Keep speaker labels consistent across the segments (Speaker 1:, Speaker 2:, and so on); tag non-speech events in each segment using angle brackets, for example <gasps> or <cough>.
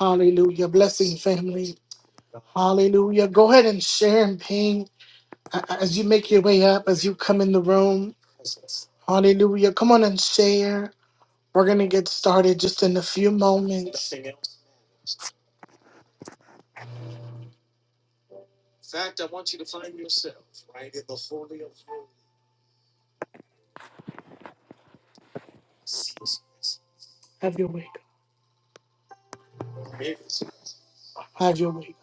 Speaker 1: Hallelujah. Blessing family. Hallelujah. Go ahead and share and ping uh, as you make your way up, as you come in the room. Hallelujah. Come on and share. We're going to get started just in a few moments. Have your way. God. Have your way.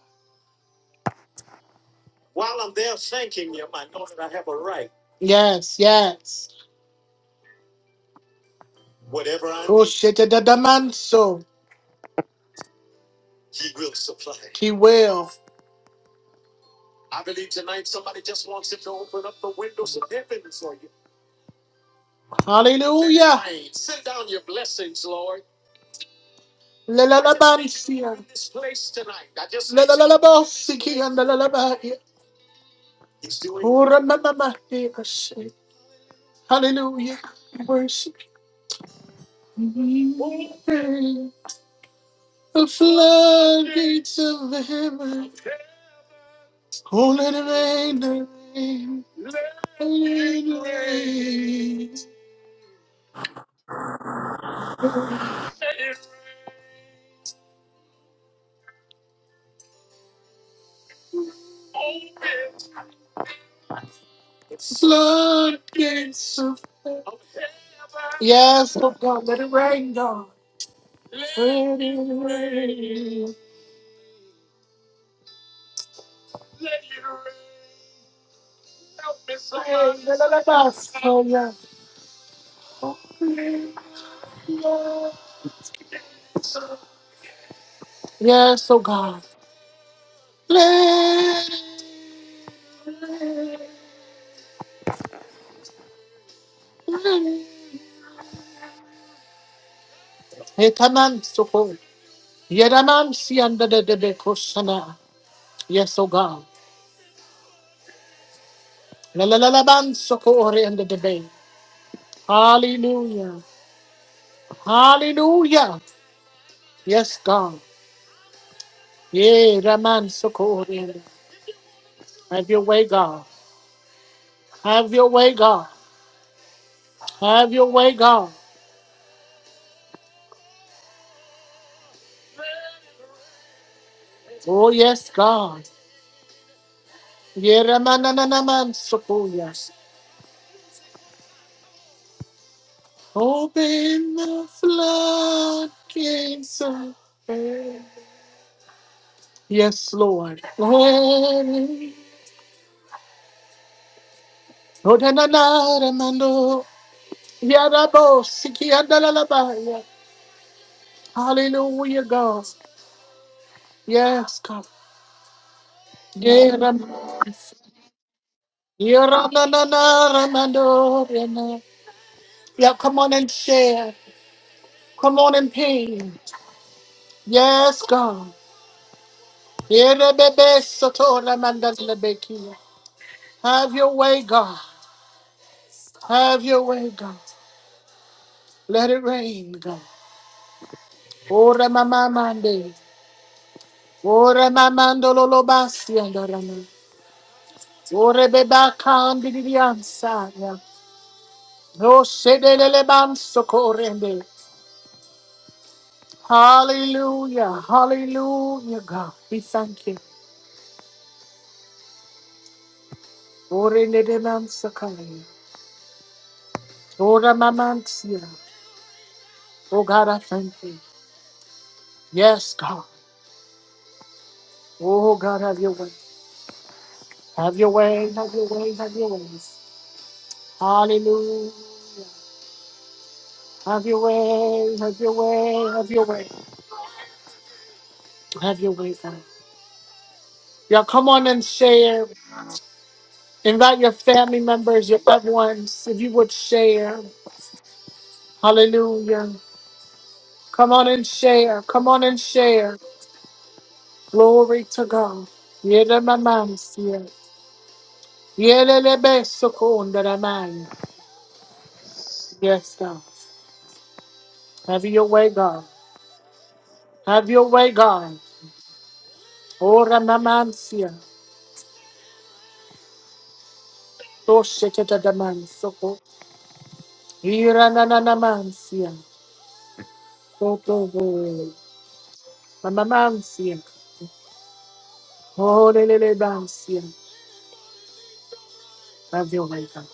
Speaker 1: Yes, yes. Whatever. I Oh, shit, da, da, da, man, so. He will. supply. He will. Hallelujah. Send down your blessings, Lord. Lalalabansia. Lalalabosiki and lalalabaya. Uramamamahdiashe. Hallelujah. Worship you. The floodgates of heaven. Oh, let it rain, let it rain. Let it rain. Floodgates of Yes, oh God, let it rain, God. Let it rain. Lalalabasaya. Yes, oh God. Etaman soko. Yeraman si under the debe koshana. Yes, oh God. Lalalaban soko ore under the bay. Hallelujah. Hallelujah. Yes, God. Yea, Raman soko ore under. Have your way, God. Have your way, God. Have your way, God. Oh, yes, God. Yea, Raman Ananaman soko, yes. Open the floodgates of Yes, Lord. Oh, oh, da, na na da, na, Glory. Odananaramando. Yarabo, sikiandalalabaya. Hallelujah, God. Yes, God. Yeah, da, ya, ra, na Yeram- yeranananaramando. Yana. Yeah, come on and share. Come on and ping. Yes, God. Yeah, Yerebebe sotoramandalabeki. Have your way, God. Have your way, God. Let it rain, God. Ora mama Ore mamandolo lo basi andorana. Ore beba kandi di ansaya. No sedelele banso corrende. Hallelujah, hallelujah, God. We thank you. Ore ne de manso kaya. Ora mamansia. Oh God, I thank you. Yes, God. Oh God, have your way. Have your way, have your way, have your ways. Hallelujah. Have your way, have your way, have your way. Have your way, God. Y'all come on and share. Invite your family members, your loved ones, if you would share. Hallelujah. Come on and share. Come on and share. Glory to God. Yele mamansia. Yele lebe sokunda ramaya. Yes, God. Have your way, God. Have your way, God. Ora mamansia. Tosheketa daman soko. Ira nananamansia. Toto. Mamamansia. Oh, lele bansia. Have your way, God.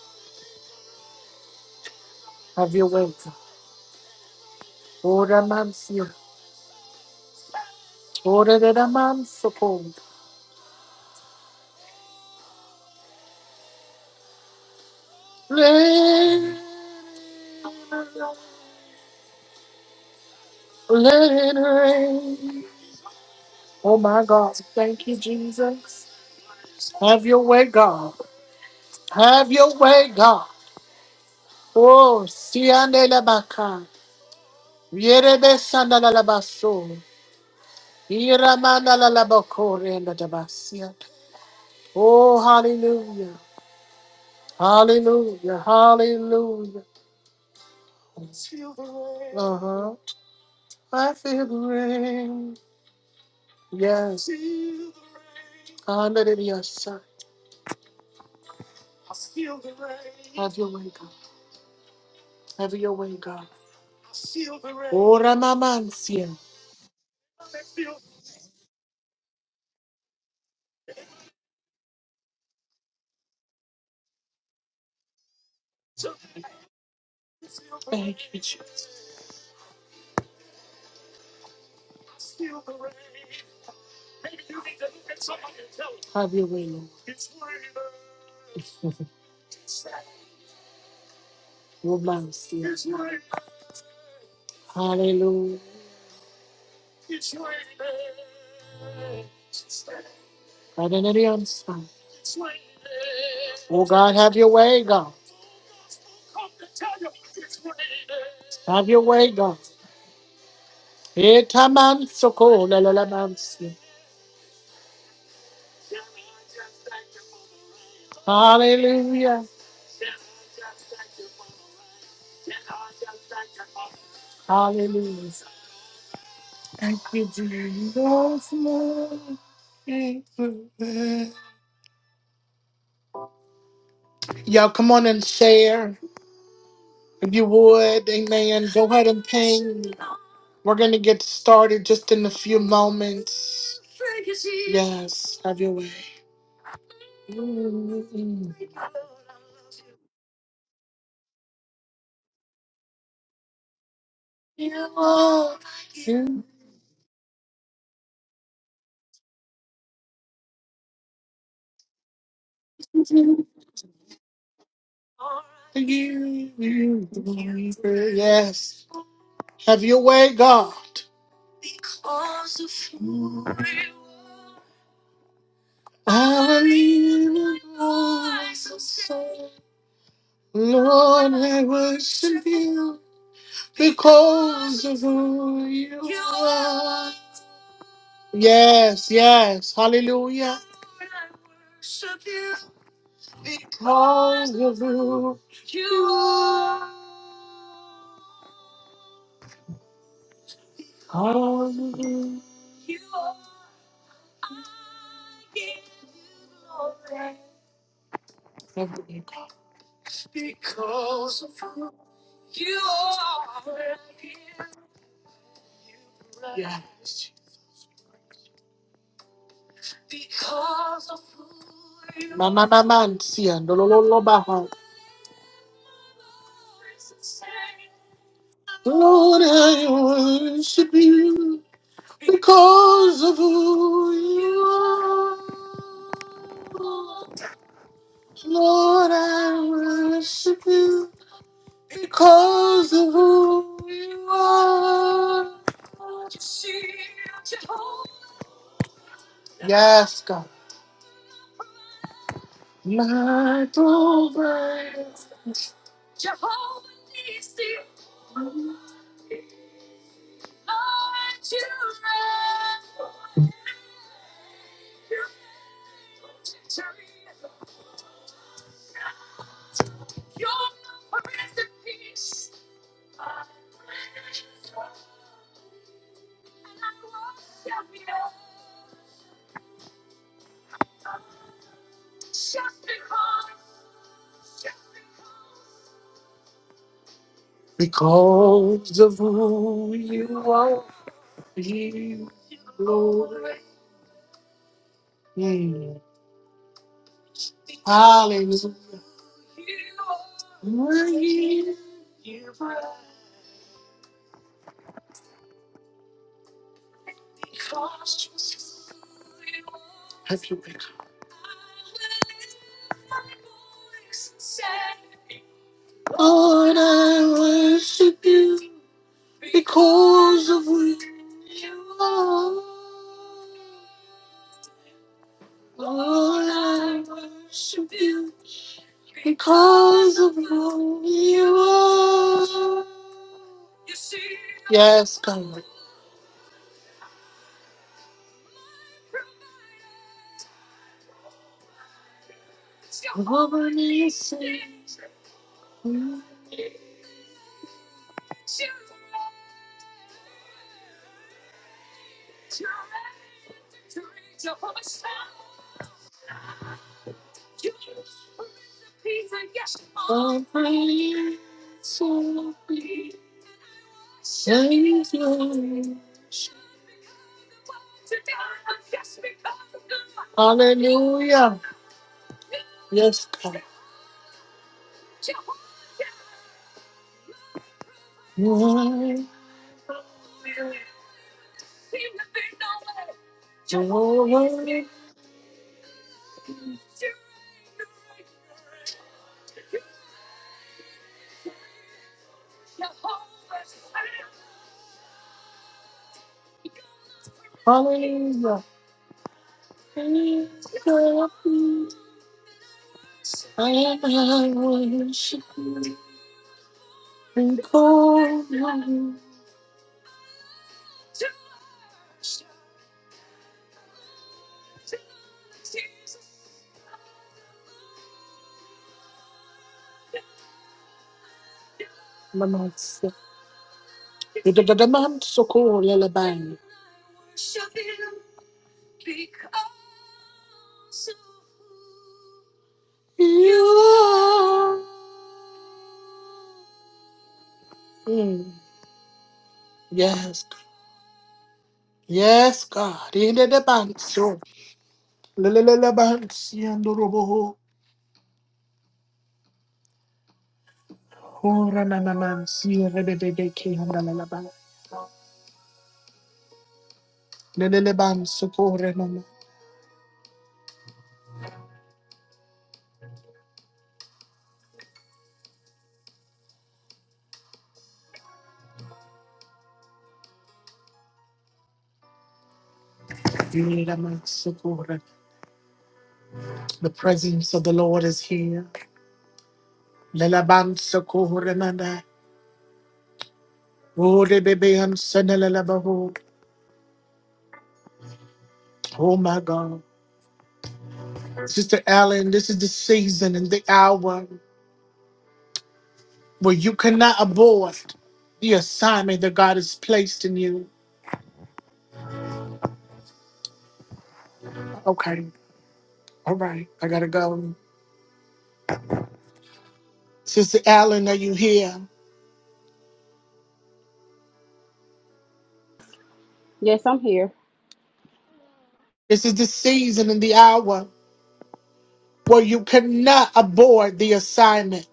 Speaker 1: Have your way, God. Ora mansio. Ora de la manso con. Rain. Let it rain. Oh my God. Thank you, Jesus. Have your way, God. Have your way, God. Oh, siande la baca. Viere besanda la la basso. Iramanda la la bacore and la basia. Oh, hallelujah. Hallelujah. Hallelujah. Uh huh. I feel the rain. Yes. Under the sun. Have your way, God. Have your way, God. Ora mamansia. Thank you, Jesus. Have your way, Lord. Romansia. Hallelujah. Under the sun. Oh God, have your way, God. Have your way, God. Itaman soko la la la mansi. Hallelujah. Hallelujah. Thank you, Jesus. Y'all come on and share if you would. Amen. Go ahead and ping. We're going to get started just in a few moments. Yes, have your way. Yes, have your way, God. I lean on you, Lord, I worship you. because of who you are. Yes, yes, hallelujah. Because of who, because of who you are. Yes. Because of who you are. Mama, mama, and see, and lo, lo, lo, baha. Lord, I worship you because of who you are. Lord, I worship you because of who you are. Yes, God. My provider, because of who you are, you, Lord. Mm. Hallelujah. We're here because you are. Have you been? Lord, I worship you because of who you are. Lord, I worship you because of who you are. Yes, God. Woman is of me. Savior. Hallelujah. Yes, God. You are Jehovah. Hallelujah. I am I worship you. And call you my master. You did the man so cool, lullaby. You are. Mm. Yes. Yes, God. In the banso. Lalabansi and robo. Ora nana mansi rebebeke and lalaban. Lalaban so cool, nana. Lalaban so cool, The presence of the Lord is here. Lelaban sokohoremanda. Orebebeyan senelelabaho. Oh my God. Sister Allen, this is the season and the hour where you cannot abort the assignment that God has placed in you. Okay. All right. I gotta go. Sister Allen, are you here?
Speaker 2: Yes, I'm here.
Speaker 1: This is the season and the hour where you cannot abort the assignment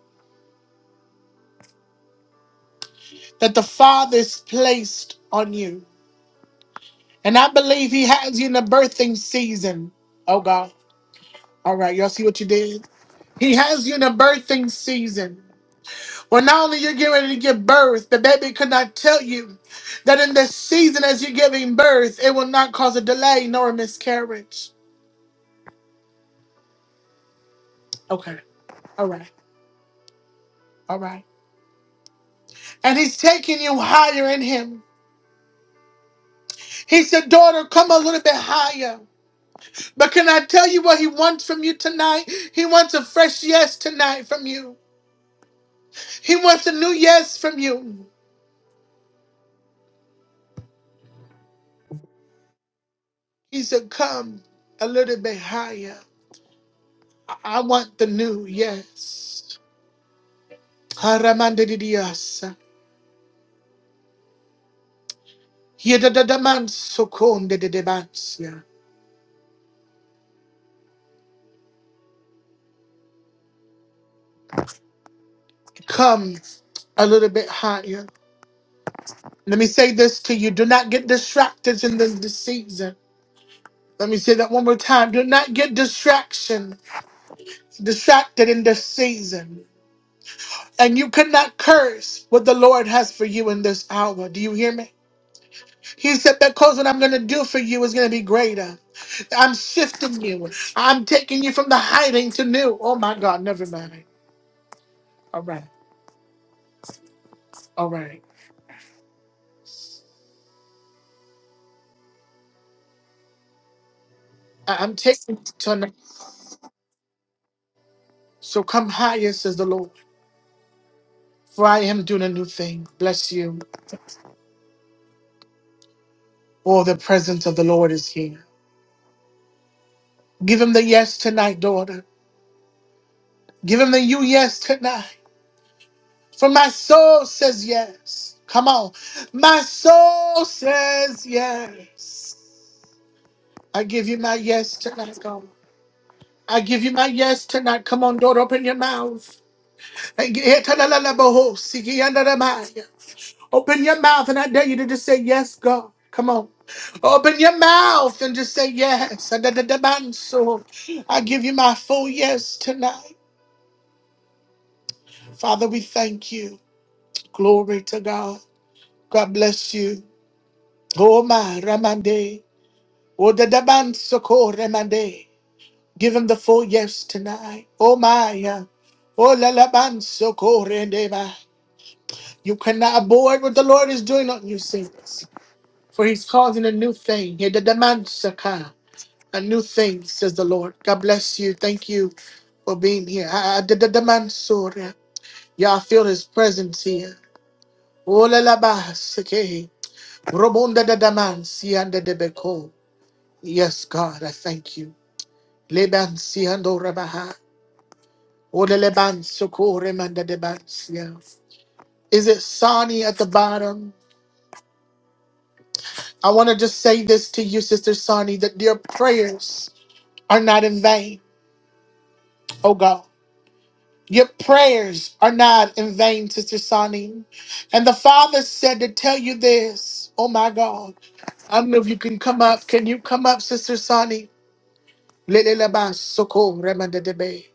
Speaker 1: that the Father's placed on you. And I believe he has you in the birthing season. Oh God. All right, y'all see what you did? He has you in the birthing season. Well, not only you're getting ready to give birth, the baby could not tell you that in this season as you're giving birth, it will not cause a delay nor a miscarriage. Okay. All right. All right. And he's taking you higher in him. He said, Daughter, come a little bit higher. But can I tell you what he wants from you tonight? He wants a fresh yes tonight from you. He wants a new yes from you. He said, Come a little bit higher. I I want the new, yes. Haramandidiyasa. Yedadadamansokondididibansia. Come a little bit higher. Let me say this to you. Do not get distracted in this, this season. Let me say that one more time. Do not get distraction, distracted in this season. And you cannot curse what the Lord has for you in this hour. Do you hear me? He said, because what I'm going to do for you is going to be greater. I'm shifting you. I'm taking you from the hiding to new. Oh my God, never mind. All right, all right. I- I'm taking you tonight. So come higher, says the Lord, for I am doing a new thing. Bless you. Oh, the presence of the Lord is here. Give him the yes tonight, daughter. Give him the you yes tonight. For my soul says yes. Come on. My soul says yes. I give you my yes tonight, God. I give you my yes tonight. Come on, daughter, open your mouth. And get- hit- Open your mouth, and I dare you to just say, Yes, God. Come on. Open your mouth and just say, Yes. da I give you my full yes tonight. Father, we thank you. Glory to God. God bless you. Oh, my Ramande. Oh, da da ban Ramande. Give him the full yes tonight. Oh, my. yeah. Oh, la la ban Rendeba. You cannot abort what the Lord is doing on you, saints. For he's causing a new thing. He the demansaka. A new thing, says the Lord. God bless you. Thank you for being here. I did the demansura. Y'all feel his presence here. Olalabasake. Robonda da damansi and the debeko. Yes, God, I thank you. Lebansi and orabaha. Ola lebansoko remanda debansia. Is it Sani at the bottom? I want to just say this to you, Sister Sani, that your prayers are not in vain. Oh God. Your prayers are not in vain, Sister Sonny. And the Father said to tell you this. Oh my God. I don't know if you can come up. Can you come up, Sister Sonny? Leleleba soko remandedebe.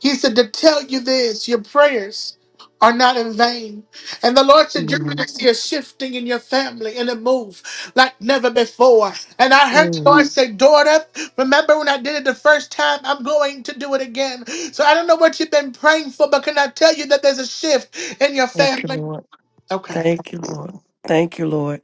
Speaker 1: He said, To tell you this, your prayers are not in vain. And the Lord said, You're going
Speaker 3: Amen.
Speaker 1: to see a shifting in your family and a move like never before. And I heard the
Speaker 3: Mm.
Speaker 1: Lord say, Daughter, remember when I did it the first time? I'm going to do it again. So I don't know what you've been praying for, but can I tell you that there's a shift in your
Speaker 3: Thank you,
Speaker 1: family?
Speaker 3: Lord.
Speaker 1: Okay.
Speaker 3: Thank you, Lord. Thank you, Lord.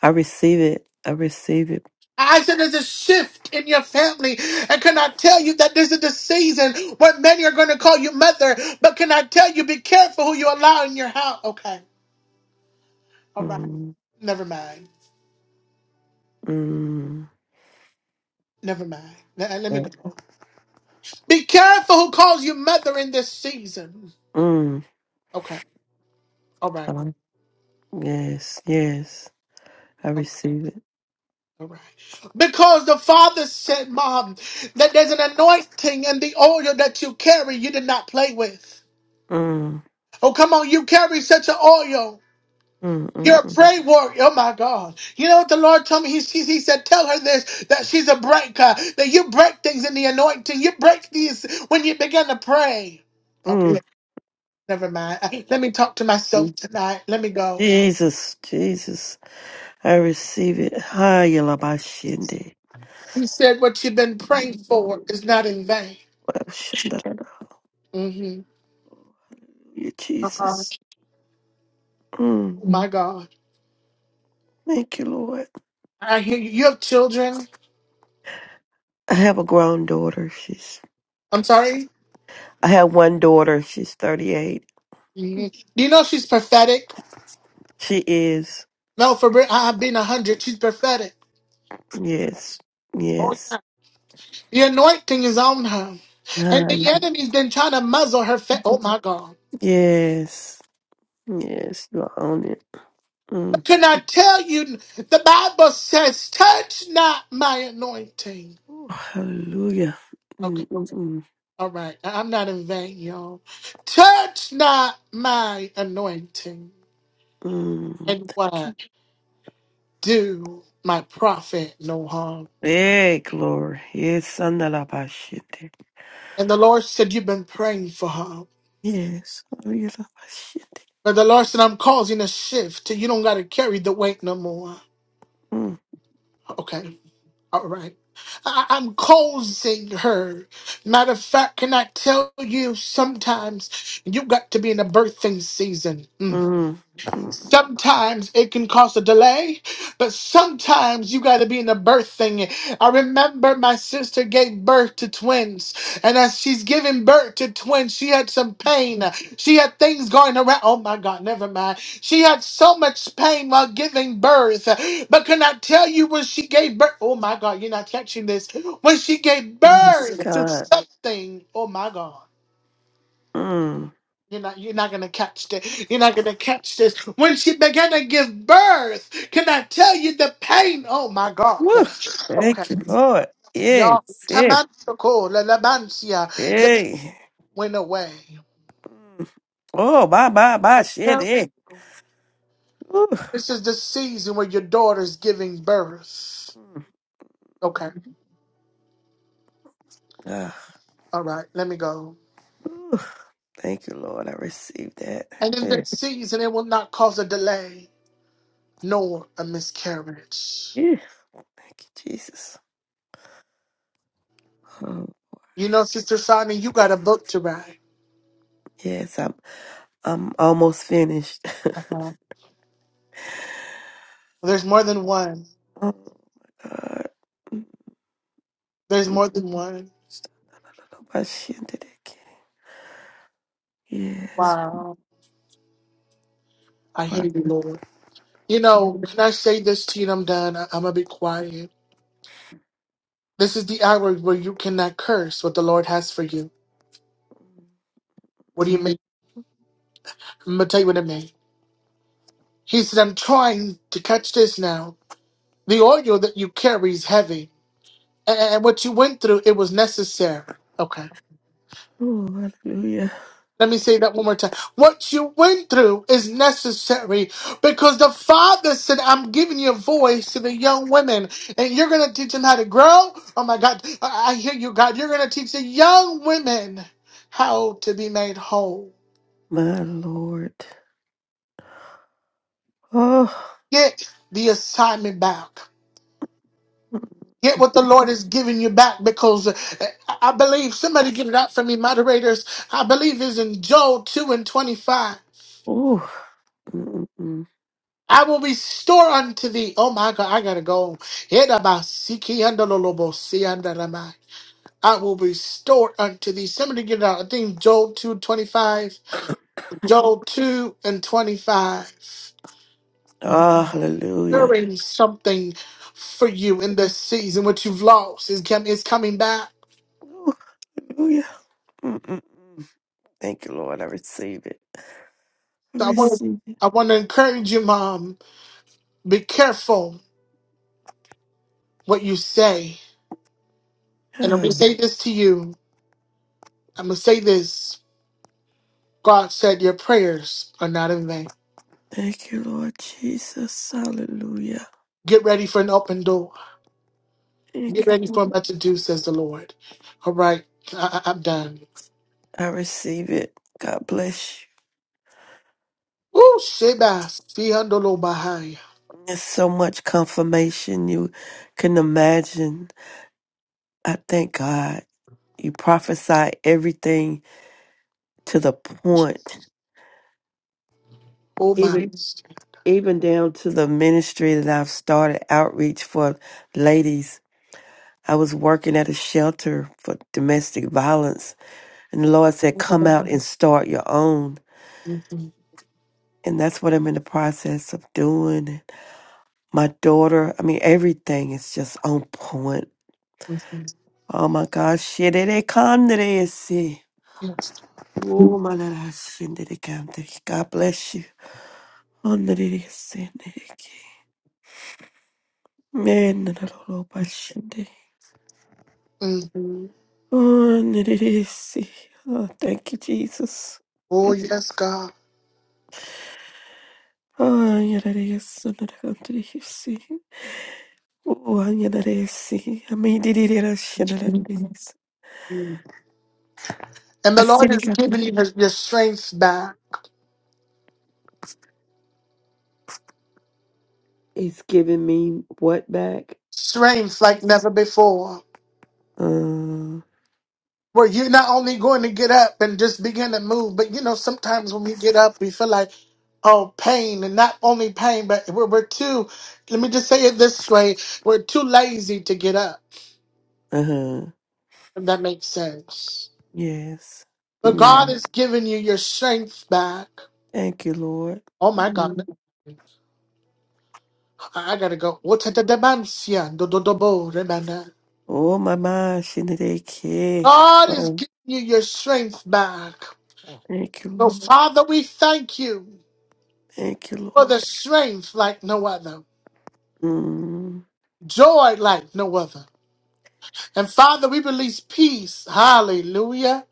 Speaker 3: I receive it. I receive it.
Speaker 1: I said there's a shift in your family. And can I tell you that this is the season where many are going to call you mother? But can I tell you, be careful who you allow in your house? Okay. All right.
Speaker 3: Mm.
Speaker 1: Never mind.
Speaker 3: Mm.
Speaker 1: Never mind. Let, let me
Speaker 3: Yeah.
Speaker 1: go. Be careful who calls you mother in this season.
Speaker 3: Mm.
Speaker 1: Okay. All right.
Speaker 3: Huh. Yes, yes. I
Speaker 1: All
Speaker 3: receive it.
Speaker 1: all right. Because the father said, Mom, that there's an anointing in the oil that you carry you did not play with.
Speaker 3: Mm.
Speaker 1: Oh, come on. You carry such an oil.
Speaker 3: Mm,
Speaker 1: You're
Speaker 3: mm,
Speaker 1: a
Speaker 3: mm.
Speaker 1: prayer warrior. Oh my God. You know what the Lord told me? He, he, he said, Tell her this that she's a breaker, that you break things in the anointing. You break these when you begin to pray. Okay.
Speaker 3: Mm.
Speaker 1: Never mind. I- Let me talk to
Speaker 3: Mm.
Speaker 1: myself tonight. Let me go.
Speaker 3: Jesus, Jesus, I receive it. Hayalabashinde.
Speaker 1: He said, What you've been praying for is not in vain.
Speaker 3: Washandalala.
Speaker 1: hmm
Speaker 3: You, Jesus. Mm.
Speaker 1: My God.
Speaker 3: Thank you, Lord.
Speaker 1: I hear you. You have children.
Speaker 3: I have a grown daughter. She's
Speaker 1: I'm sorry.
Speaker 3: I have one daughter. She's 38
Speaker 1: hmm Do you know she's prophetic?
Speaker 3: She is.
Speaker 1: No, for real. I- I've been 100. She's prophetic.
Speaker 3: Yes. Yes.
Speaker 1: The anointing is on her. And
Speaker 3: Ah,
Speaker 1: the enemy's been trying to muzzle her. Fa- oh, my God.
Speaker 3: yes. Yes. You are on it. Mm.
Speaker 1: Can I tell you? The Bible says, Touch not my anointing.
Speaker 3: Ooh, hallelujah. Mm, mm, mm,
Speaker 1: All right. I- I'm not in vain, y'all. Touch not my anointing,
Speaker 3: mm.
Speaker 1: and
Speaker 3: Thank
Speaker 1: what?
Speaker 3: you.
Speaker 1: Do my prophet no harm.
Speaker 3: Hey, glory. Yes. Sandalabashite.
Speaker 1: And the Lord said, You've been praying for her.
Speaker 3: Yes. Hallelujah-bashite.
Speaker 1: But the Lord said, I'm causing a shift. You don't got to carry the weight no more.
Speaker 3: Mm,
Speaker 1: Okay. All right. I- I'm causing her. Matter of fact, can I tell you sometimes you got to be in a birthing season? Mm.
Speaker 3: mm, mm.
Speaker 1: Sometimes it can cause a delay, but sometimes you got to be in the birth thing. I remember my sister gave birth to twins, and as she's giving birth to twins, she had some pain. She had things going around. Oh my God, never mind. She had so much pain while giving birth. But can I tell you when she gave birth? Oh my God, you're not catching this. When she gave
Speaker 3: Yes,
Speaker 1: birth to
Speaker 3: God.
Speaker 1: something, oh my God.
Speaker 3: Mm.
Speaker 1: You're not, you're not gonna catch this. You're not gonna catch this. When she began to give birth, can I tell you the pain? Oh my God.
Speaker 3: Woo.
Speaker 1: Okay,
Speaker 3: Thank you, Lord. Yes.
Speaker 1: y'all.
Speaker 3: Yeah.
Speaker 1: Tamantico, lalabancia. The pain
Speaker 3: Hey.
Speaker 1: went away.
Speaker 3: Mm. Oh, bye, bye, bye. Shit. Hey. Woo.
Speaker 1: This is the season where your daughter's giving birth.
Speaker 3: Mm.
Speaker 1: Okay,
Speaker 3: Ah.
Speaker 1: all right. Let me go.
Speaker 3: Ooh, thank you, Lord. I received that.
Speaker 1: And in
Speaker 3: Yeah.
Speaker 1: this season, it will not cause a delay nor a miscarriage.
Speaker 3: Yeah. Thank you, Jesus. Um,
Speaker 1: You know, Sister Sonia, you got a book to write.
Speaker 3: yes, I'm I'm almost finished. <laughs>
Speaker 1: Uh-huh. There's more than one.
Speaker 3: Oh God.
Speaker 1: There's more than one.
Speaker 3: My shin did it again. Yes.
Speaker 1: Wow. I
Speaker 3: Pro-
Speaker 1: hear you, Lord. You know, can I say this to you? and I'm done. I- I'm gonna be quiet. This is the hour where you cannot curse what the Lord has for you. What do you
Speaker 3: mm,
Speaker 1: mean? I'm gonna tell you what I mean. He said, "I'm trying to catch this now. The oil that you carry is heavy, and, and what you went through, it was necessary." Okay.
Speaker 3: Oh, hallelujah.
Speaker 1: Let me say that one more time. What you went through is necessary because the Father said, I'm giving you a voice to the young women and you're going to teach them how to grow. Oh my God. I I hear you, God. You're going to teach the young women how to be made whole.
Speaker 3: My Lord. Oh.
Speaker 1: Get the assignment back.
Speaker 3: mm,
Speaker 1: Get what the Lord is giving you back because uh, I I believe somebody give it up for me, moderators. I believe it's in Joel 2 and 25.
Speaker 3: Oh. mm, mm, mm.
Speaker 1: I will restore unto thee. Oh my God, I gotta go. Hidabasikiandololobosi I will restore unto thee. Somebody get it out. I think Joel 2 25. Joel 2 and 25.
Speaker 3: Ah, hallelujah.
Speaker 1: Restoring something for you in this season. What you've lost is, com- is coming back.
Speaker 3: Oh, hallelujah. Mm, mm, mm. Thank you, Lord. I receive it. I
Speaker 1: So I want,
Speaker 3: receive it.
Speaker 1: I want to encourage you, Mom. Be careful what you say. And I'm going to
Speaker 3: Oh,
Speaker 1: say this to you. I'm going to say this. God said your prayers are not in vain.
Speaker 3: thank you, Lord Jesus. Hallelujah.
Speaker 1: Get ready for an open door. Get
Speaker 3: Thank
Speaker 1: ready
Speaker 3: you, Lord.
Speaker 1: for much to do, says the Lord. All right, I, I, I'm done.
Speaker 3: I receive it. God bless you.
Speaker 1: Oh, Sheba, Fiandolo Bahaya.
Speaker 3: There's so much confirmation you can imagine. I thank God. You prophesy everything to the point,
Speaker 1: Oh, my.
Speaker 3: even even down to the ministry that I've started outreach for ladies. I was working at a shelter for domestic violence, and the Lord said, "Come out and start your own." And that's what I'm in the process of doing. My daughter, I mean, everything is just on point Oh my God. Shirere kandere ese. Oh my God. Shindere kandere. God bless you. Andere ese neke. Man, na na lo lo ba shinde.
Speaker 1: Mhm.
Speaker 3: Oh, andere ese. Oh, thank you, Jesus.
Speaker 1: Oh, yes, God.
Speaker 3: Oh, yadere ese na na kandere ese. Oh, yadere ese. Amidere ra shindere ese.
Speaker 1: Mm. And the Lord
Speaker 3: Asiri
Speaker 1: is giving
Speaker 3: kandere.
Speaker 1: you his- your strength back,
Speaker 3: It's giving me what back?
Speaker 1: strength like never before.
Speaker 3: Uh,
Speaker 1: Where you're not only going to get up and just begin to move, but you know, sometimes when we get up, we feel like, oh, pain, and not only pain, but we're, we're too, let me just say it this way, we're too lazy to get up.
Speaker 3: uh-huh.
Speaker 1: If that makes sense.
Speaker 3: Yes.
Speaker 1: But
Speaker 3: Mm.
Speaker 1: God is giving you your strength back.
Speaker 3: Thank you, Lord.
Speaker 1: Oh my God.
Speaker 3: Mm.
Speaker 1: I I gotta go. What the demansia?
Speaker 3: Oh, my mind, Shinadeke.
Speaker 1: God is
Speaker 3: Oh,
Speaker 1: giving you your strength back.
Speaker 3: Thank you,
Speaker 1: So
Speaker 3: Lord.
Speaker 1: Father, we thank you
Speaker 3: Thank you,
Speaker 1: for
Speaker 3: Lord.
Speaker 1: the strength like no other.
Speaker 3: Mm.
Speaker 1: Joy like no other. And Father, we release peace. Hallelujah.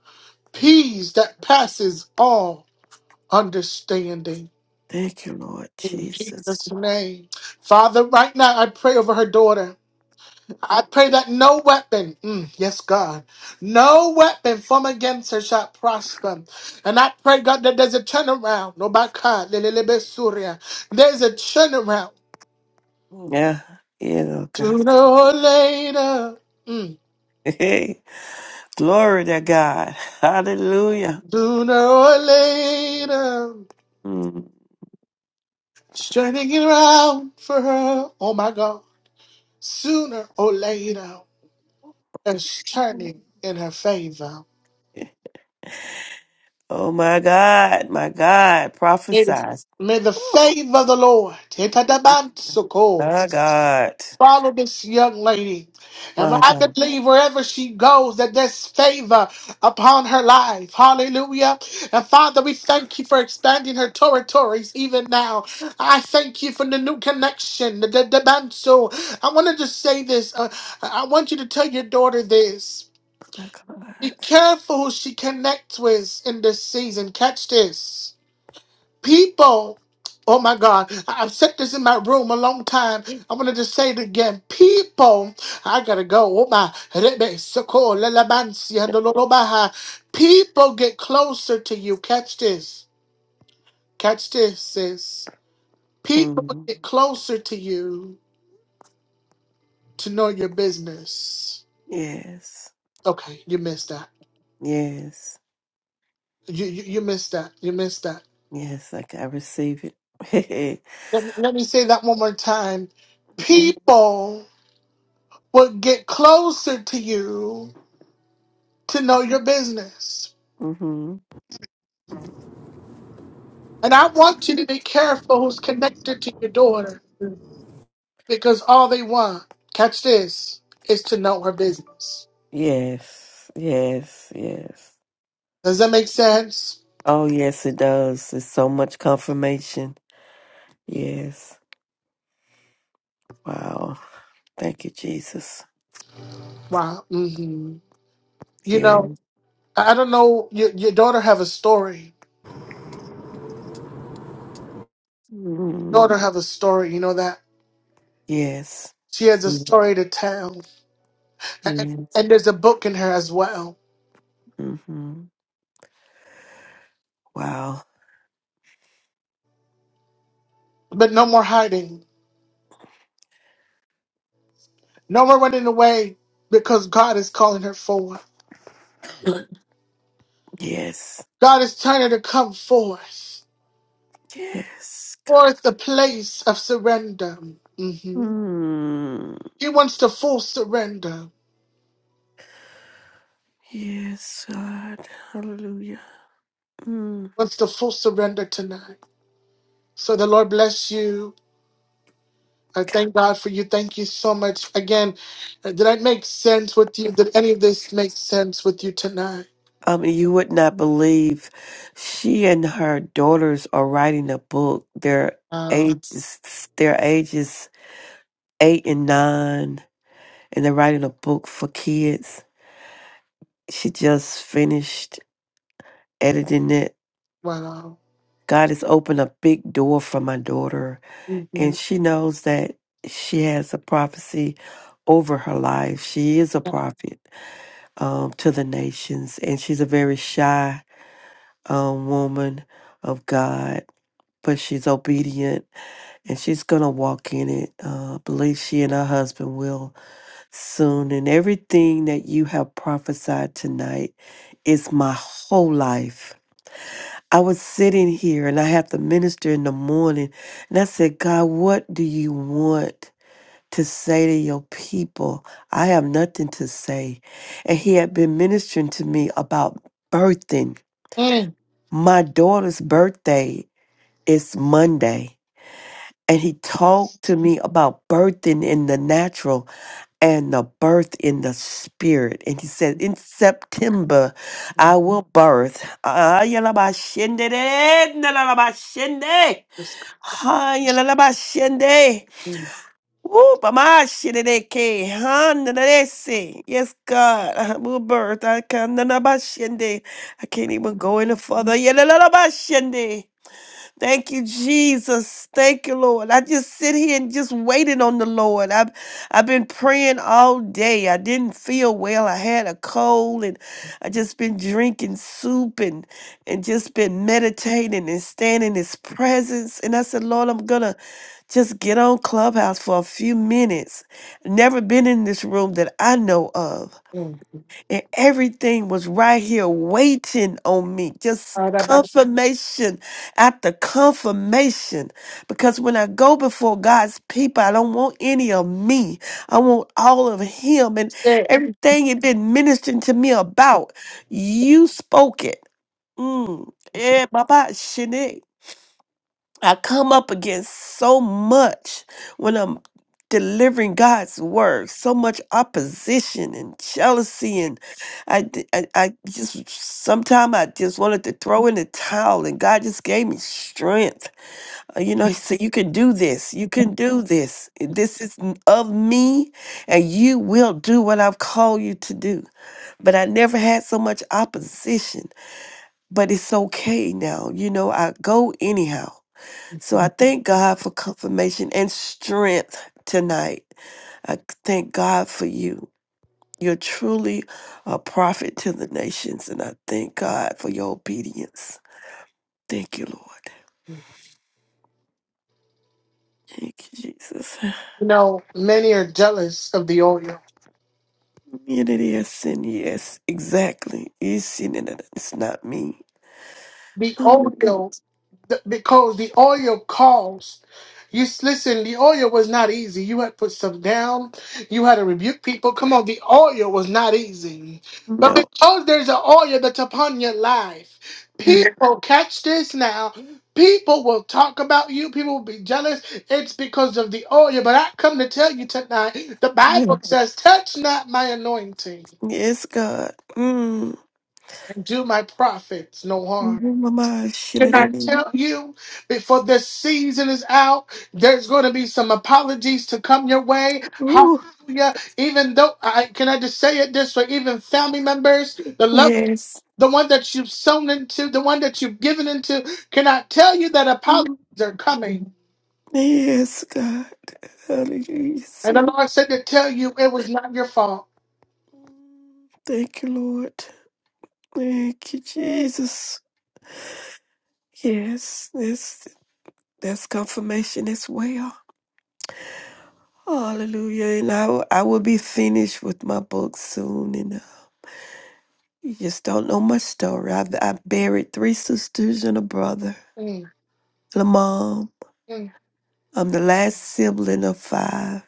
Speaker 1: Peace that passes all understanding.
Speaker 3: Thank you, Lord
Speaker 1: In
Speaker 3: Jesus.
Speaker 1: Jesus' name. Father, right now I pray over her daughter. I pray that no weapon, mm, yes, God, no weapon from against her shall prosper. And I pray, God, that there's a turnaround. No, by God, lelelebe surya. there's a turnaround.
Speaker 3: Yeah, yeah, Lord God. <laughs>
Speaker 1: Sooner or later, mm,
Speaker 3: Hey, glory to God. Hallelujah.
Speaker 1: sooner or later,
Speaker 3: Mm.
Speaker 1: it's turning around for her. Oh, my God. Sooner or later, it's turning in her favor.
Speaker 3: Oh, my God, my God, prophesies.
Speaker 1: May the favor of the Lord,
Speaker 3: My God,
Speaker 1: Follow this young lady. And
Speaker 3: my
Speaker 1: I
Speaker 3: God,
Speaker 1: believe wherever she goes, that there's favor upon her life. Hallelujah. And Father, we thank you for expanding her territories even now. I thank you for the new connection, the, the, the banso. I want to just say this. Uh, I I want you to tell your daughter this.
Speaker 3: my
Speaker 1: Be
Speaker 3: God.
Speaker 1: careful who she connects with in this season. Catch this. People, oh my God, I- I've said this in my room a long time. I wanted to just say it again. People, I gotta go. Oh my, Rebe, Soko, Lelabansi, and People get closer to you. Catch this. Catch this, sis. People
Speaker 3: Mm.
Speaker 1: get closer to you to know your business.
Speaker 3: Yes,
Speaker 1: Okay, you missed that.
Speaker 3: yes.
Speaker 1: You you, you missed that. You missed that.
Speaker 3: Yes, I, I receive it.
Speaker 1: Let, let me say that one more time.
Speaker 3: <laughs> mm-hmm.
Speaker 1: People will get closer to you to know your business.
Speaker 3: hmm
Speaker 1: And I want you to be careful who's connected to your daughter because all they want, catch this, is to know her business.
Speaker 3: Yes, yes, yes.
Speaker 1: Does that make sense?
Speaker 3: Oh, yes, it does. It's so much confirmation. Yes. Wow. Thank you, Jesus.
Speaker 1: Wow. hmm You
Speaker 3: Yeah.
Speaker 1: know, I I don't know. Your, your daughter have a story. Your
Speaker 3: mm
Speaker 1: daughter have a story. You know that
Speaker 3: Yes.
Speaker 1: she has a
Speaker 3: Mhm.
Speaker 1: story to tell, A- a-
Speaker 3: Yes.
Speaker 1: and there's a book in her as well.
Speaker 3: hmm Wow.
Speaker 1: But no more hiding. No more running away because God is calling her forward.
Speaker 3: Yes.
Speaker 1: God is telling her to come forth.
Speaker 3: Yes.
Speaker 1: For it's the place of surrender.
Speaker 3: God.
Speaker 1: hmm
Speaker 3: Mm.
Speaker 1: He wants the full surrender.
Speaker 3: Yes, God. Hallelujah. Mm.
Speaker 1: Wants the full surrender tonight. So the Lord bless you. I thank God for you. Thank you so much. Again, uh, did I make sense with you? Did any of this make sense with you tonight?
Speaker 3: I mean, you would not believe she and her daughters are writing a book. Their
Speaker 1: Um,
Speaker 3: ages, their ages eight and nine, and they're writing a book for kids. She just finished editing it.
Speaker 1: wow.
Speaker 3: God has opened a big door for my daughter,
Speaker 1: hmm
Speaker 3: and she knows that she has a prophecy over her life. She is a prophet um, to the nations, and she's a very shy um, woman of God but she's obedient and she's gonna walk in it. Uh, I believe she and her husband will soon. And everything that you have prophesied tonight is my whole life. I was sitting here and I had to minister in the morning, and I said, God, what do you want to say to your people? I have nothing to say. And He had been ministering to me about birthing.
Speaker 1: Mm.
Speaker 3: My daughter's birthday is Monday and he talked to me about birthing in the natural and the birth in the spirit. And he said, In September, I will birth. Ah, yalabashende, nalalabashende.
Speaker 1: Just-
Speaker 3: Ah, yalalabashende.
Speaker 1: mm.
Speaker 3: Woo, bamashideke, huh, nalalese. Yes, God, I will birth. I can, nalalabashende. I can't even go any further. Yalalabashende. Thank you, Jesus. Thank you, Lord. I just sit here and just waiting on the Lord. I've I've been praying all day. I didn't feel well. I had a cold and I just been drinking soup and and just been meditating and standing in his presence. And I said, Lord, I'm gonna just get on Clubhouse for a few minutes. Never been in this room that I know of and everything was right here waiting on me. Just confirmation after confirmation. Because when I go before God's people, I don't want any of me. I want all of Him and everything it been ministering to me about. You spoke it. Mm. Eh, Baba Shene. I come up against so much when I'm delivering God's word, so much opposition and jealousy, and I, d- I, I just sometimes I just wanted to throw in the towel, and God just gave me strength. Uh, You know, He said, "You can do this. You can do this. This is n- of me, and you will do what I've called you to do." But I never had so much opposition. But it's okay now. You know, I go anyhow so I thank God for confirmation and strength tonight. I thank God for you. You're truly a prophet to the nations, and I thank God for your obedience. Thank you, Lord. Thank you, Jesus.
Speaker 1: You know, many are jealous of the oil.
Speaker 3: It is sin, yes, exactly. It's sin, and it's not me.
Speaker 1: The oil, the, because the oil cost. You s- listen. The oil was not easy. You had to put stuff down. You had to rebuke people. Come on, the oil was not easy. But
Speaker 3: No.
Speaker 1: because there's an oil that's upon your life,
Speaker 3: <sighs>
Speaker 1: people catch this now. People will talk about you. People will be jealous. It's because of the oil. But I come to tell you tonight. The Bible says, "Touch not my anointing,
Speaker 3: Yes, God. Mm.
Speaker 1: and do my prophets no harm."
Speaker 3: Mama, shit, it is.
Speaker 1: tell you before the season is out, there's going to be some apologies to come your way.
Speaker 3: Ooh,
Speaker 1: Hallelujah. Even though I can I just say it this way, even family members, the love,
Speaker 3: yes.
Speaker 1: the one that you've sown into, the one that you've given into, can I tell you that apologies are coming?
Speaker 3: Yes, God. Hallelujah.
Speaker 1: And the
Speaker 3: See.
Speaker 1: Lord said to tell you it was not your fault.
Speaker 3: Thank you, Lord. Thank you, Jesus. Yes, that's that's confirmation as well. Hallelujah. And I, will- I will be finished with my book soon. And uh, you just don't know my story. I've, I've buried three sisters and a brother
Speaker 1: Mm,
Speaker 3: and a mom.
Speaker 1: mm,
Speaker 3: I'm the last sibling of five.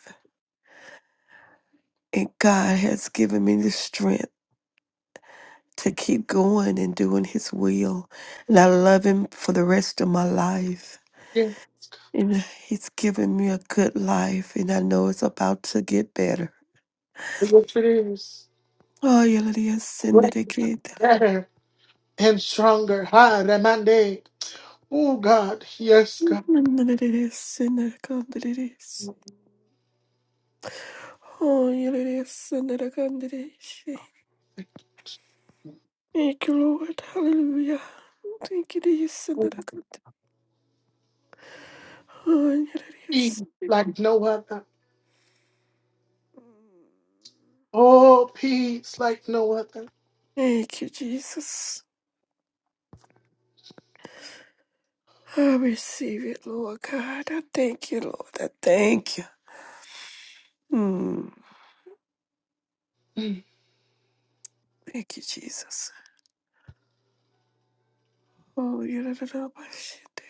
Speaker 3: And God has given me the strength to keep going and doing His will. And I love Him for the rest of my life.
Speaker 1: yeah.
Speaker 3: And he's given me a good life, and I know it's about to get better.
Speaker 1: Yes, it is.
Speaker 3: Oh, yeah, let it send it
Speaker 1: Great,
Speaker 3: again.
Speaker 1: better, and stronger. Hi, Ramande. Oh, God. Yes, God.
Speaker 3: Let it send it again. Let it is. Oh, yeah, let it send it again. Let it is. Thank you, Lord. Hallelujah. Thank you, Jesus. Send it again. Oh, yeah, let it
Speaker 1: peace
Speaker 3: send it.
Speaker 1: like no other. Oh, peace like no other.
Speaker 3: Thank you, Jesus. I receive it, Lord God. I thank you, Lord. I thank you. Mm. Thank you, Jesus. Oh, yeah, da, da, da, my shit.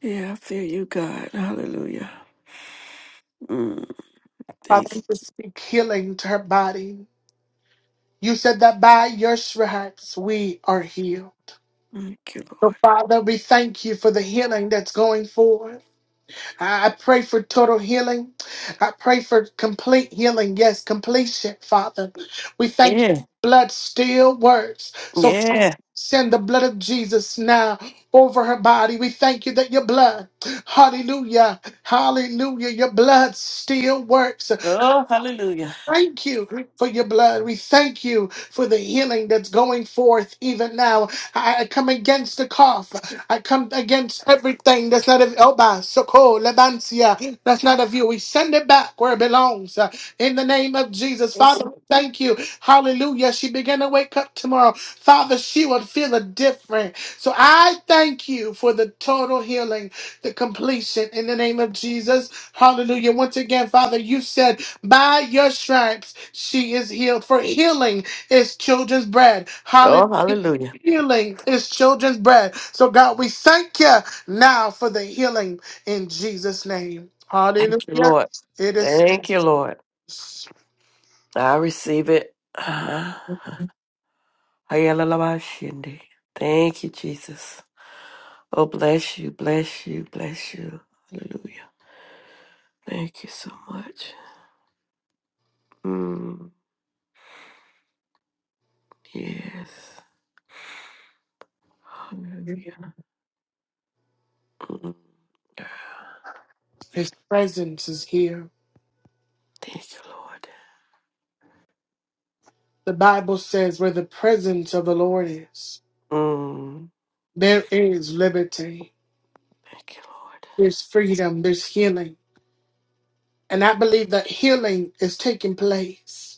Speaker 3: Yeah, I feel you, God. Hallelujah. Mm, thank
Speaker 1: Father,
Speaker 3: you.
Speaker 1: we speak healing to her body. You said that by your stripes we are healed.
Speaker 3: Thank you,
Speaker 1: So,
Speaker 3: Lord.
Speaker 1: Father, we thank you for the healing that's going forward. I I pray for total healing. I pray for complete healing. Yes, completion, Father. We thank you.
Speaker 3: Yeah,
Speaker 1: Blood still works. So,
Speaker 3: yeah.
Speaker 1: Send the blood of Jesus now over her body. We thank you that your blood, hallelujah, hallelujah, your blood still works
Speaker 3: Oh, hallelujah.
Speaker 1: thank you for your blood. We thank you for the healing that's going forth even now. I, I come against the cough. I come against everything that's not of Oba, Soko, Lebancia, that's not of you. We send it back where it belongs. uh, In the name of Jesus, Father,
Speaker 3: Yes.
Speaker 1: we thank you. Hallelujah. She began to wake up tomorrow. Father, she would feel a different. So I thank you for the total healing, the completion in the name of Jesus. Hallelujah. Once again, Father, you said by your stripes she is healed, for healing is children's bread. Hallelujah.
Speaker 3: Oh, hallelujah.
Speaker 1: Healing is children's bread. So, God, we thank you now for the healing in Jesus' name.
Speaker 3: Thank you,
Speaker 1: Hallelujah.
Speaker 3: Lord.
Speaker 1: It is
Speaker 3: Thank you, Lord. I receive it. Ah, ayalalabashindi. Thank you, Jesus. Oh, bless you, bless you, bless you. Hallelujah. Thank you so much. Mm, yes. Hallelujah. Mm,
Speaker 1: His presence is here.
Speaker 3: Thank you, Lord.
Speaker 1: The Bible says where the presence of the Lord is,
Speaker 3: Mm,
Speaker 1: there is liberty,
Speaker 3: thank you, Lord.
Speaker 1: there's freedom, there's healing. And I believe that healing is taking place.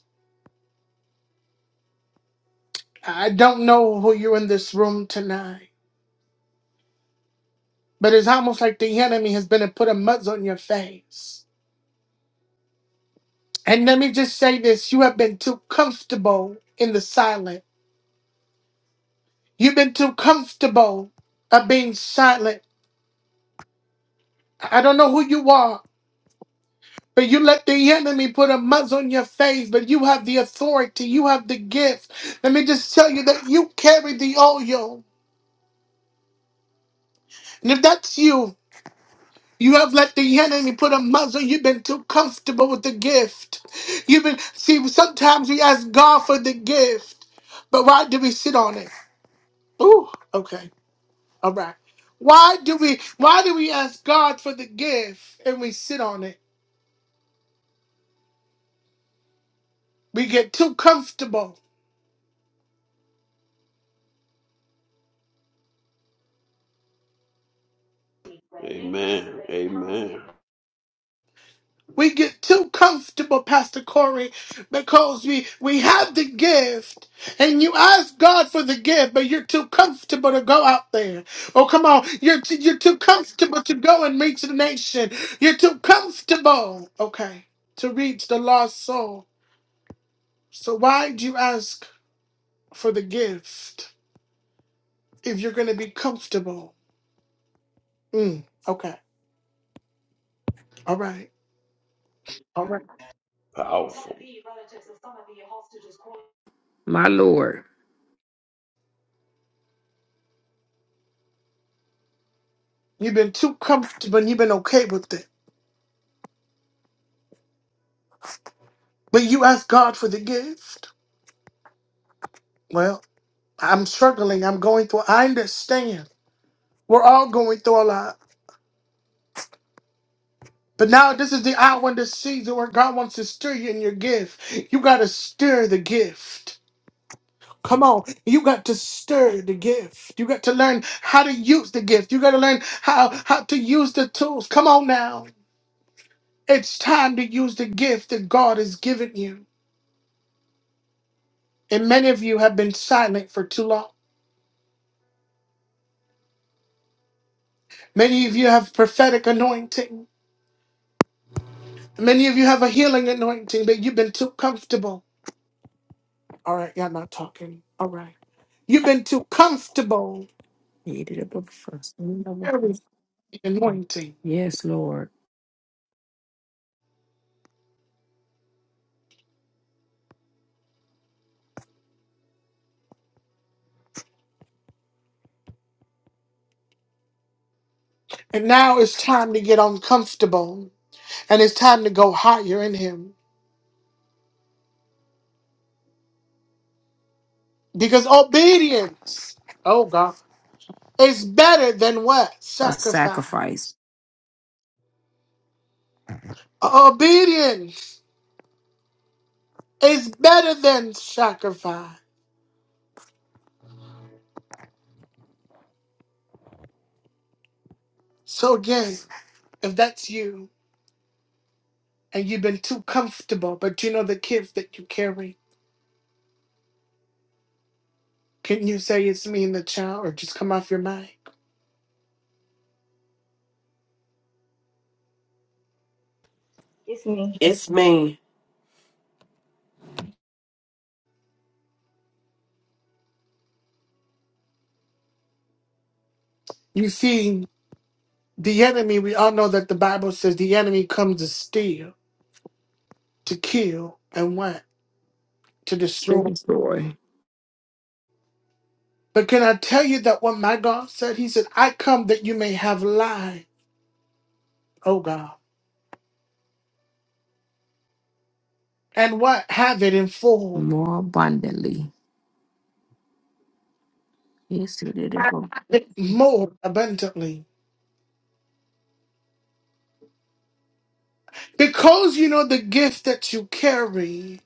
Speaker 1: I don't know who you're in this room tonight, but it's almost like the enemy has been to put a mud on your face. And let me just say this you have been too comfortable in the silent. You've been too comfortable of being silent. I don't know who you are, but you let the enemy put a mud on your face, but you have the authority, you have the gift. Let me just tell you that you carry the oil. And if that's you, You have let the enemy put a muzzle. You've been too comfortable with the gift. You've been see. Sometimes we ask God for the gift, but why do we sit on it? Ooh, okay, all right. Why do we? Why do we ask God for the gift and we sit on it? We get too comfortable.
Speaker 4: Amen. Amen.
Speaker 1: We get too comfortable, Pastor Corey, because we, we have the gift and you ask God for the gift, but you're too comfortable to go out there. Oh, come on. You're, too, you're too comfortable to go and reach the nation. You're too comfortable, okay, to reach the lost soul. So why'd you ask for the gift if you're going to be comfortable? Mm, okay. All right. All right.
Speaker 4: Powerful.
Speaker 5: My Lord.
Speaker 1: You've been too comfortable and you've been okay with it. But you ask God for the gift. Well, I'm struggling. I'm going through. I understand. We're all going through a lot. But now this is the hour and the season where God wants to stir you in your gift. You got to stir the gift. Come on. You got to stir the gift. You got to learn how to use the gift. You got to learn how, how to use the tools. Come on now. It's time to use the gift that God has given you. And many of you have been silent for too long. Many of you have prophetic anointing. Many of you have a healing anointing, but you've been too comfortable. All right, y'all not talking. All right. You've been too comfortable carrying the anointing.
Speaker 5: Yes, Lord.
Speaker 1: And now it's time to get uncomfortable. And it's time to go higher in him. Because obedience, oh God, is better than what?
Speaker 5: A
Speaker 1: Sacrifice.
Speaker 5: sacrifice.
Speaker 1: Obedience is better than sacrifice. So again, if that's you and you've been too comfortable, but you know the kids that you carry, can you say it's me and the child or just come off your mind?
Speaker 6: It's me.
Speaker 3: It's me.
Speaker 1: You see. The enemy, we all know that the Bible says the enemy comes to steal, to kill, and what? To destroy.
Speaker 5: Destroy
Speaker 1: But can I tell you that what my God said? He said, I come that you may have life, oh God. And what? Have it in full,
Speaker 5: more abundantly. Yes,
Speaker 1: it more abundantly. Because you know the gift that you carry.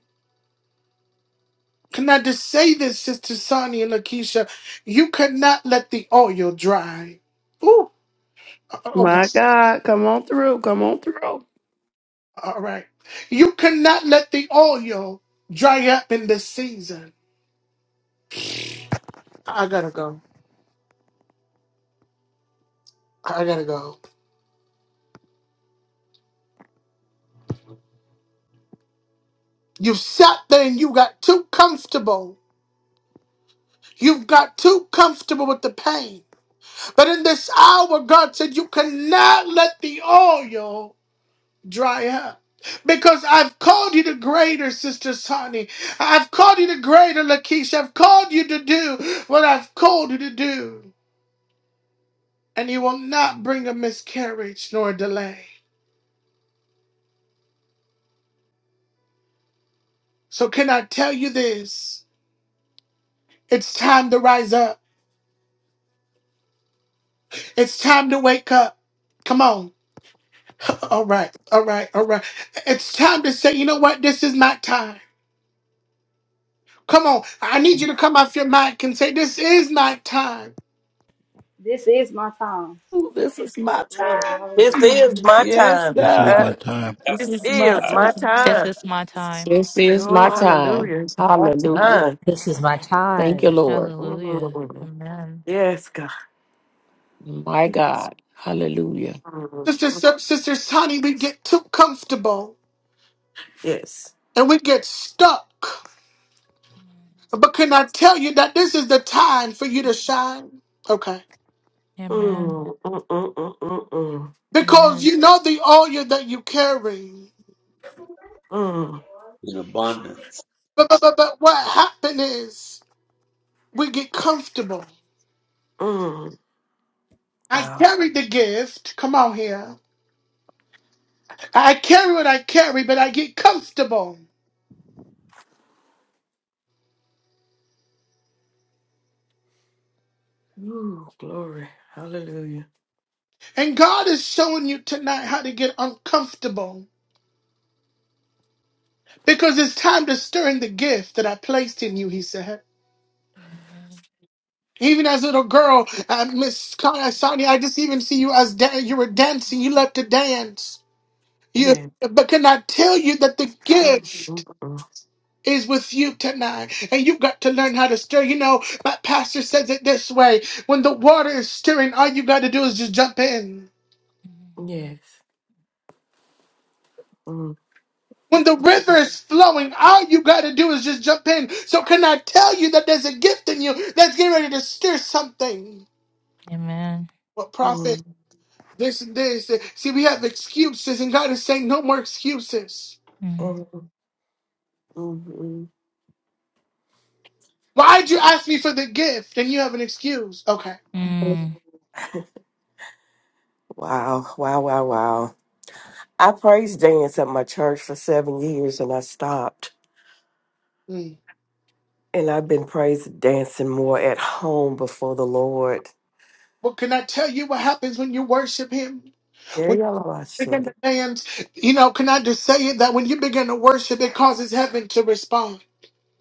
Speaker 1: Can I just say this, Sister Sonia and Lakeisha? You cannot let the oil dry. Ooh, uh, okay.
Speaker 7: My God, come on through, come on through.
Speaker 1: All right. You cannot let the oil dry up in this season. I gotta go. I gotta go. You've sat there and you got too comfortable. You've got too comfortable with the pain. But in this hour, God said, You cannot let the oil dry up. Because I've called you to greater, Sister Sonny. I've called you to greater, Lakeisha. I've called you to do what I've called you to do. And you will not bring a miscarriage nor a delay. So, can I tell you this? It's time to rise up. It's time to wake up. Come on. <laughs> All right. All right. All right. It's time to say, you know what? This is my time. Come on. I need you to come off your mic and say, this is my time.
Speaker 6: This is my time.
Speaker 7: Ooh, this is my
Speaker 6: Glory.
Speaker 3: This
Speaker 6: Hallelujah.
Speaker 3: is
Speaker 7: time.
Speaker 3: my
Speaker 7: Yes,
Speaker 3: time.
Speaker 8: This is
Speaker 3: <laughs>
Speaker 8: my
Speaker 7: God.
Speaker 8: time.
Speaker 7: This
Speaker 3: this
Speaker 7: is my
Speaker 3: is my
Speaker 7: time.
Speaker 9: This
Speaker 3: time.
Speaker 9: is my time.
Speaker 5: This is
Speaker 3: Oh,
Speaker 5: my
Speaker 9: Oh.
Speaker 5: time.
Speaker 3: hallelujah. My
Speaker 5: Hallelujah.
Speaker 3: time.
Speaker 10: This is my
Speaker 5: Thank
Speaker 10: time.
Speaker 5: you, Lord.
Speaker 9: Hallelujah.
Speaker 3: Mm,
Speaker 9: Amen.
Speaker 3: yes, God.
Speaker 5: My
Speaker 3: Yes.
Speaker 5: God. Hallelujah.
Speaker 3: Mm,
Speaker 1: Sister, Sa- Sister Sonny, we get too comfortable
Speaker 3: yes.
Speaker 1: and we get stuck.
Speaker 9: Mm.
Speaker 1: But can I tell you that this is the time for you to shine? Okay.
Speaker 9: Amen.
Speaker 3: Mm, mm, mm, mm, mm,
Speaker 1: Because
Speaker 9: Amen.
Speaker 1: you know the oil that you carry.
Speaker 3: mm, mm,
Speaker 4: In abundance.
Speaker 1: But, but, but but what happened is. we get comfortable.
Speaker 3: mm.
Speaker 1: I
Speaker 3: Wow.
Speaker 1: carry the gift. Come on here. I carry what I carry, but I get comfortable.
Speaker 3: Ooh, glory. Hallelujah.
Speaker 1: And God is showing you tonight how to get uncomfortable because it's time to stir in the gift that I placed in you, he said.
Speaker 9: Amen.
Speaker 1: Even as a little girl, uh, Miss Sonia, Sonia, I just even see you as dan- you were dancing. You loved to dance. You,
Speaker 3: Yes.
Speaker 1: but can I tell you that the
Speaker 3: Mm,
Speaker 1: gift?
Speaker 3: mm, mm.
Speaker 1: is with you tonight. And you've got to learn how to stir. You know, my pastor says it this way when the water is stirring, all you got to do is just jump in.
Speaker 9: Mhm.
Speaker 3: Yes. Mm,
Speaker 1: When the river is flowing, all you got to do is just jump in. So, can I tell you that there's a gift in you that's getting ready to stir something?
Speaker 9: Amen.
Speaker 1: What prophet?
Speaker 3: mm,
Speaker 1: This and this. See, we have excuses, and God is saying, no more excuses.
Speaker 9: Mm.
Speaker 3: mm, mm, mm.
Speaker 1: Why'd you ask me for the gift and you have an excuse? Okay.
Speaker 9: Mm.
Speaker 3: Wow. Wow. Wow. Wow. I praise dance at my church for seven years and I stopped.
Speaker 1: Mm.
Speaker 3: And I've been praise dancing more at home before the Lord.
Speaker 1: Well, can I tell you what happens when you worship Him?
Speaker 3: Yeah, y'all are watching.
Speaker 1: begin to dance, you know, can I just say it that when you begin to worship, it causes heaven to respond.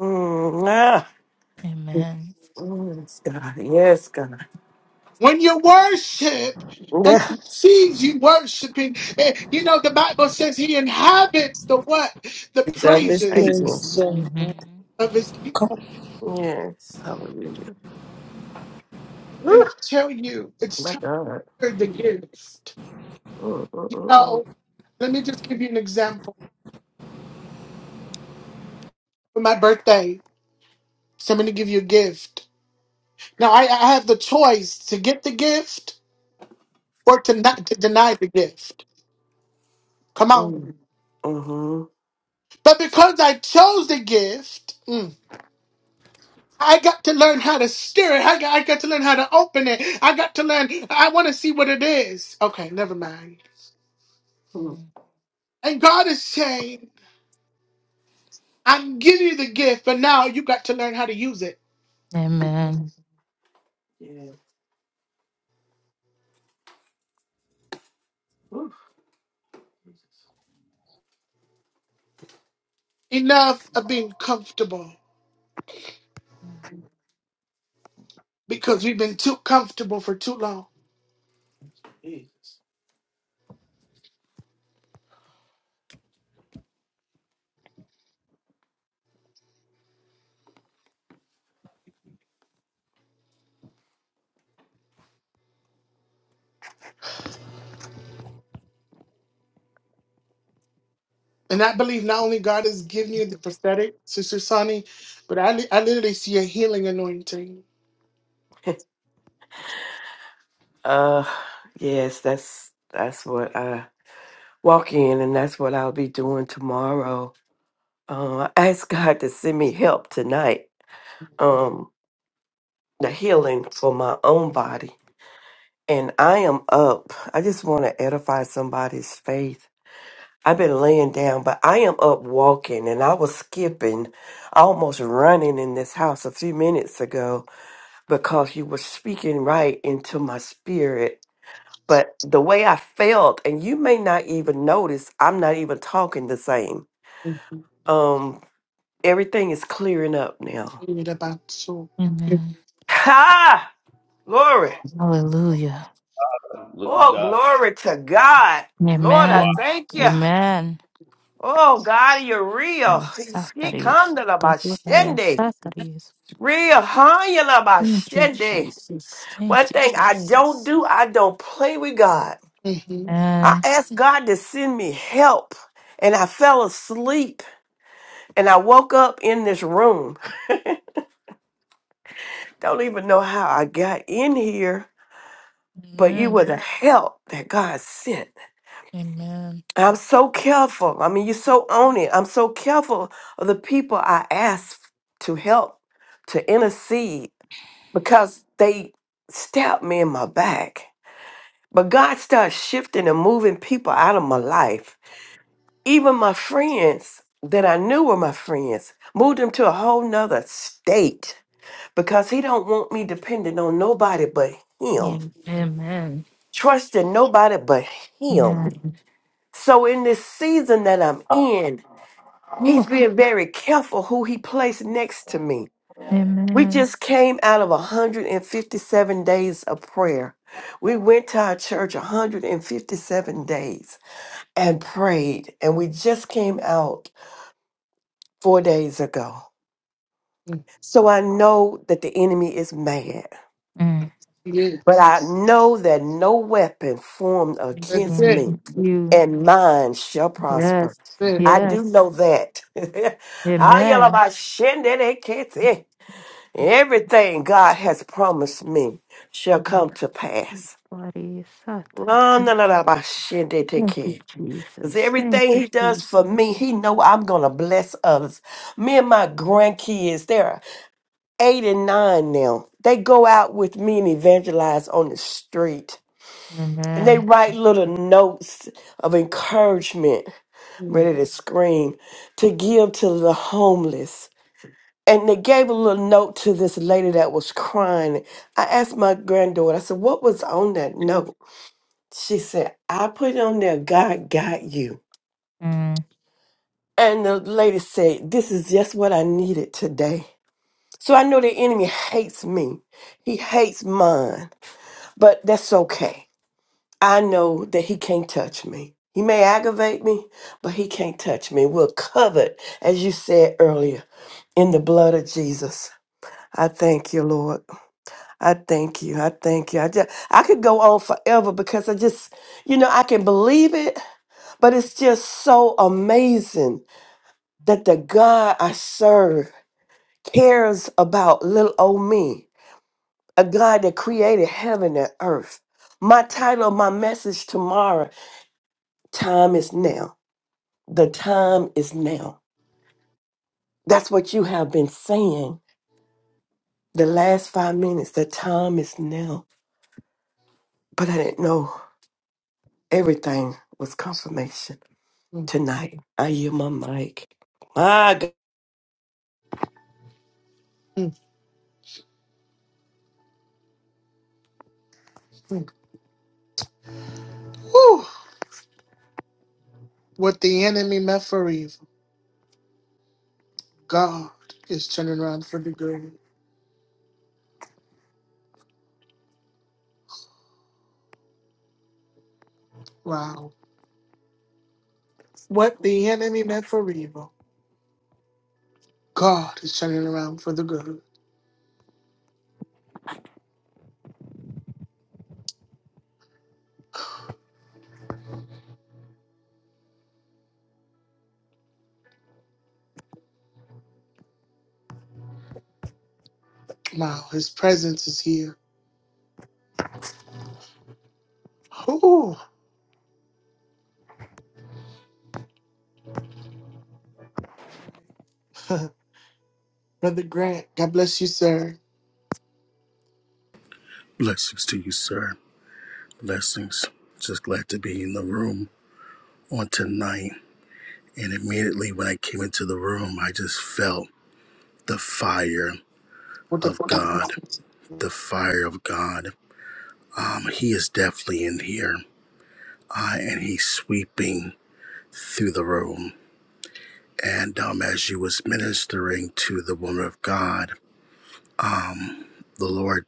Speaker 3: Mm, ah.
Speaker 9: Amen.
Speaker 3: Mm, Yes, God. Yes, God.
Speaker 1: When you worship and
Speaker 3: Yeah.
Speaker 1: he sees you worshiping, eh, you know, the Bible says he inhabits the what? The
Speaker 5: His of his
Speaker 3: I
Speaker 1: praises
Speaker 5: people.
Speaker 3: just,
Speaker 11: Praise the
Speaker 9: Mhm.
Speaker 1: of his
Speaker 11: Lord.
Speaker 1: people.
Speaker 3: yes. Hallelujah.
Speaker 1: And I
Speaker 3: Woo,
Speaker 1: tell you, it's
Speaker 3: my
Speaker 1: time
Speaker 3: God.
Speaker 1: the gift.
Speaker 3: Mm,
Speaker 1: You
Speaker 3: mm, mm,
Speaker 1: know, let me just give you an example. For my birthday, so I'm going to give you a gift. Now, I, I have the choice to get the gift or to not to deny the gift. Come on.
Speaker 3: mm. Mm, hmm
Speaker 1: But because I chose the gift, mm, I got to learn how to steer it. I got, I got to learn how to open it. I got to learn. I want to see what it is. Okay, never mind.
Speaker 3: Mm,
Speaker 9: Mm.
Speaker 1: And God is saying, I'm giving you the gift, but now you got to learn how to use it.
Speaker 9: Amen.
Speaker 3: mm. Yeah. Woo.
Speaker 1: Enough of being comfortable
Speaker 9: Mm.
Speaker 1: because we've been too comfortable for too long. And I believe not only God is giving you the prophetic, Sister Sonny, but I, li- I literally see a healing anointing.
Speaker 3: <laughs> uh, yes, that's that's what I walk in, and that's what I'll be doing tomorrow Uh, I ask God to send me help tonight, um, the healing for my own body. And I am up. I just want to edify somebody's faith. I've been laying down, but I am up walking and I was skipping, almost running in this house a few minutes ago because you were speaking right into my spirit. But the way I felt, and you may not even notice, I'm not even talking the same.
Speaker 1: Mhm.
Speaker 3: Um, everything is clearing up now.
Speaker 9: Amen.
Speaker 3: <laughs> Ha! Glory.
Speaker 9: Hallelujah.
Speaker 3: Oh, glory to God. Lord, I
Speaker 9: Amen.
Speaker 3: thank you.
Speaker 9: Amen.
Speaker 3: Oh, God, you're real.
Speaker 9: And
Speaker 3: She
Speaker 9: Sataris.
Speaker 3: come to the
Speaker 9: Gloria
Speaker 3: Bashende,
Speaker 9: Sataris.
Speaker 3: Real. Huh? You're
Speaker 9: Thank you,
Speaker 3: Bashende.
Speaker 9: Jesus.
Speaker 3: One
Speaker 9: Thank you,
Speaker 3: thing I don't
Speaker 9: Jesus.
Speaker 3: do, I don't play with God.
Speaker 1: Mm-hmm.
Speaker 3: I
Speaker 9: Amen.
Speaker 3: asked God to send me help, and I fell asleep, and I woke up in this room. Don't even know how I got in here, but you were
Speaker 9: Amen.
Speaker 3: the help that God sent.
Speaker 9: Amen.
Speaker 3: I'm so careful. I mean, you're so on it. I'm so careful of the people I ask to help, to intercede, because they stabbed me in my back. But God started shifting and moving people out of my life. Even my friends that I knew were my friends moved them to a whole nother state because He don't want me dependent on nobody but Him,
Speaker 9: Amen.
Speaker 3: trusting nobody but Him.
Speaker 9: Yeah.
Speaker 3: So in this season that I'm in, He's
Speaker 9: Woo.
Speaker 3: being very careful who he placed next to me. We
Speaker 9: Amen.
Speaker 3: just came out of 157 days of prayer. We went to our church 157 days and prayed, and we just came out four days ago.
Speaker 1: Mm-hmm.
Speaker 3: So I know that the enemy is mad,
Speaker 9: Mm.
Speaker 1: Yes,
Speaker 3: but I know that no weapon formed
Speaker 1: that's
Speaker 3: against
Speaker 1: it.
Speaker 3: me
Speaker 9: Thank you.
Speaker 3: and mine shall prosper.
Speaker 9: Yes.
Speaker 1: That's it.
Speaker 3: I do
Speaker 9: Yes.
Speaker 3: know that. <laughs> Ah, yalla
Speaker 9: Amen.
Speaker 3: ba shende de kete. Everything God has promised me shall come to pass.
Speaker 9: Everybody, Saturday.
Speaker 3: No, no, no, no, my shit, they take
Speaker 9: Thank you,
Speaker 3: care. Because
Speaker 9: Jesus. Thank
Speaker 3: everything
Speaker 9: you,
Speaker 3: he does
Speaker 9: Jesus.
Speaker 3: for me, he know I'm going to bless others. Me and my grandkids, they're eight and nine now. They go out with me and evangelize on the street. And they
Speaker 9: Amen.
Speaker 3: write little notes of encouragement,
Speaker 1: Mm,
Speaker 3: ready to scream, to give to the homeless and they gave a little note to this lady that was crying. I asked my granddaughter, I said, What was on that note? She said, I put it on there, God got you.
Speaker 9: Mm.
Speaker 3: And the lady said, This is just what I needed today. So I know the enemy hates me, he hates mine, but that's okay. I know that he can't touch me. He may aggravate me, but he can't touch me. We're covered, as you said earlier, in the blood of Jesus. I thank you, Lord. I thank you. I thank you. I just I could go on forever because I just, you know, I can believe it, but it's just so amazing that the God I serve cares about little old me, a God that created heaven and earth. My title of my message tomorrow, time is now. The time is now. That's what you have been saying the last five minutes. The time is now. But I didn't know everything was confirmation.
Speaker 1: mm,
Speaker 3: tonight. I yield my mic. My God.
Speaker 1: mm, mm. Whew. What the enemy meant for evil, God is turning around for the good. Wow. What the enemy meant for evil, God is turning around for the good. Wow. His presence is here. Ooh. <laughs> Brother Grant, God bless you, sir.
Speaker 8: Blessings to you, sir. Blessings. Just glad to be in the room on tonight. And immediately when I came into the room, I just felt the fire
Speaker 1: What the
Speaker 8: of God. The fire of God. Um, he is definitely in here. Uh, and he's sweeping through the room. And um, as you was ministering to the woman of God, the Lord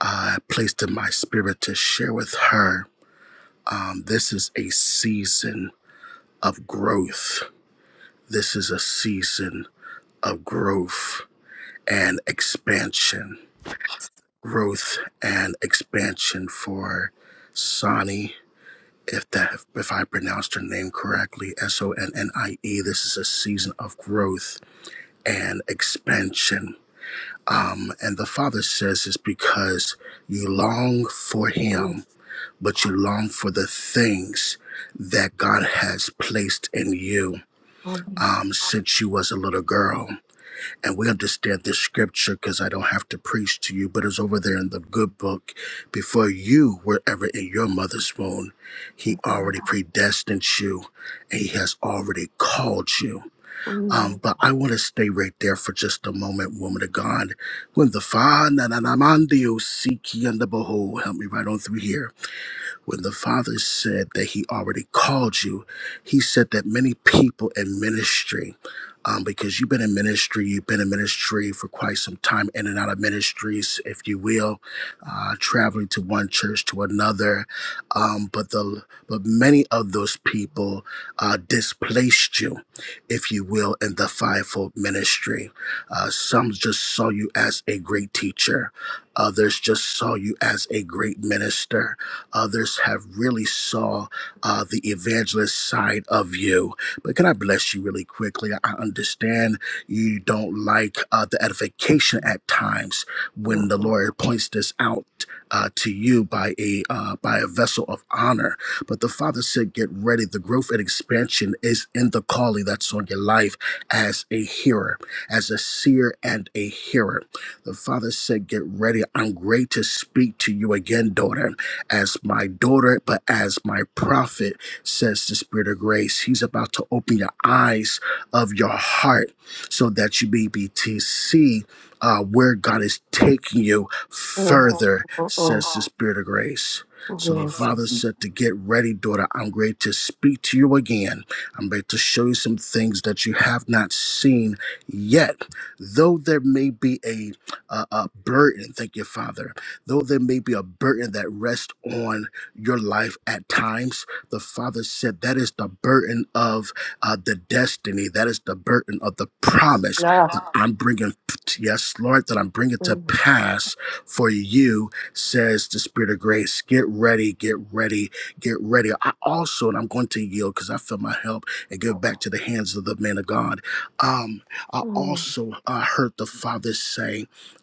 Speaker 8: uh, placed in my spirit to share with her. Um, this is a season of growth This is a season of growth and expansion. Growth and expansion for Sonny, if that if I pronounced her name correctly, S O N N I E. This is a season of growth and expansion. Um, and the father says it's because you long for
Speaker 3: Mm,
Speaker 8: him, but you long for the things that God has placed in you
Speaker 3: mm,
Speaker 8: um, since you was a little girl and we understand this scripture because I don't have to preach to you, but it's over there in the good book. Before you were ever in your mother's womb, He already predestined you and He has already called you. Um, but I want to stay right there for just a moment, woman of God. When the Father, and I'm and the Behold, help me right on through here when the Father said that He already called you, He said that many people in ministry, um, because you've been in ministry, you've been in ministry for quite some time, in and out of ministries, if you will, uh, traveling to one church to another. Um, but the but many of those people uh, displaced you, if you will, in the fivefold ministry. Uh, some just saw you as a great teacher. Others just saw you as a great minister Others have really saw uh, the evangelist side of you. But can I bless you really quickly? I understand you don't like uh, the edification at times
Speaker 3: mm.
Speaker 8: when the Lord points this out uh, to you by a uh, by a vessel of honor. But the Father said, "Get ready. The growth and expansion is in the calling that's on your life as a hearer, as a seer and a hearer." The Father said, "Get ready. I'm great to speak to you again, daughter." as my daughter, but as my prophet, says the Spirit of grace. He's about to open your eyes of your heart so that you may be to see uh, where God is taking you
Speaker 3: Mm,
Speaker 8: further,
Speaker 3: mm,
Speaker 8: says
Speaker 3: mm.
Speaker 8: the Spirit of grace. So the
Speaker 3: Yes.
Speaker 8: father said to get ready, daughter. I'm ready to speak to you again. I'm ready to show you some things that you have not seen yet. Though there may be a, a, a burden, thank you, Father. Though there may be a burden that rests on your life at times, the Father said that is the burden of uh, the destiny. That is the burden of the promise
Speaker 3: Nah.
Speaker 8: that I'm bringing. Yes, Lord, that I'm bringing to pass for you, says the Spirit of grace. Get ready, get ready, get ready. I also, and I'm going to yield because I feel my help and give it back to the hands of the man of God. Um, I also uh, heard the Father say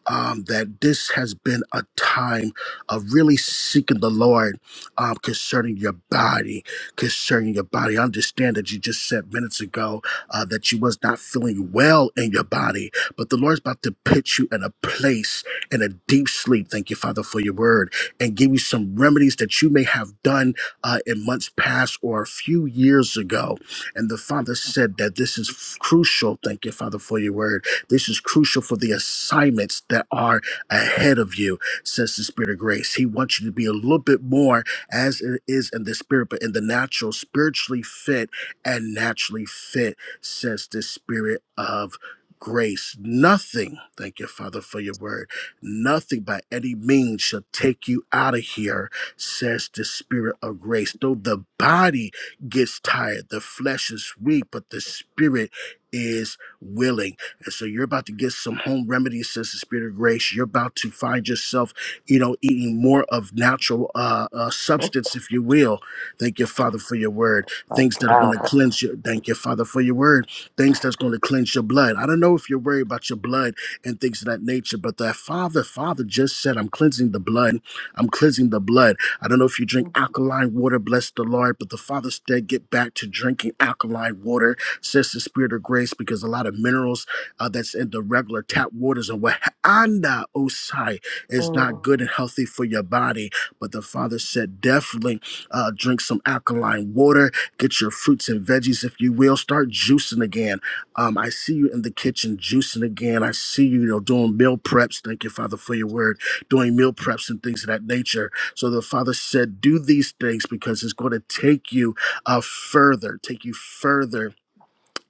Speaker 8: um, that this has been a time of really seeking the Lord um, concerning your body, concerning your body. I understand that you just said minutes ago uh, that you was not feeling well in your body, but the Lord's about to put you in a place in a deep sleep. Thank you, Father, for your word, and give you some remedies that you may have done uh, in months past or a few years ago. And the Father said that this is f- crucial. Thank you, Father, for your word this is crucial for the assignments that are ahead of you, says the Spirit of grace. He wants you to be a little bit more as it is in the spirit, but in the natural, spiritually fit and naturally fit, says the Spirit of grace. Nothing, thank you, Father, for your word, nothing by any means shall take you out of here, says the Spirit of grace. Though the body gets tired, the flesh is weak, but the Spirit is willing and so you're about to get some home remedies, says the Spirit of Grace. You're about to find yourself, you know, eating more of natural uh, uh, substance, if you will. Thank you, Father, for your word. Things that are going to cleanse you. Thank you, Father, for your word. Things that's going to cleanse your blood. I don't know if you're worried about your blood and things of that nature, but that Father, Father just said, I'm cleansing the blood. I'm cleansing the blood. I don't know if you drink
Speaker 3: Mm-hmm.
Speaker 8: alkaline water, bless the Lord, but the Father said, get back to drinking alkaline water, says the Spirit of grace, because a lot of minerals uh, that's in the regular tap waters and what anda osai is
Speaker 3: Mm,
Speaker 8: not good and healthy for your body. But the father said, definitely uh, drink some alkaline water, get your fruits and veggies if you will, start juicing again. Um, I see you in the kitchen juicing again. I see you, you know, doing meal preps. Thank you, Father, for your word, doing meal preps and things of that nature. So the father said, do these things because it's going to take you uh, further, take you further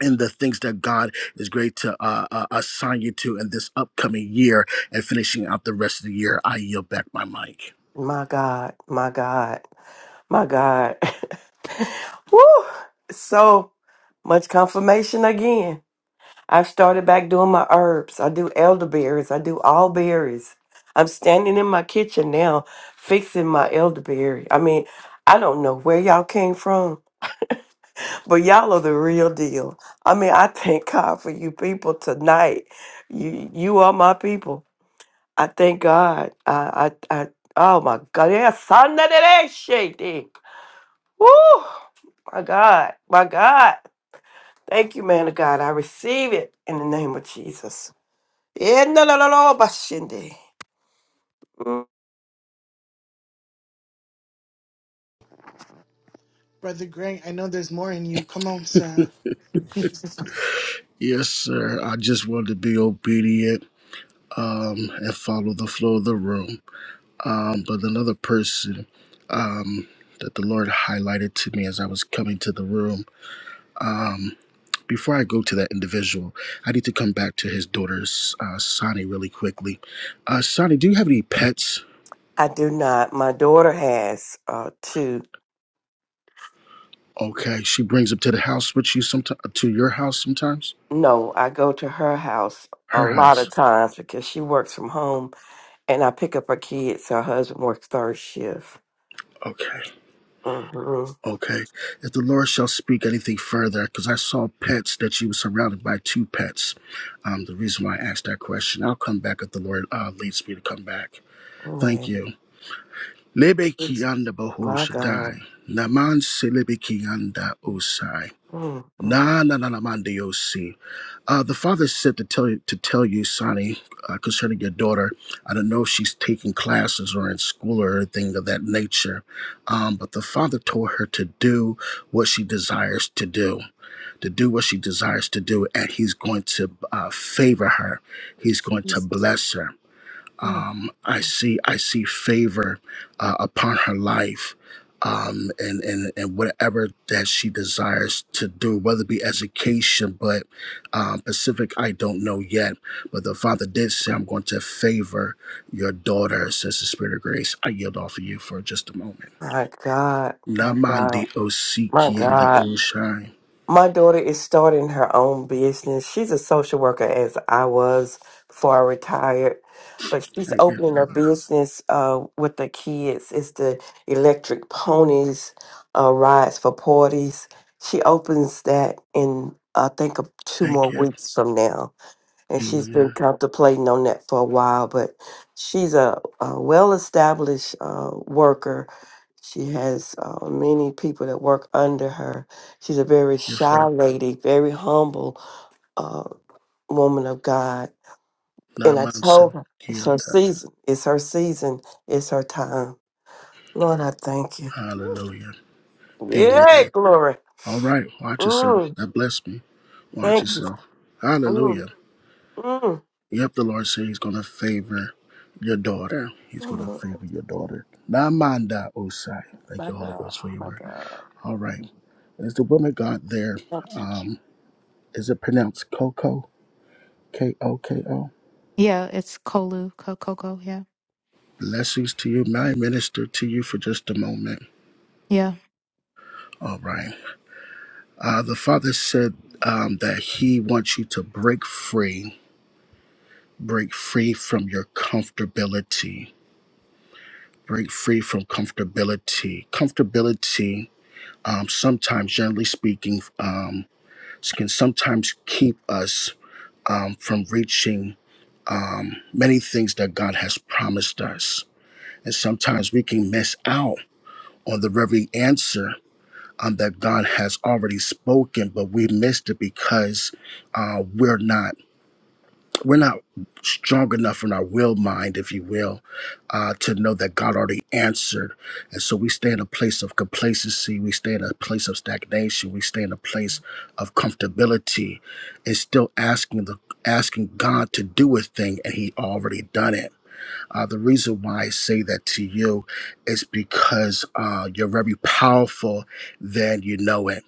Speaker 8: and the things that God is great to uh, uh, assign you to in this upcoming year and finishing out the rest of the year. I yield back my mic.
Speaker 3: My God, my God, my God. <laughs> Woo! So much confirmation again. I started back doing my herbs. I do elderberries. I do all berries. I'm standing in my kitchen now fixing my elderberry. I mean, I don't know where y'all came from, but y'all are the real deal. I mean, I thank <laughs> God for you people tonight. You you are my people. I thank God. I I, I oh my God. Yeah, son of that shit. eh. Woo! My God. My God. Thank you, man of God. I receive it in the name of Jesus. Yeah, no, no, no, no, but shindy. Mm,
Speaker 1: Brother Grant, I know there's more in you. Come on, sir. <laughs> let
Speaker 8: Yes, sir. I just wanted to be obedient um, and follow the flow of the room. Um, but another person um, that the Lord highlighted to me as I was coming to the room, um, before I go to that individual, I need to come back to his daughter's uh, Sonny really quickly. Uh, Sonny, do you have any pets?
Speaker 3: I do not. My daughter has uh, two.
Speaker 8: Okay, she brings him to the house with you sometimes, to your house sometimes?
Speaker 3: No, I go to her house a
Speaker 8: Her
Speaker 3: lot of
Speaker 8: house.
Speaker 3: times because she works from home, and I pick up her kids. Her husband works third shift.
Speaker 8: Okay,
Speaker 3: Mm-hmm.
Speaker 8: okay. If the Lord shall speak anything further, because I saw pets that she was surrounded by two pets. Um, the reason why I asked that question, I'll come back if the Lord uh, leads me to come back. Thank
Speaker 3: Mm.
Speaker 8: you. Lebe kianda bahu
Speaker 3: My God.
Speaker 8: shaddai. Naman selebe kianda osai.
Speaker 3: Mm, mm,
Speaker 8: Na na na na mande yo Uh, the father said to tell you to tell you, Sonny, uh, concerning your daughter. I don't know if she's taking classes or in school or anything of that nature. Um, but the father told her to do what she desires to do, to do what she desires to do, and he's going to uh, favor her. He's going to bless her
Speaker 3: mm.
Speaker 8: um, I see I see favor uh, upon her life, um, and and and whatever that she desires to do, whether it be education, but um, Pacific I don't know yet. But the Father did say, "I'm going to favor your daughter," says the Spirit of Grace. I yield off of you for just a moment.
Speaker 3: My God. My God.
Speaker 8: Namandi
Speaker 3: My
Speaker 8: osiki and the
Speaker 3: God.
Speaker 8: oshai.
Speaker 3: My daughter is starting her own business. She's a social worker, as I was before I retired, but she's
Speaker 8: Thank you,
Speaker 3: opening her business uh, with the kids. It's the electric ponies uh, rides for parties. She opens that in, I think, uh, two more
Speaker 8: thank you,
Speaker 3: weeks from now and she's been
Speaker 8: Amen.
Speaker 3: contemplating on that for a while. But she's a, a well-established uh, worker. She has uh, many people that work under her. She's a very
Speaker 8: Thank you,
Speaker 3: shy
Speaker 8: Father.
Speaker 3: lady, very humble uh, woman of God. And I
Speaker 8: Naman
Speaker 3: told her
Speaker 8: sabiki
Speaker 3: it's
Speaker 8: and
Speaker 3: her
Speaker 8: the-
Speaker 3: season. It's her season. It's her time. Lord, I thank you.
Speaker 8: Hallelujah, Amen.
Speaker 3: Yay, glory.
Speaker 8: All right, watch yourself.
Speaker 3: Mm,
Speaker 8: That blessed me. Watch
Speaker 3: thank you.
Speaker 8: yourself.
Speaker 3: Mm,
Speaker 8: Hallelujah.
Speaker 3: mm,
Speaker 8: Yep, the Lord said He's going to favor your daughter. He's going to
Speaker 3: mm.
Speaker 8: favor your daughter. Namanda Osai. Thank
Speaker 3: My
Speaker 8: you, Holy
Speaker 3: God,
Speaker 8: Ghost, for your
Speaker 3: my
Speaker 8: word.
Speaker 3: God.
Speaker 8: All right. Is the woman God there?
Speaker 3: Thank you.
Speaker 8: Um, is it pronounced Coco? K O K O?
Speaker 9: Yeah, it's Kolu, Co- Coco. Yeah.
Speaker 8: Blessings to you. May I minister to you for just a moment?
Speaker 9: Yeah.
Speaker 8: All right. Uh, the Father said um, that He wants you to break free, break free from your comfortability break free from comfortability. Comfortability, um, sometimes, generally speaking, um, can sometimes keep us um, from reaching um, many things that God has promised us. And sometimes we can miss out on the very answer um, that God has already spoken, but we missed it because uh, we're not. we're not strong enough in our will mind, if you will, uh, to know that God already answered. And so we stay in a place of complacency. We stay in a place of stagnation. We stay in a place of comfortability. It's still asking the asking God to do a thing, and He already done it. Uh, the reason why I say that to you is because uh, you're very powerful, then you know it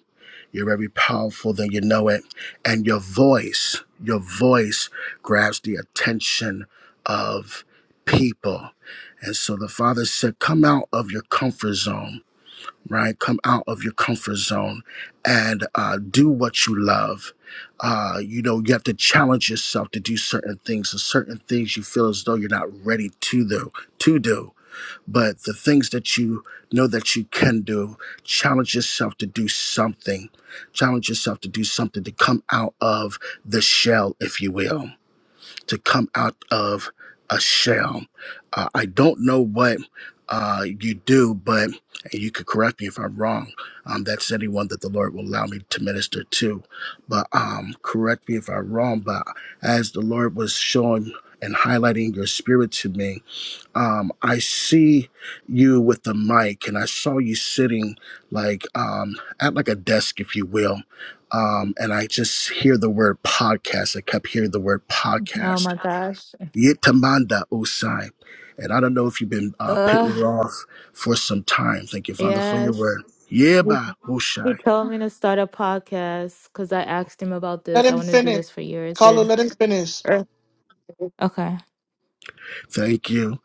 Speaker 8: you're very powerful than you know it. And your voice, your voice grabs the attention of people. And so the Father said, Come out of your comfort zone, right? Come out of your comfort zone and uh, do what you love. Uh, you know, you have to challenge yourself to do certain things, and certain things you feel as though you're not ready to do. To do but the things that you know that you can do challenge yourself to do something challenge yourself to do something to come out of the shell if you will to come out of a shell uh, i don't know what uh, you do but and you could correct me if i'm wrong um, that's anyone that the lord will allow me to minister to but um, correct me if i'm wrong but as the lord was showing and highlighting your spirit to me um, I see you with the mic, and I saw you sitting like um, at like a desk, if you will. Um, and I just hear the word podcast. I kept hearing the word
Speaker 9: Oh
Speaker 8: podcast.
Speaker 9: my gosh.
Speaker 8: Yitamanda Usai. And I don't know if you've been uh, pitting it
Speaker 9: Ugh.
Speaker 8: off for some time. Thank you, Father, for your
Speaker 9: Yes.
Speaker 8: word.
Speaker 9: He
Speaker 8: Yeba
Speaker 9: he
Speaker 8: Usai.
Speaker 9: told me to start a podcast because I asked him about this. I
Speaker 1: him
Speaker 9: wanted to do
Speaker 1: finish.
Speaker 9: this for years.
Speaker 1: Carlo,
Speaker 9: And
Speaker 1: let him finish.
Speaker 9: Ugh. okay.
Speaker 8: Thank you.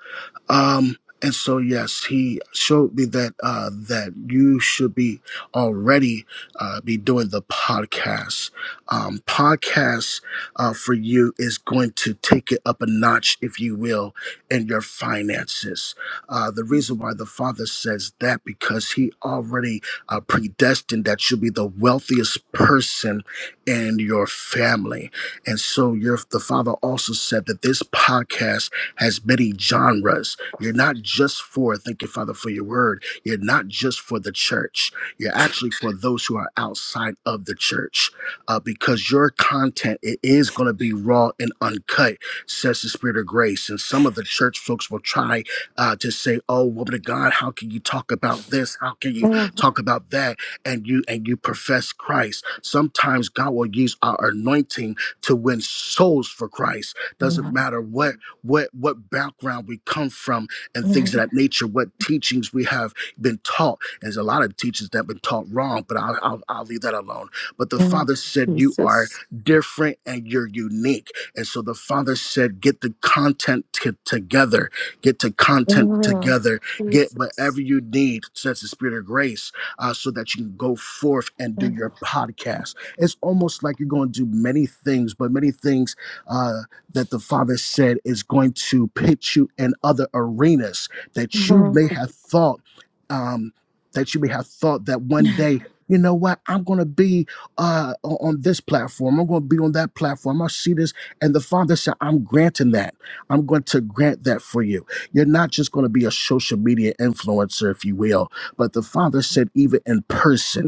Speaker 8: Um, and so yes, he showed me that uh, that you should be already uh, be doing the podcast. Um, podcast uh, for you is going to take it up a notch, if you will, in your finances. Uh, the reason why the father says that because he already uh, predestined that you'll be the wealthiest person in your family, and so your the father also said that this podcast has many genres you're not just for, thank you, Father, for your word. You're not just for the church. You're actually for those who are outside of the church uh, because your content, it is going to be raw and uncut, says the Spirit of grace. And some of the church folks will try uh, to say, oh, woman of God, how can you talk about this? How can you talk about that? And you, and you profess Christ. Sometimes God will use our anointing to win souls for Christ. Doesn't
Speaker 9: Ugh.
Speaker 8: matter what what what background we come from and
Speaker 9: <laughs>
Speaker 8: things of that nature, what teachings we have been taught. And there's a lot of teachings that have been taught wrong, but I'll, I'll, I'll leave that alone. But the
Speaker 9: Yeah,
Speaker 8: Father said, You are
Speaker 9: Jesus.
Speaker 8: different and you're unique. And so the Father said, Get the content t- together, get the content
Speaker 9: Yeah,
Speaker 8: together, get
Speaker 9: Jesus.
Speaker 8: whatever you need, says the Spirit of grace, uh, so that you can go forth and do your podcast. It's almost like you're going to do many things, but many things. uh, that the Father said is going to pitch you in other arenas that you
Speaker 9: Yeah.
Speaker 8: may have thought um, that you may have thought that one day. You know what? I'm going to be uh, o- on this platform. I'm going to be on that platform. I see this. And the Father said, I'm granting that. I'm going to grant that for you. You're not just going to be a social media influencer, if you will, but the Father said, even in person.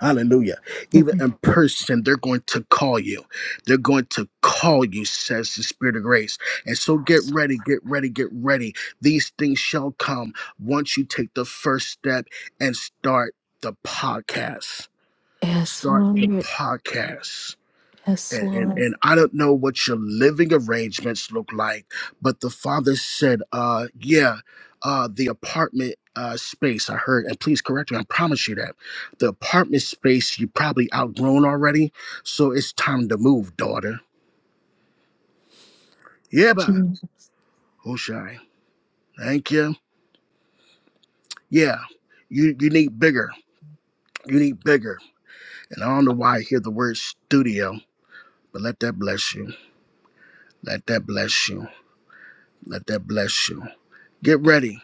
Speaker 8: Hallelujah. Even in person, they're going to call you. They're going to call you, says the Spirit of grace. And so get ready, get ready, get ready. These things shall come once you take the first step and start the podcast.
Speaker 9: Yes,
Speaker 8: Start the
Speaker 9: Lord.
Speaker 8: podcast
Speaker 9: Yes,
Speaker 8: and, and
Speaker 9: Lord.
Speaker 8: and I don't know what your living arrangements look like, but the father said, uh, yeah, uh, the apartment uh, space I heard, and please correct me, I promise you that the apartment space you probably outgrown already, so it's time to move, daughter. Yeah, bah,
Speaker 9: Jesus.
Speaker 8: Hushai. Thank you. Yeah, you you need bigger. You need bigger. And I don't know why I hear the word studio, but let that bless you. Let that bless you. Let that bless you. Get ready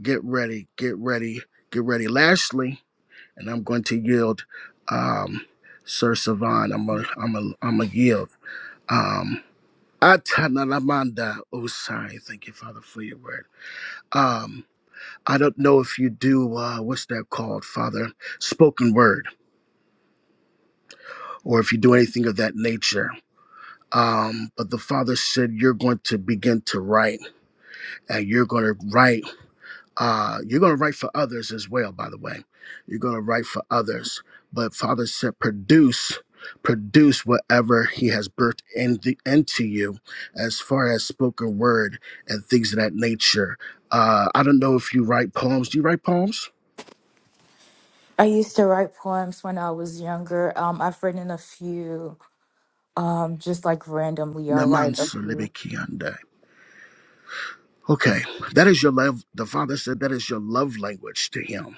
Speaker 8: Get ready, get ready, get ready. Lastly, and I'm going to yield, um, Sir Savan. I'm a, I'm a, I'm a yield. Um, Atanalamanda Osai. Thank you, Father, for your word. Um, I don't know if you do uh, what's that called, Father, spoken word, or if you do anything of that nature. Um, but the Father said you're going to begin to write, and you're going to write Uh, you're going to write for others as well, by the way. You're going to write for others. But Father said, produce, produce whatever He has birthed in the, into you as far as spoken word and things of that nature. Uh, I don't know if you write poems. Do you write poems?
Speaker 9: I used to write poems when I was younger. Um, I've written a few, um, just like randomly. i write a
Speaker 8: Namanso
Speaker 9: few.
Speaker 8: libikiande. Okay, that is your love. The Father said that is your love language to Him.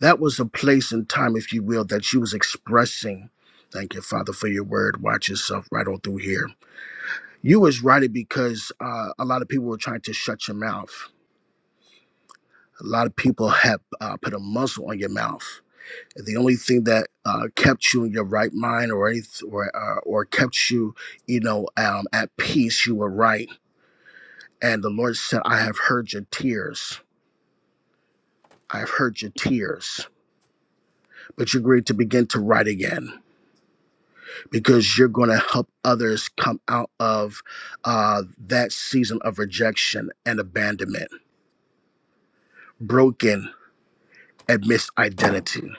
Speaker 8: That was a place and time, if you will, that you was expressing. Thank you, Father, for your word. Watch yourself right on through here You was right because uh, a lot of people were trying to shut your mouth. A lot of people have uh, put a muzzle on your mouth. The only thing that uh, kept you in your right mind, or anyth- or uh, or kept you, you know, um, at peace, you were right. And the Lord said, "I have heard your tears. I have heard your tears, but you're going to begin to write again because you're going to help others come out of uh, that season of rejection and abandonment, broken." a misidentity.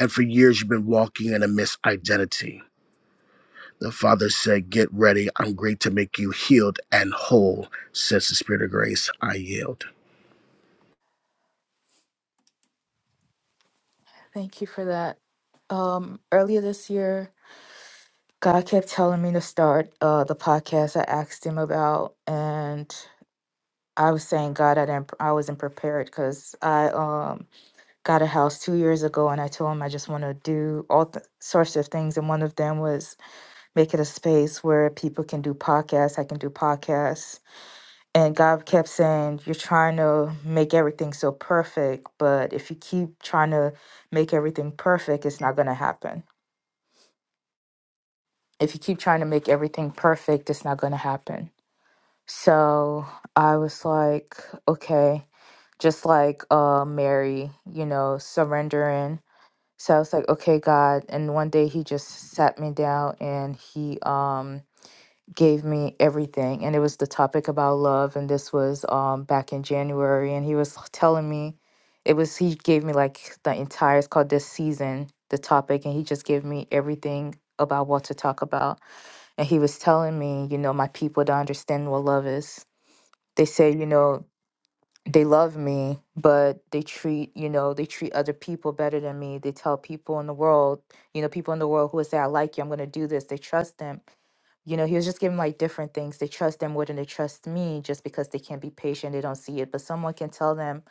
Speaker 8: And for years, you've been walking in a misidentity. The Father said, Get ready. I'm great to make you healed and whole, says the Spirit of grace. I yield.
Speaker 9: Thank you for that. Um, earlier this year, God kept telling me to start uh, the podcast I asked Him about, and I was saying, God, I didn't, I wasn't prepared because I um got a house two years ago and I told him I just want to do all th- sorts of things. And one of them was make it a space where people can do podcasts. I can do podcasts. And God kept saying, You're trying to make everything so perfect, but if you keep trying to make everything perfect, it's not going to happen. If you keep trying to make everything perfect, it's not going to happen. So I was like, Okay, just like uh, Mary, you know, surrendering So I was like, okay, God. And one day he just sat me down and he um gave me everything. And it was the topic about love. And this was um back in January. And he was telling me it was he gave me like the entire it's called this season, the topic, and he just gave me everything about what to talk about. And he was telling me, you know, my people don't understand what love is. They say, you know, they love me, but they treat, you know, they treat other people better than me. They tell people in the world, you know, people in the world who would say, I like you, I'm gonna do this. They trust them. You know, he was just giving like different things. They trust them more than they trust me just because they can't be patient. They don't see it. But someone can tell them,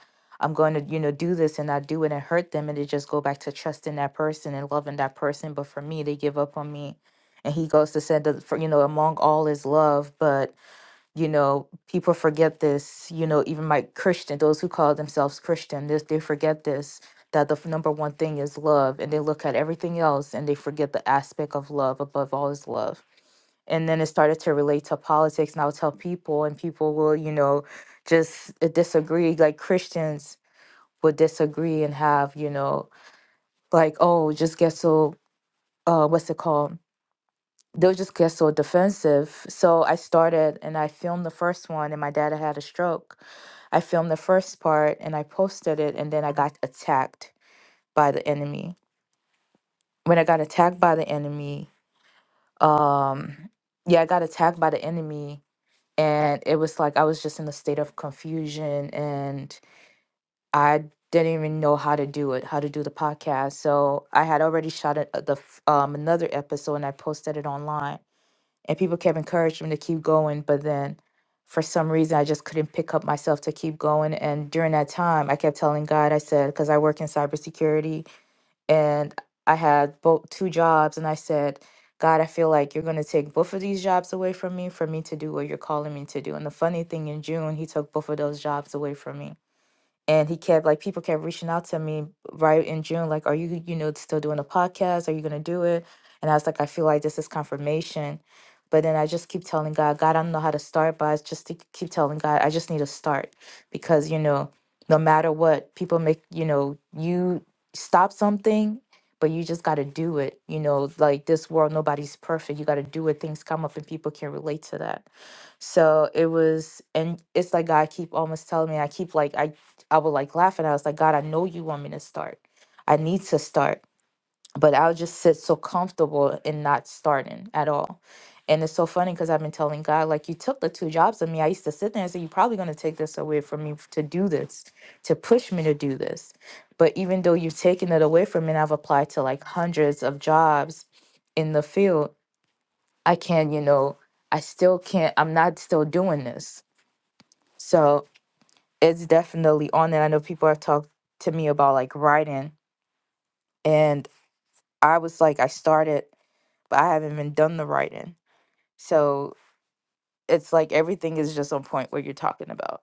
Speaker 9: I'm going to, you know, do this and I do it and hurt them. And they just go back to trusting that person and loving that person. But for me, they give up on me. And he goes to send, the, for, you know, among all is love. But you know people forget this you know even my christian those who call themselves christian this they forget this that the f- number one thing is love and they look at everything else and they forget the aspect of love above all is love and then it started to relate to politics and i'll tell people and people will you know just uh, disagree like christians would disagree and have you know like oh just get so uh what's it called they'll just get so defensive so i started and i filmed the first one and my dad had had a stroke I filmed the first part and I posted it, and then I got attacked by the enemy. When I got attacked by the enemy, um, yeah, I got attacked by the enemy, and it was like I was just in a state of confusion, and I didn't even know how to do it, how to do the podcast. So I had already shot it, uh, the f- um, another episode, and I posted it online and people kept encouraging me to keep going but then for some reason i just couldn't pick up myself to keep going and during that time i kept telling god i said because i work in cybersecurity and i had both two jobs and i said god i feel like you're going to take both of these jobs away from me for me to do what you're calling me to do and the funny thing in june he took both of those jobs away from me and he kept like people kept reaching out to me right in June, like, "Are you you know still doing a podcast? Are you gonna do it?" And I was like, "I feel like this is confirmation," but then I just keep telling God, "God, I don't know how to start, but I just to keep telling God, I just need to start because you know, no matter what, people make you know you stop something." But you just got to do it. You know, like this world, nobody's perfect. You got to do it. Things come up and people can relate to that. So it was, and it's like God keep almost telling me. I keep like I I would like laugh and I was like, God, I know you want me to start. I need to start. But I'll just sit so comfortable in not starting at all. And it's so funny because I've been telling God, like, you took the two jobs of me. I used to sit there and say, You're probably going to take this away from me to do this, to push me to do this. But even though you've taken it away from me, and I've applied to like hundreds of jobs in the field, I can't, you know, I still can't, I'm not still doing this. So it's definitely on it. I know people have talked to me about like writing, and I was like, I started, but I haven't even done the writing. So it's like everything is just on point what you're talking about.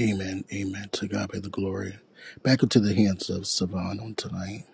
Speaker 8: Amen. Amen. To God be the glory. Back into the hands of Savan on tonight.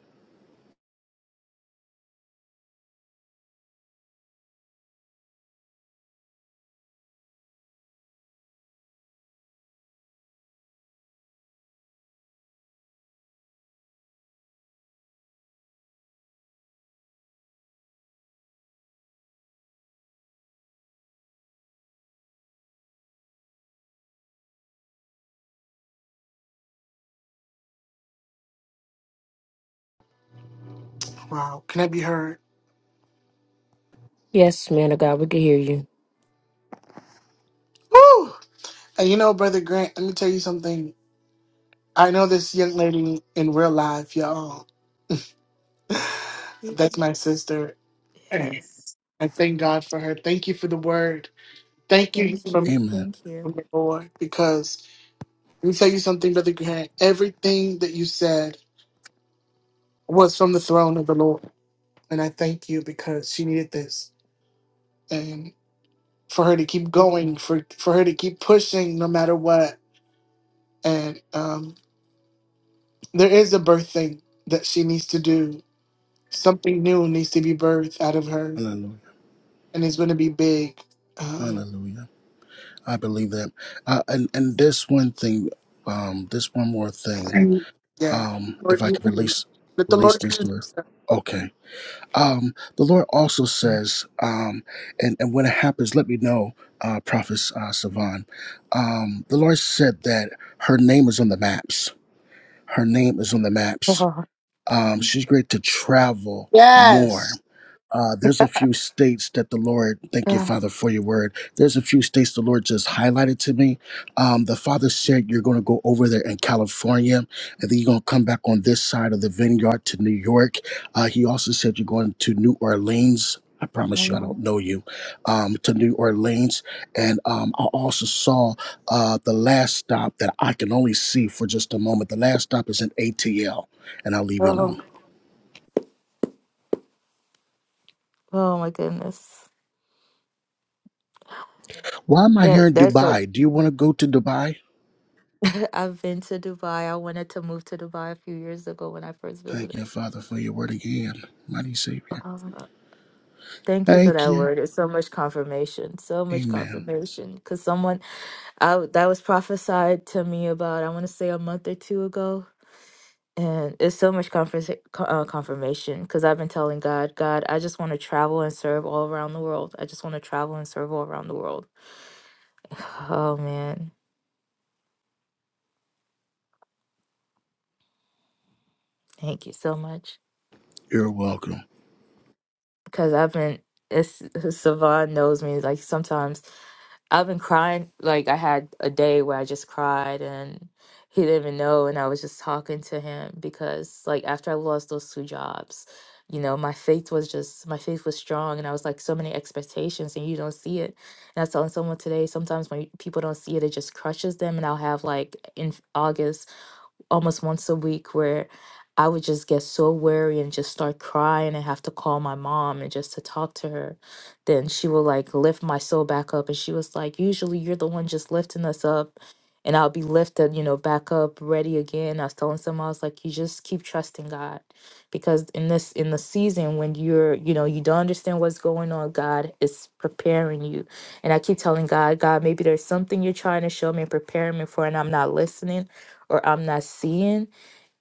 Speaker 1: Wow, can I be heard?
Speaker 5: Yes, man of God, we can hear you.
Speaker 1: Woo! And you know, Brother Grant, let me tell you something. I know this young lady in real life, y'all. <sighs>
Speaker 9: Y-
Speaker 1: That's my sister.
Speaker 9: Yes.
Speaker 1: I thank God for her. Thank you for the word. Thank you
Speaker 9: Thank
Speaker 1: from,
Speaker 9: you.
Speaker 8: Amen.
Speaker 9: Thank you.
Speaker 1: from the Lord. Because let me tell you something, Brother Grant. Everything that you said was from the throne of the Lord. and I thank you because she needed this and for her to keep going for for her to keep pushing no matter what and um there is a birth thing that she needs to do something new needs to be birthed out of her
Speaker 8: Hallelujah.
Speaker 1: and it's going to be big um
Speaker 8: Hallelujah. I believe that. Uh, and, and this one thing, um, this one more thing,
Speaker 1: yeah
Speaker 8: um,
Speaker 1: Lord,
Speaker 8: if I
Speaker 1: you
Speaker 8: could release
Speaker 1: let the
Speaker 8: release
Speaker 1: Lord
Speaker 8: this to her.
Speaker 1: introduce her.
Speaker 8: Okay. Um, the Lord also says, um, and, and when it happens, let me know, uh, Prophet uh, Savan. Um, the Lord said that her name is on the maps. Her name is on the maps.
Speaker 9: <sighs>
Speaker 8: Um, she's great to travel more
Speaker 1: yes
Speaker 8: uh, there's a few states that the Lord, thank
Speaker 9: Oh,
Speaker 8: you,
Speaker 9: yeah,
Speaker 8: Father, for your word. There's a few states the Lord just highlighted to me. Um, the Father said you're going to go over there in California, and then you're going to come back on this side of the vineyard to New York. Uh, he also said you're going to New Orleans. I
Speaker 9: I
Speaker 8: promise you, I don't
Speaker 9: know.
Speaker 8: know you. Um, to New Orleans, and um, I also saw uh, the last stop that I can only see for just a moment. The last stop is in ATL, and I'll leave you
Speaker 9: oh,
Speaker 8: alone.
Speaker 9: oh my goodness.
Speaker 8: Why am I here
Speaker 9: That
Speaker 8: in
Speaker 9: that's like
Speaker 8: Dubai? Do you want to go to Dubai?
Speaker 9: <laughs> I've been to Dubai. I wanted to move to Dubai a few years ago when I first
Speaker 8: Thank
Speaker 9: visited.
Speaker 8: you,
Speaker 9: <sighs>
Speaker 8: Father, for your word again, mighty Savior.
Speaker 9: Uh, thank you for
Speaker 8: Thank
Speaker 9: that
Speaker 8: you.
Speaker 9: word. It's so much confirmation. So much
Speaker 8: Amen.
Speaker 9: confirmation. Cause someone I that was prophesied to me about I want to say a month or two ago, and it's so much conference, uh, confirmation because I've been telling God, God, I just want to travel and serve all around the world. I just want to travel and serve all around the world. <sighs> Oh man, thank you so much.
Speaker 8: You're welcome.
Speaker 9: because I've been it's <laughs> Savon knows me like sometimes I've been crying like I had a day where I just cried and he didn't even know and I was just talking to him because like after I lost those two jobs you know my faith was just my faith was strong and I was like so many expectations and you don't see it and I was telling someone today sometimes when people don't see it it just crushes them and I'll have like in August almost once a week where I would just get so weary and just start crying and have to call my mom and just to talk to her. Then she will like lift my soul back up. And she was like, Usually you're the one just lifting us up. And I'll be lifted, you know, back up, ready again. I was telling someone, I was like, You just keep trusting God. Because in this, in the season when you're, you know, you don't understand what's going on, God is preparing you. And I keep telling God, God, maybe there's something you're trying to show me and prepare me for, and I'm not listening or I'm not seeing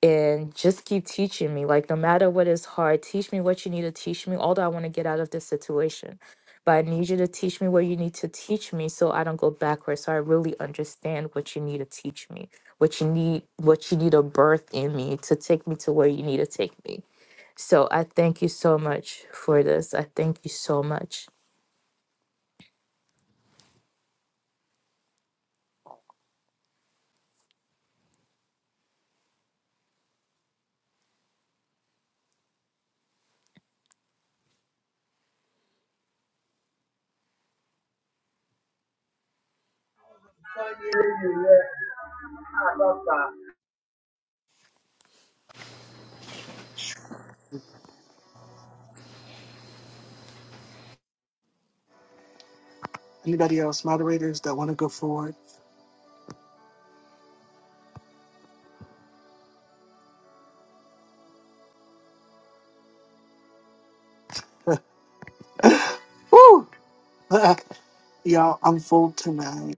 Speaker 9: and just keep teaching me. Like, no matter what is hard, teach me what you need to teach me. Although I want to get out of this situation, but I need you to teach me what you need to teach me so I don't go backwards. So I really understand what you need to teach me, what you need, what you need to birth in me to take me to where you need to take me. So I thank you so much for this. I thank you so much.
Speaker 12: Ko Sada
Speaker 1: anybody else moderators that want to go forward <gasps> <laughs> Woo! <laughs> y'all I'm full tonight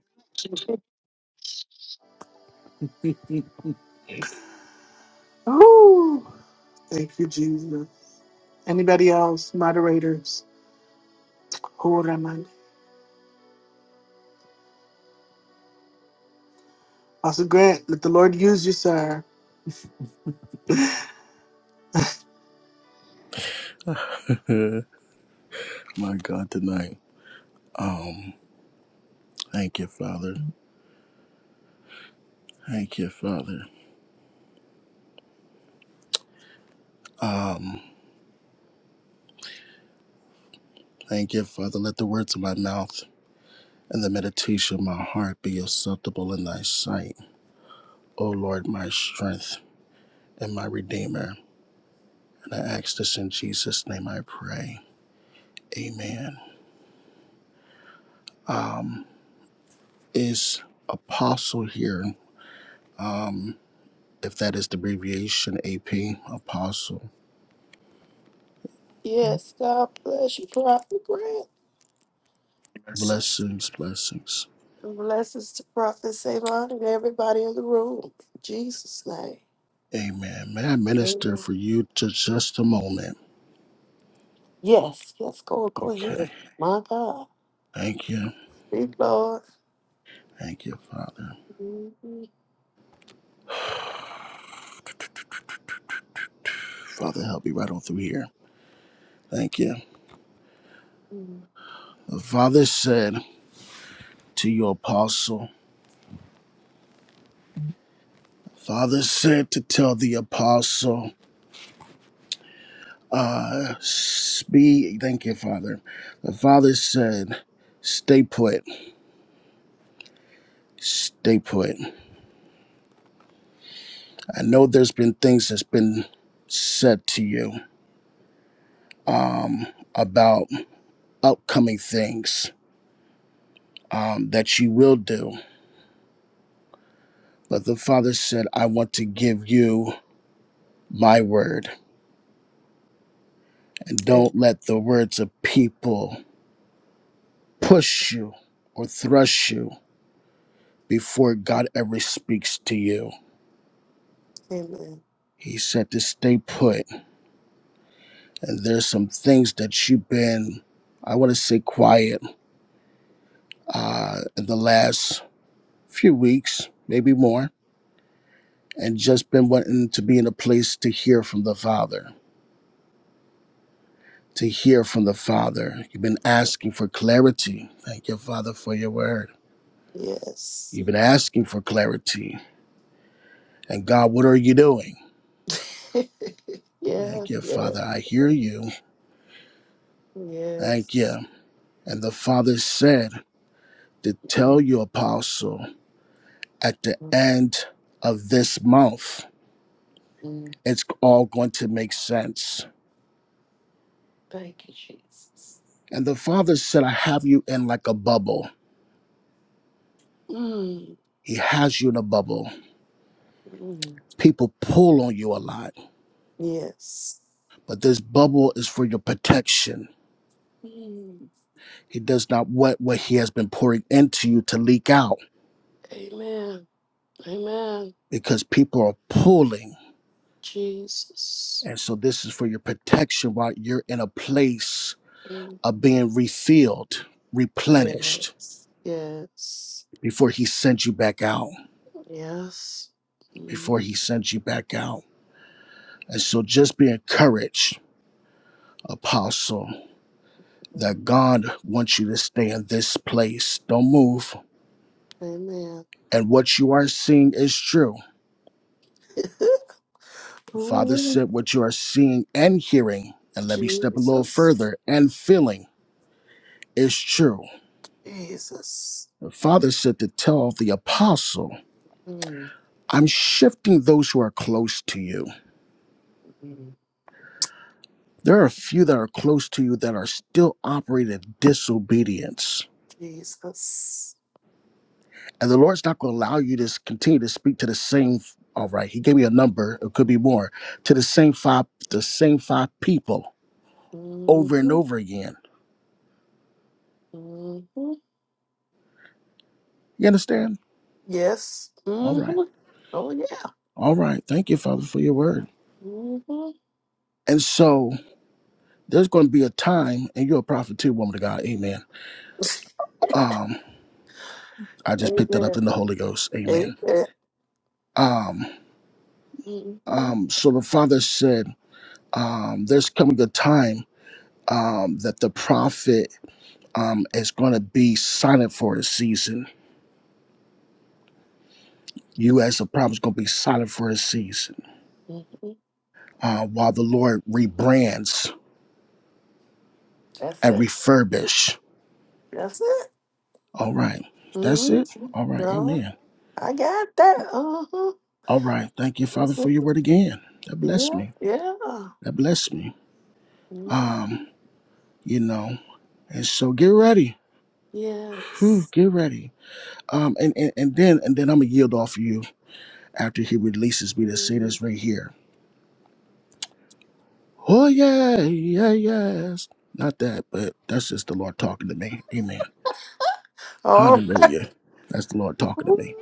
Speaker 1: Woo! thank you Jesus Anybody else? Moderators? Oramanda. Pastor Grant, let the Lord use you, sir.
Speaker 8: <laughs> My God, tonight. Um, thank you, Father. Thank you, Father. Um, thank you, Father. Let the words of my mouth and the meditation of my heart be acceptable in thy sight. O Lord, my strength and my redeemer. And I ask this in Jesus' name I pray. Amen. Um, is apostle here. Um, if that is the abbreviation, AP, Apostle.
Speaker 7: Yes, God bless you, Prophet Grant.
Speaker 8: Blessings, blessings.
Speaker 7: And blessings to Prophet Savon and everybody in the room. In Jesus' name.
Speaker 8: Amen. May I minister
Speaker 7: Amen.
Speaker 8: for you to just a moment?
Speaker 7: Yes, yes, go, go ahead.
Speaker 8: Okay.
Speaker 7: My God.
Speaker 8: Thank you.
Speaker 7: Speak, Lord.
Speaker 8: Thank you, Father.
Speaker 7: Mhm.
Speaker 8: <sighs> Father, help me right on through here. Thank you. The Father said to your apostle, Father said to tell the apostle, uh, be, thank you, Father. The Father said, stay put, stay put. I know there's been things that's been said to you um, about upcoming things um, that you will do. But the Father said, I want to give you my word. And don't
Speaker 7: Am-
Speaker 8: let the words of people push you or thrust you before God ever speaks to you.
Speaker 7: Amen.
Speaker 8: He said to stay put. And there's some things that you've been, I want to say, quiet uh, in the last few weeks, maybe more, and just been wanting to be in a place to hear from the Father to hear from the Father. You've been asking for clarity. Thank you, Father, for your word.
Speaker 7: Yes.
Speaker 8: You've been asking for clarity. And God, what are you doing?
Speaker 7: <laughs>
Speaker 8: Thank
Speaker 7: yes,
Speaker 8: you,
Speaker 7: yes,
Speaker 8: Father. I hear you. Thank
Speaker 7: yes.
Speaker 8: you. And the Father said to tell you, Apostle, at the end of this month,
Speaker 7: Mm,
Speaker 8: it's all going to make sense.
Speaker 7: Thank you, Jesus.
Speaker 8: And the Father said, I have you in like a bubble.
Speaker 7: Mm,
Speaker 8: He has you in a bubble.
Speaker 7: mm,
Speaker 8: People pull on you a lot,
Speaker 7: yes.
Speaker 8: but this bubble is for your protection
Speaker 7: Mm,
Speaker 8: He does not want what he has been pouring into you to leak out
Speaker 7: amen. Amen.
Speaker 8: because people are pulling.
Speaker 7: Jesus.
Speaker 8: And so this is for your protection while you're in a place
Speaker 7: Mm,
Speaker 8: of being refilled, replenished
Speaker 7: yes. Yes.
Speaker 8: before he sends you back out,
Speaker 7: Yes. Mm,
Speaker 8: before he sends you back out. And so just be encouraged, apostle,
Speaker 7: mm,
Speaker 8: that God wants you to stay in this place. Don't move.
Speaker 7: amen.
Speaker 8: And what you are seeing is true
Speaker 7: <laughs>
Speaker 8: Father
Speaker 7: Ooh,
Speaker 8: said, What you are seeing and hearing, and let me step a little
Speaker 7: Jesus.
Speaker 8: further, and feeling is true.
Speaker 7: Jesus.
Speaker 8: The Father said to tell the apostle,
Speaker 7: Mm,
Speaker 8: I'm shifting those who are close to you.
Speaker 7: mm,
Speaker 8: There are a few that are close to you that are still operating in disobedience.
Speaker 7: Jesus.
Speaker 8: And the Lord's not going to allow you to s- continue to speak to the same, all right, He gave me a number, it could be more, to the same five, the same five people
Speaker 7: hmm
Speaker 8: over and over again.
Speaker 7: hmm
Speaker 8: You understand?
Speaker 7: Yes.
Speaker 8: All
Speaker 7: hmm
Speaker 8: right.
Speaker 7: Oh, yeah.
Speaker 8: All right. Thank you, Father, for your word.
Speaker 7: hmm
Speaker 8: And so there's going to be a time, and you're a prophet too, woman of God. Amen.
Speaker 7: <laughs>
Speaker 8: Um, I just picked that up
Speaker 7: Amen.
Speaker 8: in the Holy Ghost.
Speaker 7: It-
Speaker 8: Amen.
Speaker 7: it-
Speaker 8: Um,
Speaker 7: mhm,
Speaker 8: um, so the Father said, um, there's coming a time um, that the prophet um, is going to be silent for a season. You, as a prophet, is going to be silent for a season
Speaker 7: mhm.
Speaker 8: uh, while the Lord rebrands
Speaker 7: That's
Speaker 8: and
Speaker 7: it.
Speaker 8: refurbish.
Speaker 7: That's it.
Speaker 8: All right. That's it.
Speaker 7: Mhm.
Speaker 8: All right.
Speaker 7: No,
Speaker 8: Amen.
Speaker 7: I got that. Uh-huh.
Speaker 8: All right. Thank you, Father,
Speaker 7: That's
Speaker 8: for your
Speaker 7: it.
Speaker 8: word again. That blessed
Speaker 7: Yeah.
Speaker 8: me.
Speaker 7: Yeah.
Speaker 8: That blessed me. Um,
Speaker 7: Mhm.
Speaker 8: you know, and so get ready. Whew,
Speaker 7: Yes.
Speaker 8: get ready. Um, and, and and then and then I'm gonna yield off of you after he releases me to say
Speaker 7: Mm.
Speaker 8: this right here. Oh yeah, yeah, yes. Not that, but that's just the Lord talking to me. Amen.
Speaker 7: All
Speaker 8: Hallelujah. That's the Lord talking to
Speaker 7: right.
Speaker 8: me.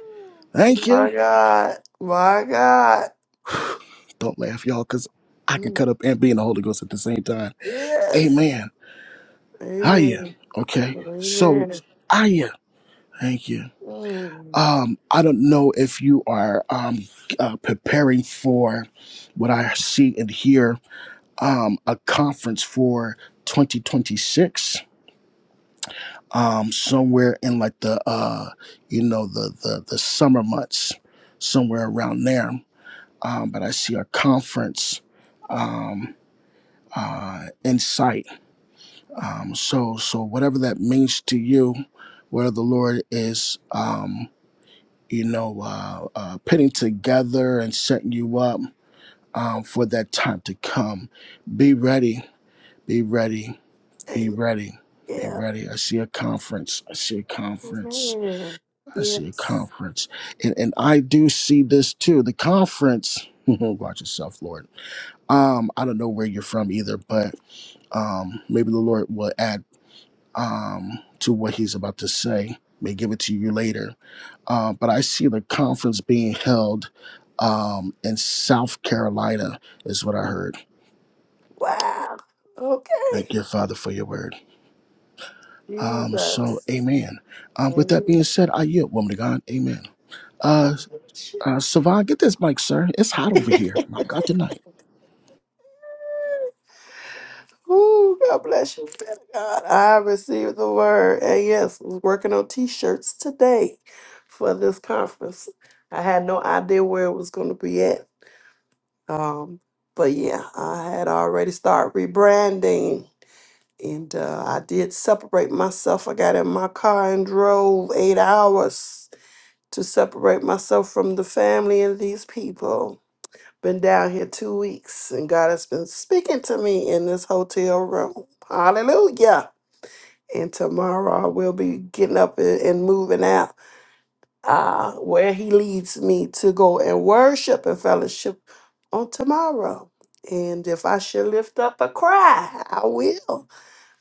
Speaker 8: Thank you.
Speaker 7: My God. My God.
Speaker 8: Don't laugh, y'all, because I can
Speaker 7: Mm.
Speaker 8: cut up and be in the Holy Ghost at the same time.
Speaker 7: Yes.
Speaker 8: Amen. Hiya.
Speaker 7: Amen.
Speaker 8: Okay. So,
Speaker 7: Amen.
Speaker 8: hiya. Thank you.
Speaker 7: Mm.
Speaker 8: Um, I don't know if you are um, uh, preparing for what I see and hear um, a conference for 2026 um, somewhere in like the uh, you know the, the the summer months somewhere around there. Um, but I see a conference um, uh, in sight. Um, so so whatever that means to you, where the Lord is. Um, you know, uh, uh, putting together and setting you up um, for that time to come. Be ready, be ready, be
Speaker 7: Amen.
Speaker 8: ready, be
Speaker 7: Yeah.
Speaker 8: ready. I see a conference. I see a conference.
Speaker 7: Amen.
Speaker 8: I see a
Speaker 7: Yes.
Speaker 8: conference. And, and I do see this too. The conference, <laughs> watch yourself, Lord. Um, I don't know where you're from either, but um, maybe the Lord will add um, to what he's about to say. May give it to you later. Uh, but I see the conference being held um, in South Carolina, is what I heard.
Speaker 7: Wow.
Speaker 8: Thank
Speaker 7: Okay.
Speaker 8: you, Father, for your word. Um, so,
Speaker 7: Jesus.
Speaker 8: amen. Um, with that
Speaker 7: Ooh,
Speaker 8: being said, I yield, woman of God. Amen.
Speaker 7: God
Speaker 8: Uh, uh, Savon, get this mic, sir. It's hot over here. My God, tonight.
Speaker 7: bless you, man of God. I received the word. And yes, I was working on t-shirts today for this conference. I had no idea where it was going to be at. Um, but yeah, I had already started rebranding. And uh, I did separate myself. I got in my car and drove eight hours to separate myself from the family and these people. Been down here two weeks, and God has been speaking to me in this hotel room. Hallelujah. And tomorrow I will be getting up and, and moving out uh, where He leads me to go and worship and fellowship on tomorrow. And if I should lift up a cry, I will.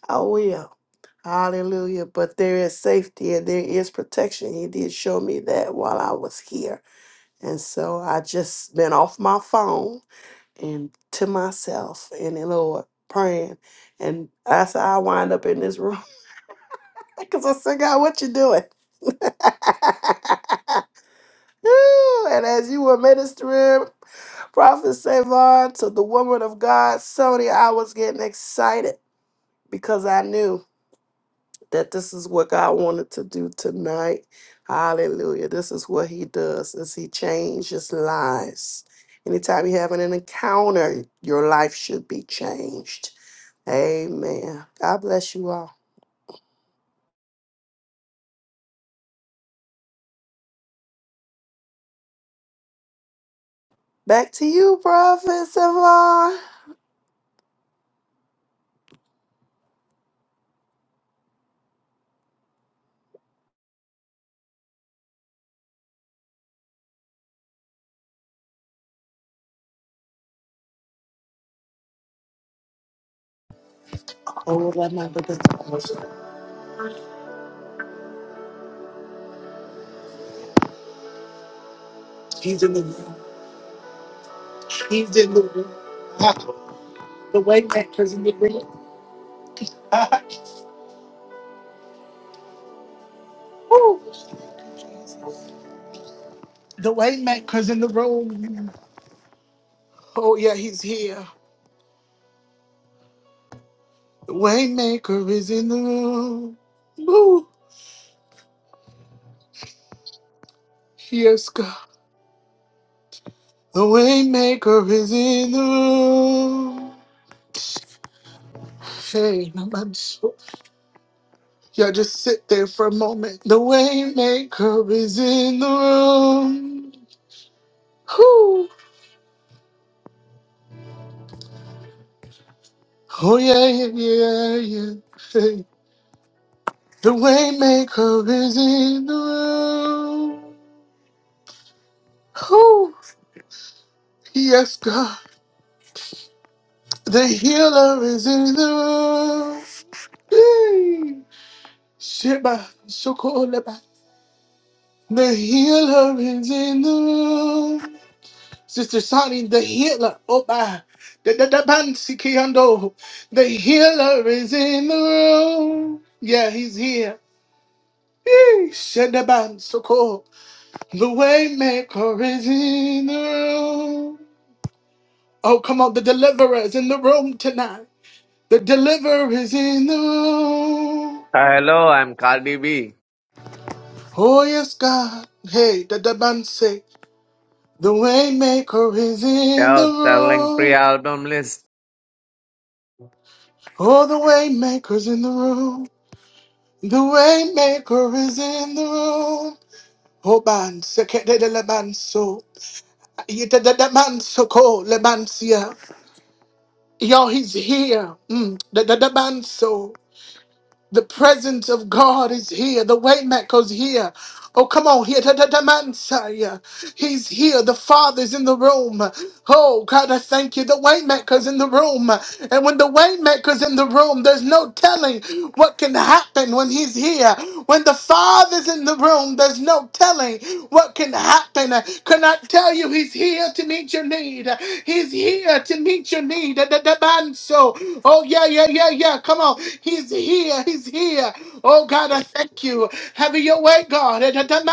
Speaker 7: I will. Hallelujah. But there is safety and there is protection. He did show me that while I was here. And so I just been off my phone and to myself and the Lord praying. And I said, I wind up in this room <laughs> because I said, God, what you doing? <laughs> Ooh, and as you were ministering, Prophet Savon to the woman of God, Sony, I was getting excited because I knew that this is what God wanted to do tonight. Hallelujah. This is what he does is he changes lives. Anytime you have an encounter, your life should be changed. Amen. God bless you all. Back to you, Prophet Savon.
Speaker 1: Oramanda. He's in the room. He's in the room. The way maker's in the room. Woo. The way maker's in the room. Oh, yeah, he's here. The way maker is in the room. Woo. Yes, God. The way maker is in the room. Hey, my man. so Y'all just sit there for a moment. The Waymaker is in the room. Whoo. Oh yeah, yeah, yeah, yeah. Hey. The Waymaker is in the room. Whoo. Yes, God. The Healer is in the room. Hey. Sheba, Shokoleba. The Healer is in the room. Sister Sonny, the healer. Oh, by The, the, the, Bansi Kiando. the healer is in the room. Yeah, he's here. Shedaban Soko. The waymaker is in the room. Oh, come on. The deliverer is in the room tonight. The deliverer is in the room.
Speaker 13: Hello, I'm Cardi B.
Speaker 1: Oh, yes, God. Hey, the Dabanse. The waymaker is in the
Speaker 13: Yo, selling
Speaker 1: room.
Speaker 13: pre-album list.
Speaker 1: Oh, the waymaker's in the room. The Waymaker is in the room. Hoban, sekete de lebanso. Yete de debanso ko lebansia. Y'all, he's here. Mm. The the debanso. The presence of God is here. The Waymaker's here. Oh, come on, here. The the demansa. He's here. The Father's in the room. Oh God, I thank you. The waymaker's in the room, and when the waymaker's in the room, there's no telling what can happen when he's here. When the Father's in the room, there's no telling what can happen. Can I tell you, he's here to meet your need. He's here to meet your need. The the demand so. Oh yeah, yeah, yeah, yeah. Come on, he's here. He's here. Oh God, I thank you. Have your way, God. Eh, da- da-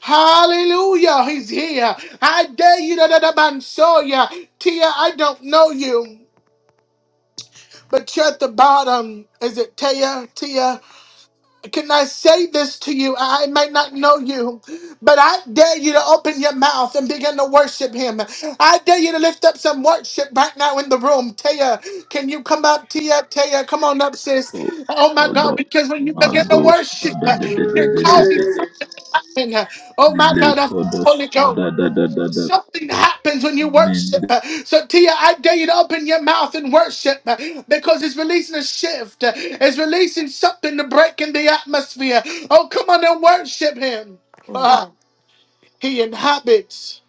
Speaker 1: Hallelujah. He's here. I dare you to Tia, I don't know you, but you're at the bottom. Is it Tia? Tia? Can I say this to you? I might not know you, but I dare you to open your mouth and begin to worship him. I dare you to lift up some worship right now in the room. Taya, can you come up? Tia, Taya, come on up, sis. Oh my God, because when you begin to
Speaker 12: Mado
Speaker 1: worship,
Speaker 12: Sada de de de
Speaker 1: you're
Speaker 12: de de
Speaker 1: causing
Speaker 12: de de
Speaker 1: something. Oh my God, I feel the
Speaker 12: Lekodo
Speaker 1: Holy Ghost.
Speaker 12: Sada da da da da
Speaker 1: Something happens when you
Speaker 12: Mende
Speaker 1: worship. So, Tia, I dare you to open your mouth and worship because it's releasing a shift. It's releasing something to break in the atmosphere. Oh, come on and worship him.
Speaker 3: Mm,
Speaker 1: Ah, he inhabits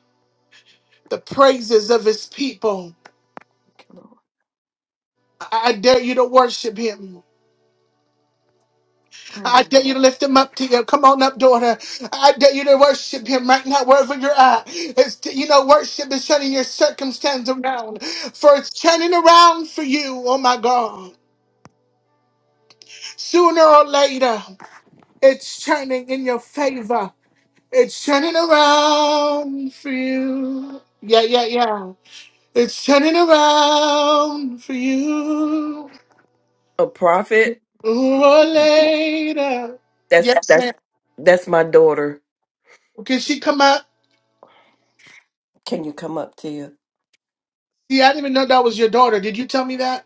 Speaker 1: the praises of his people. I I dare you to worship him. I
Speaker 3: mm.
Speaker 1: dare you to lift him up to you. Come on up, daughter. I dare you to worship him right now, wherever you're at. It's, you know, worship is turning your circumstance around, for it's turning around for you. Oh my God. Sooner or later, it's turning in your favor. It's turning around for you. Yeah, yeah, yeah. It's turning around for you.
Speaker 3: A prophet.
Speaker 1: Sooner or later.
Speaker 3: That's
Speaker 1: Yes, ma'am.
Speaker 3: that's that's my daughter.
Speaker 1: Can she come up?
Speaker 3: Can you come up to you?
Speaker 1: See, I didn't even know that was your daughter. Did you tell me that?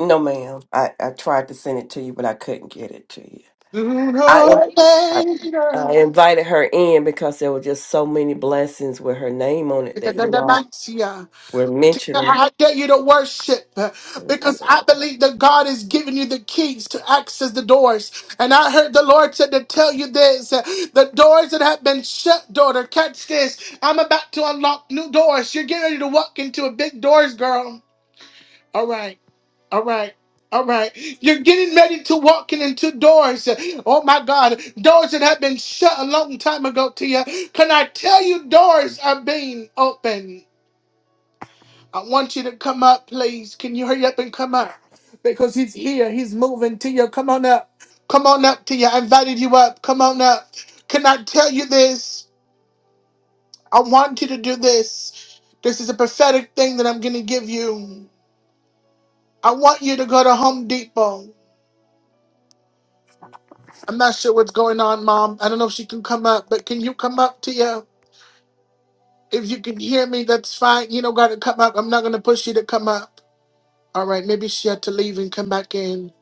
Speaker 3: No, ma'am. I I tried to send it to you, but I couldn't get it to you.
Speaker 1: Sooner
Speaker 3: I in,
Speaker 1: or
Speaker 3: I, I
Speaker 1: later,
Speaker 3: invited her in because there were just so many blessings with her name on it that you all were mentioning.
Speaker 1: I dare you to worship because I believe that God is giving you the keys to access the doors. And I heard the Lord said to tell you this uh, the doors that have been shut, daughter, catch this. I'm about to unlock new doors. You're getting ready to walk into a big doors, girl. All right. All right. All right. You're getting ready to walking into doors. Oh my God. Doors that have been shut a long time ago to you. Can I tell you doors are being opened? I want you to come up, please. Can you hurry up and come up? Because he's here. He's moving to you. Come on up. Come on up to you. I invited you up. Come on up. Can I tell you this? I want you to do this. This is a prophetic thing that I'm going to give you. I want you to go to Home Depot. I'm not sure what's going on, Mom. I don't know if she can come up, but can you come up to you? If you can hear me, that's fine. You don't gotta come up. I'm not gonna push you to come up. All right, maybe she had to leave and come back in.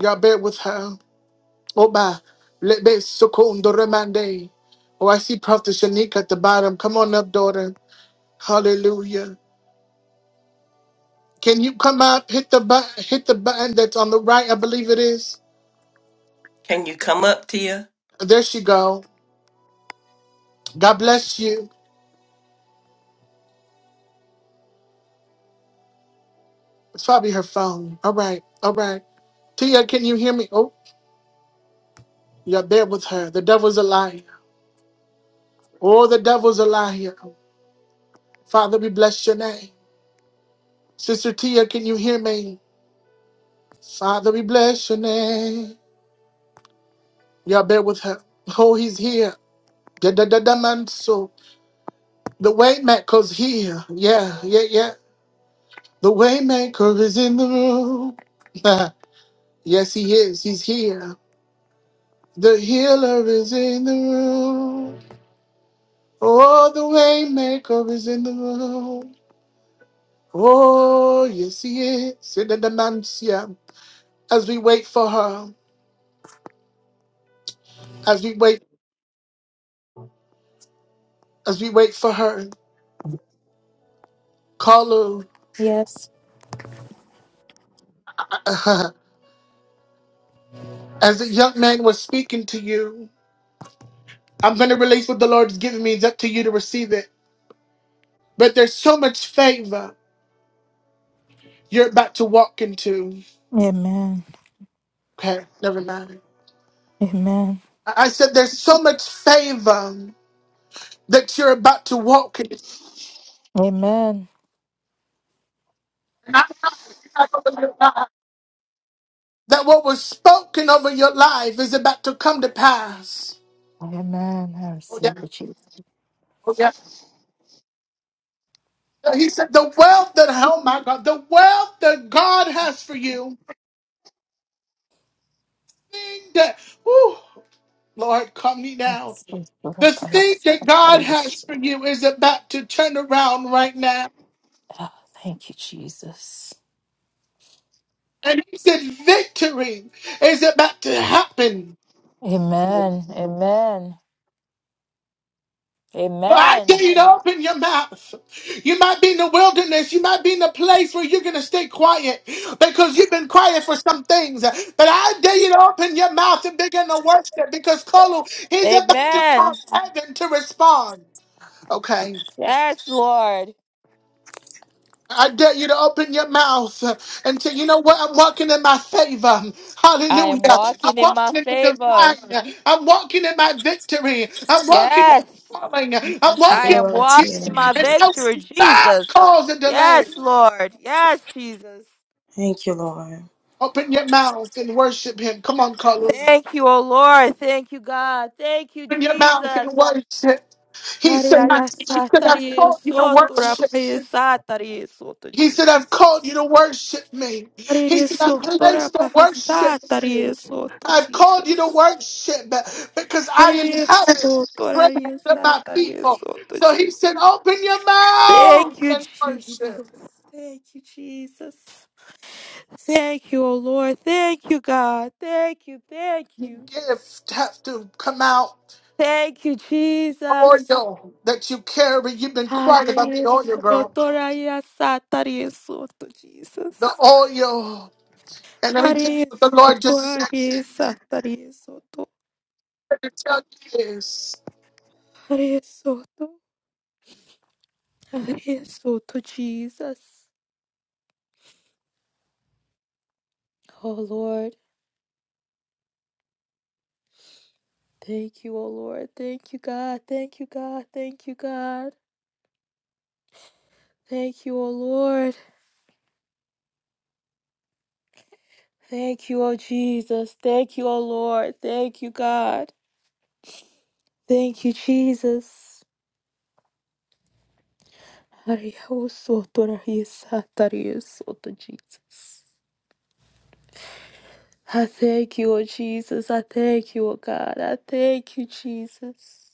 Speaker 1: Y'all bear with her. Oba, lebe sokondo remande. Oh, I see Prophet Shanika at the bottom. Come on up, daughter. Hallelujah. Can you come up? Hit the button. Hit the button that's on the right. I believe it is.
Speaker 3: Can you come up to you?
Speaker 1: There she go. God bless you. It's probably her phone. All right. All right. Tia, can you hear me? Oh, You're there with her. The devil's a liar. Oh, the devil's a liar. Father, we bless your name. Sister Tia, can you hear me? Father, we bless your name. You're there with her. Oh, he's here. Da da da da man. So the waymaker's here. Yeah, yeah, yeah. The waymaker is in the room. <laughs> yes, he is. He's here. The healer is in the room. Oh, the waymaker is in the room. Oh, yes, he is. In the demantia. As we wait for her, as we wait, as we wait for her, call
Speaker 9: Yes.
Speaker 1: her. <laughs> As the young man was speaking to you, I'm going to release what the Lord has given me. It's up to you to receive it. But there's so much favor you're about to walk into.
Speaker 9: Amen.
Speaker 1: Okay, never mind.
Speaker 9: Amen.
Speaker 1: I I said there's so much favor that you're about to walk in.
Speaker 9: Amen.
Speaker 1: That what was spoken over your life is about to come to pass.
Speaker 9: Amen. I
Speaker 1: Oh yeah.
Speaker 9: receive the Jesus.
Speaker 1: Oh, yeah. Uh, He said, the wealth that, oh my God, the wealth that God has for you, thing that, whew, Lord, calm me down. The thing that God has for you is about to turn around right now.
Speaker 9: Oh, thank you, Jesus.
Speaker 1: And he said, victory is about to happen.
Speaker 9: Amen. Amen.
Speaker 1: So I dare
Speaker 9: Amen.
Speaker 1: you to open your mouth. You might be in the wilderness. You might be in a place where you're going to stay quiet because you've been quiet for some things. But I dare you to open your mouth and begin to worship because Kolo, he's about to call
Speaker 9: Amen.
Speaker 1: heaven to respond. Okay?
Speaker 9: Yes, Lord.
Speaker 1: I dare you to open your mouth uh, and say, you know what? I'm walking in my favor.
Speaker 9: I am
Speaker 1: Hallelujah. I'm
Speaker 9: walking in my
Speaker 1: walking in the
Speaker 9: favor.
Speaker 1: divine. I'm walking in my victory. I'm walking in
Speaker 9: Yes.
Speaker 1: my calling. I'm
Speaker 9: I
Speaker 1: walking in
Speaker 9: am
Speaker 1: my
Speaker 14: Glory to your
Speaker 9: walking
Speaker 1: gifts.
Speaker 9: in
Speaker 14: name,
Speaker 9: my
Speaker 1: And no
Speaker 14: Jesus.
Speaker 9: victory,
Speaker 1: God
Speaker 9: Jesus.
Speaker 1: cause a delay.
Speaker 9: Yes, Lord. Yes, Jesus.
Speaker 14: Thank you, Lord.
Speaker 1: Open your mouth and worship him. Come on, Carlos.
Speaker 9: Thank you, O Lord. Thank you, God. Thank you,
Speaker 1: Open your mouth and
Speaker 9: Jesus.
Speaker 1: worship. He said, I
Speaker 9: Hallelujah.
Speaker 1: teach you because I
Speaker 9: Satari,
Speaker 1: taught you to
Speaker 9: sotura,
Speaker 1: worship.
Speaker 9: praise, satari, soto,
Speaker 1: He
Speaker 9: Jesus.
Speaker 1: said, I've called you to worship me.
Speaker 9: Hare
Speaker 1: He said, I've
Speaker 9: Yesu, Tora
Speaker 1: placed to worship
Speaker 9: Bahasa,
Speaker 1: you. I've called you to
Speaker 9: Jesus.
Speaker 1: worship because
Speaker 9: Hare
Speaker 1: I inhabit
Speaker 9: Yesu, Tora
Speaker 1: praise of
Speaker 9: Yesa,
Speaker 1: my people. So he said,
Speaker 9: Jesus.
Speaker 1: open your mouth
Speaker 9: Thank you,
Speaker 1: and worship.
Speaker 9: Jesus. Thank you, Jesus. Thank you, O Lord. Thank you, God. Thank you, thank
Speaker 1: Your
Speaker 9: you.
Speaker 1: gift have to come out.
Speaker 9: Thank you, Jesus.
Speaker 1: Oil that you carry, you've been
Speaker 9: Hare
Speaker 1: quiet about the oil,
Speaker 9: Yesu,
Speaker 1: girl.
Speaker 9: Tora Yesa, Jesus.
Speaker 1: The oil. And let me
Speaker 9: Hare
Speaker 1: tell you what the
Speaker 9: Yesu,
Speaker 1: Lord just
Speaker 9: Tora
Speaker 1: said.
Speaker 9: Yesa,
Speaker 1: Let me tell you this.
Speaker 9: Hare <laughs> So to Jesus. Oh Lord, thank you, oh Lord. Thank you, God. Thank you, God. Thank you, God. Thank you, oh Lord. Thank you, oh Jesus. Thank you, oh Lord. Thank you, God. Thank you, Jesus. Ariyahu soto rahisa tariyu soto, Jesus. I thank you, oh Jesus. I thank you, oh God. I thank you, Jesus.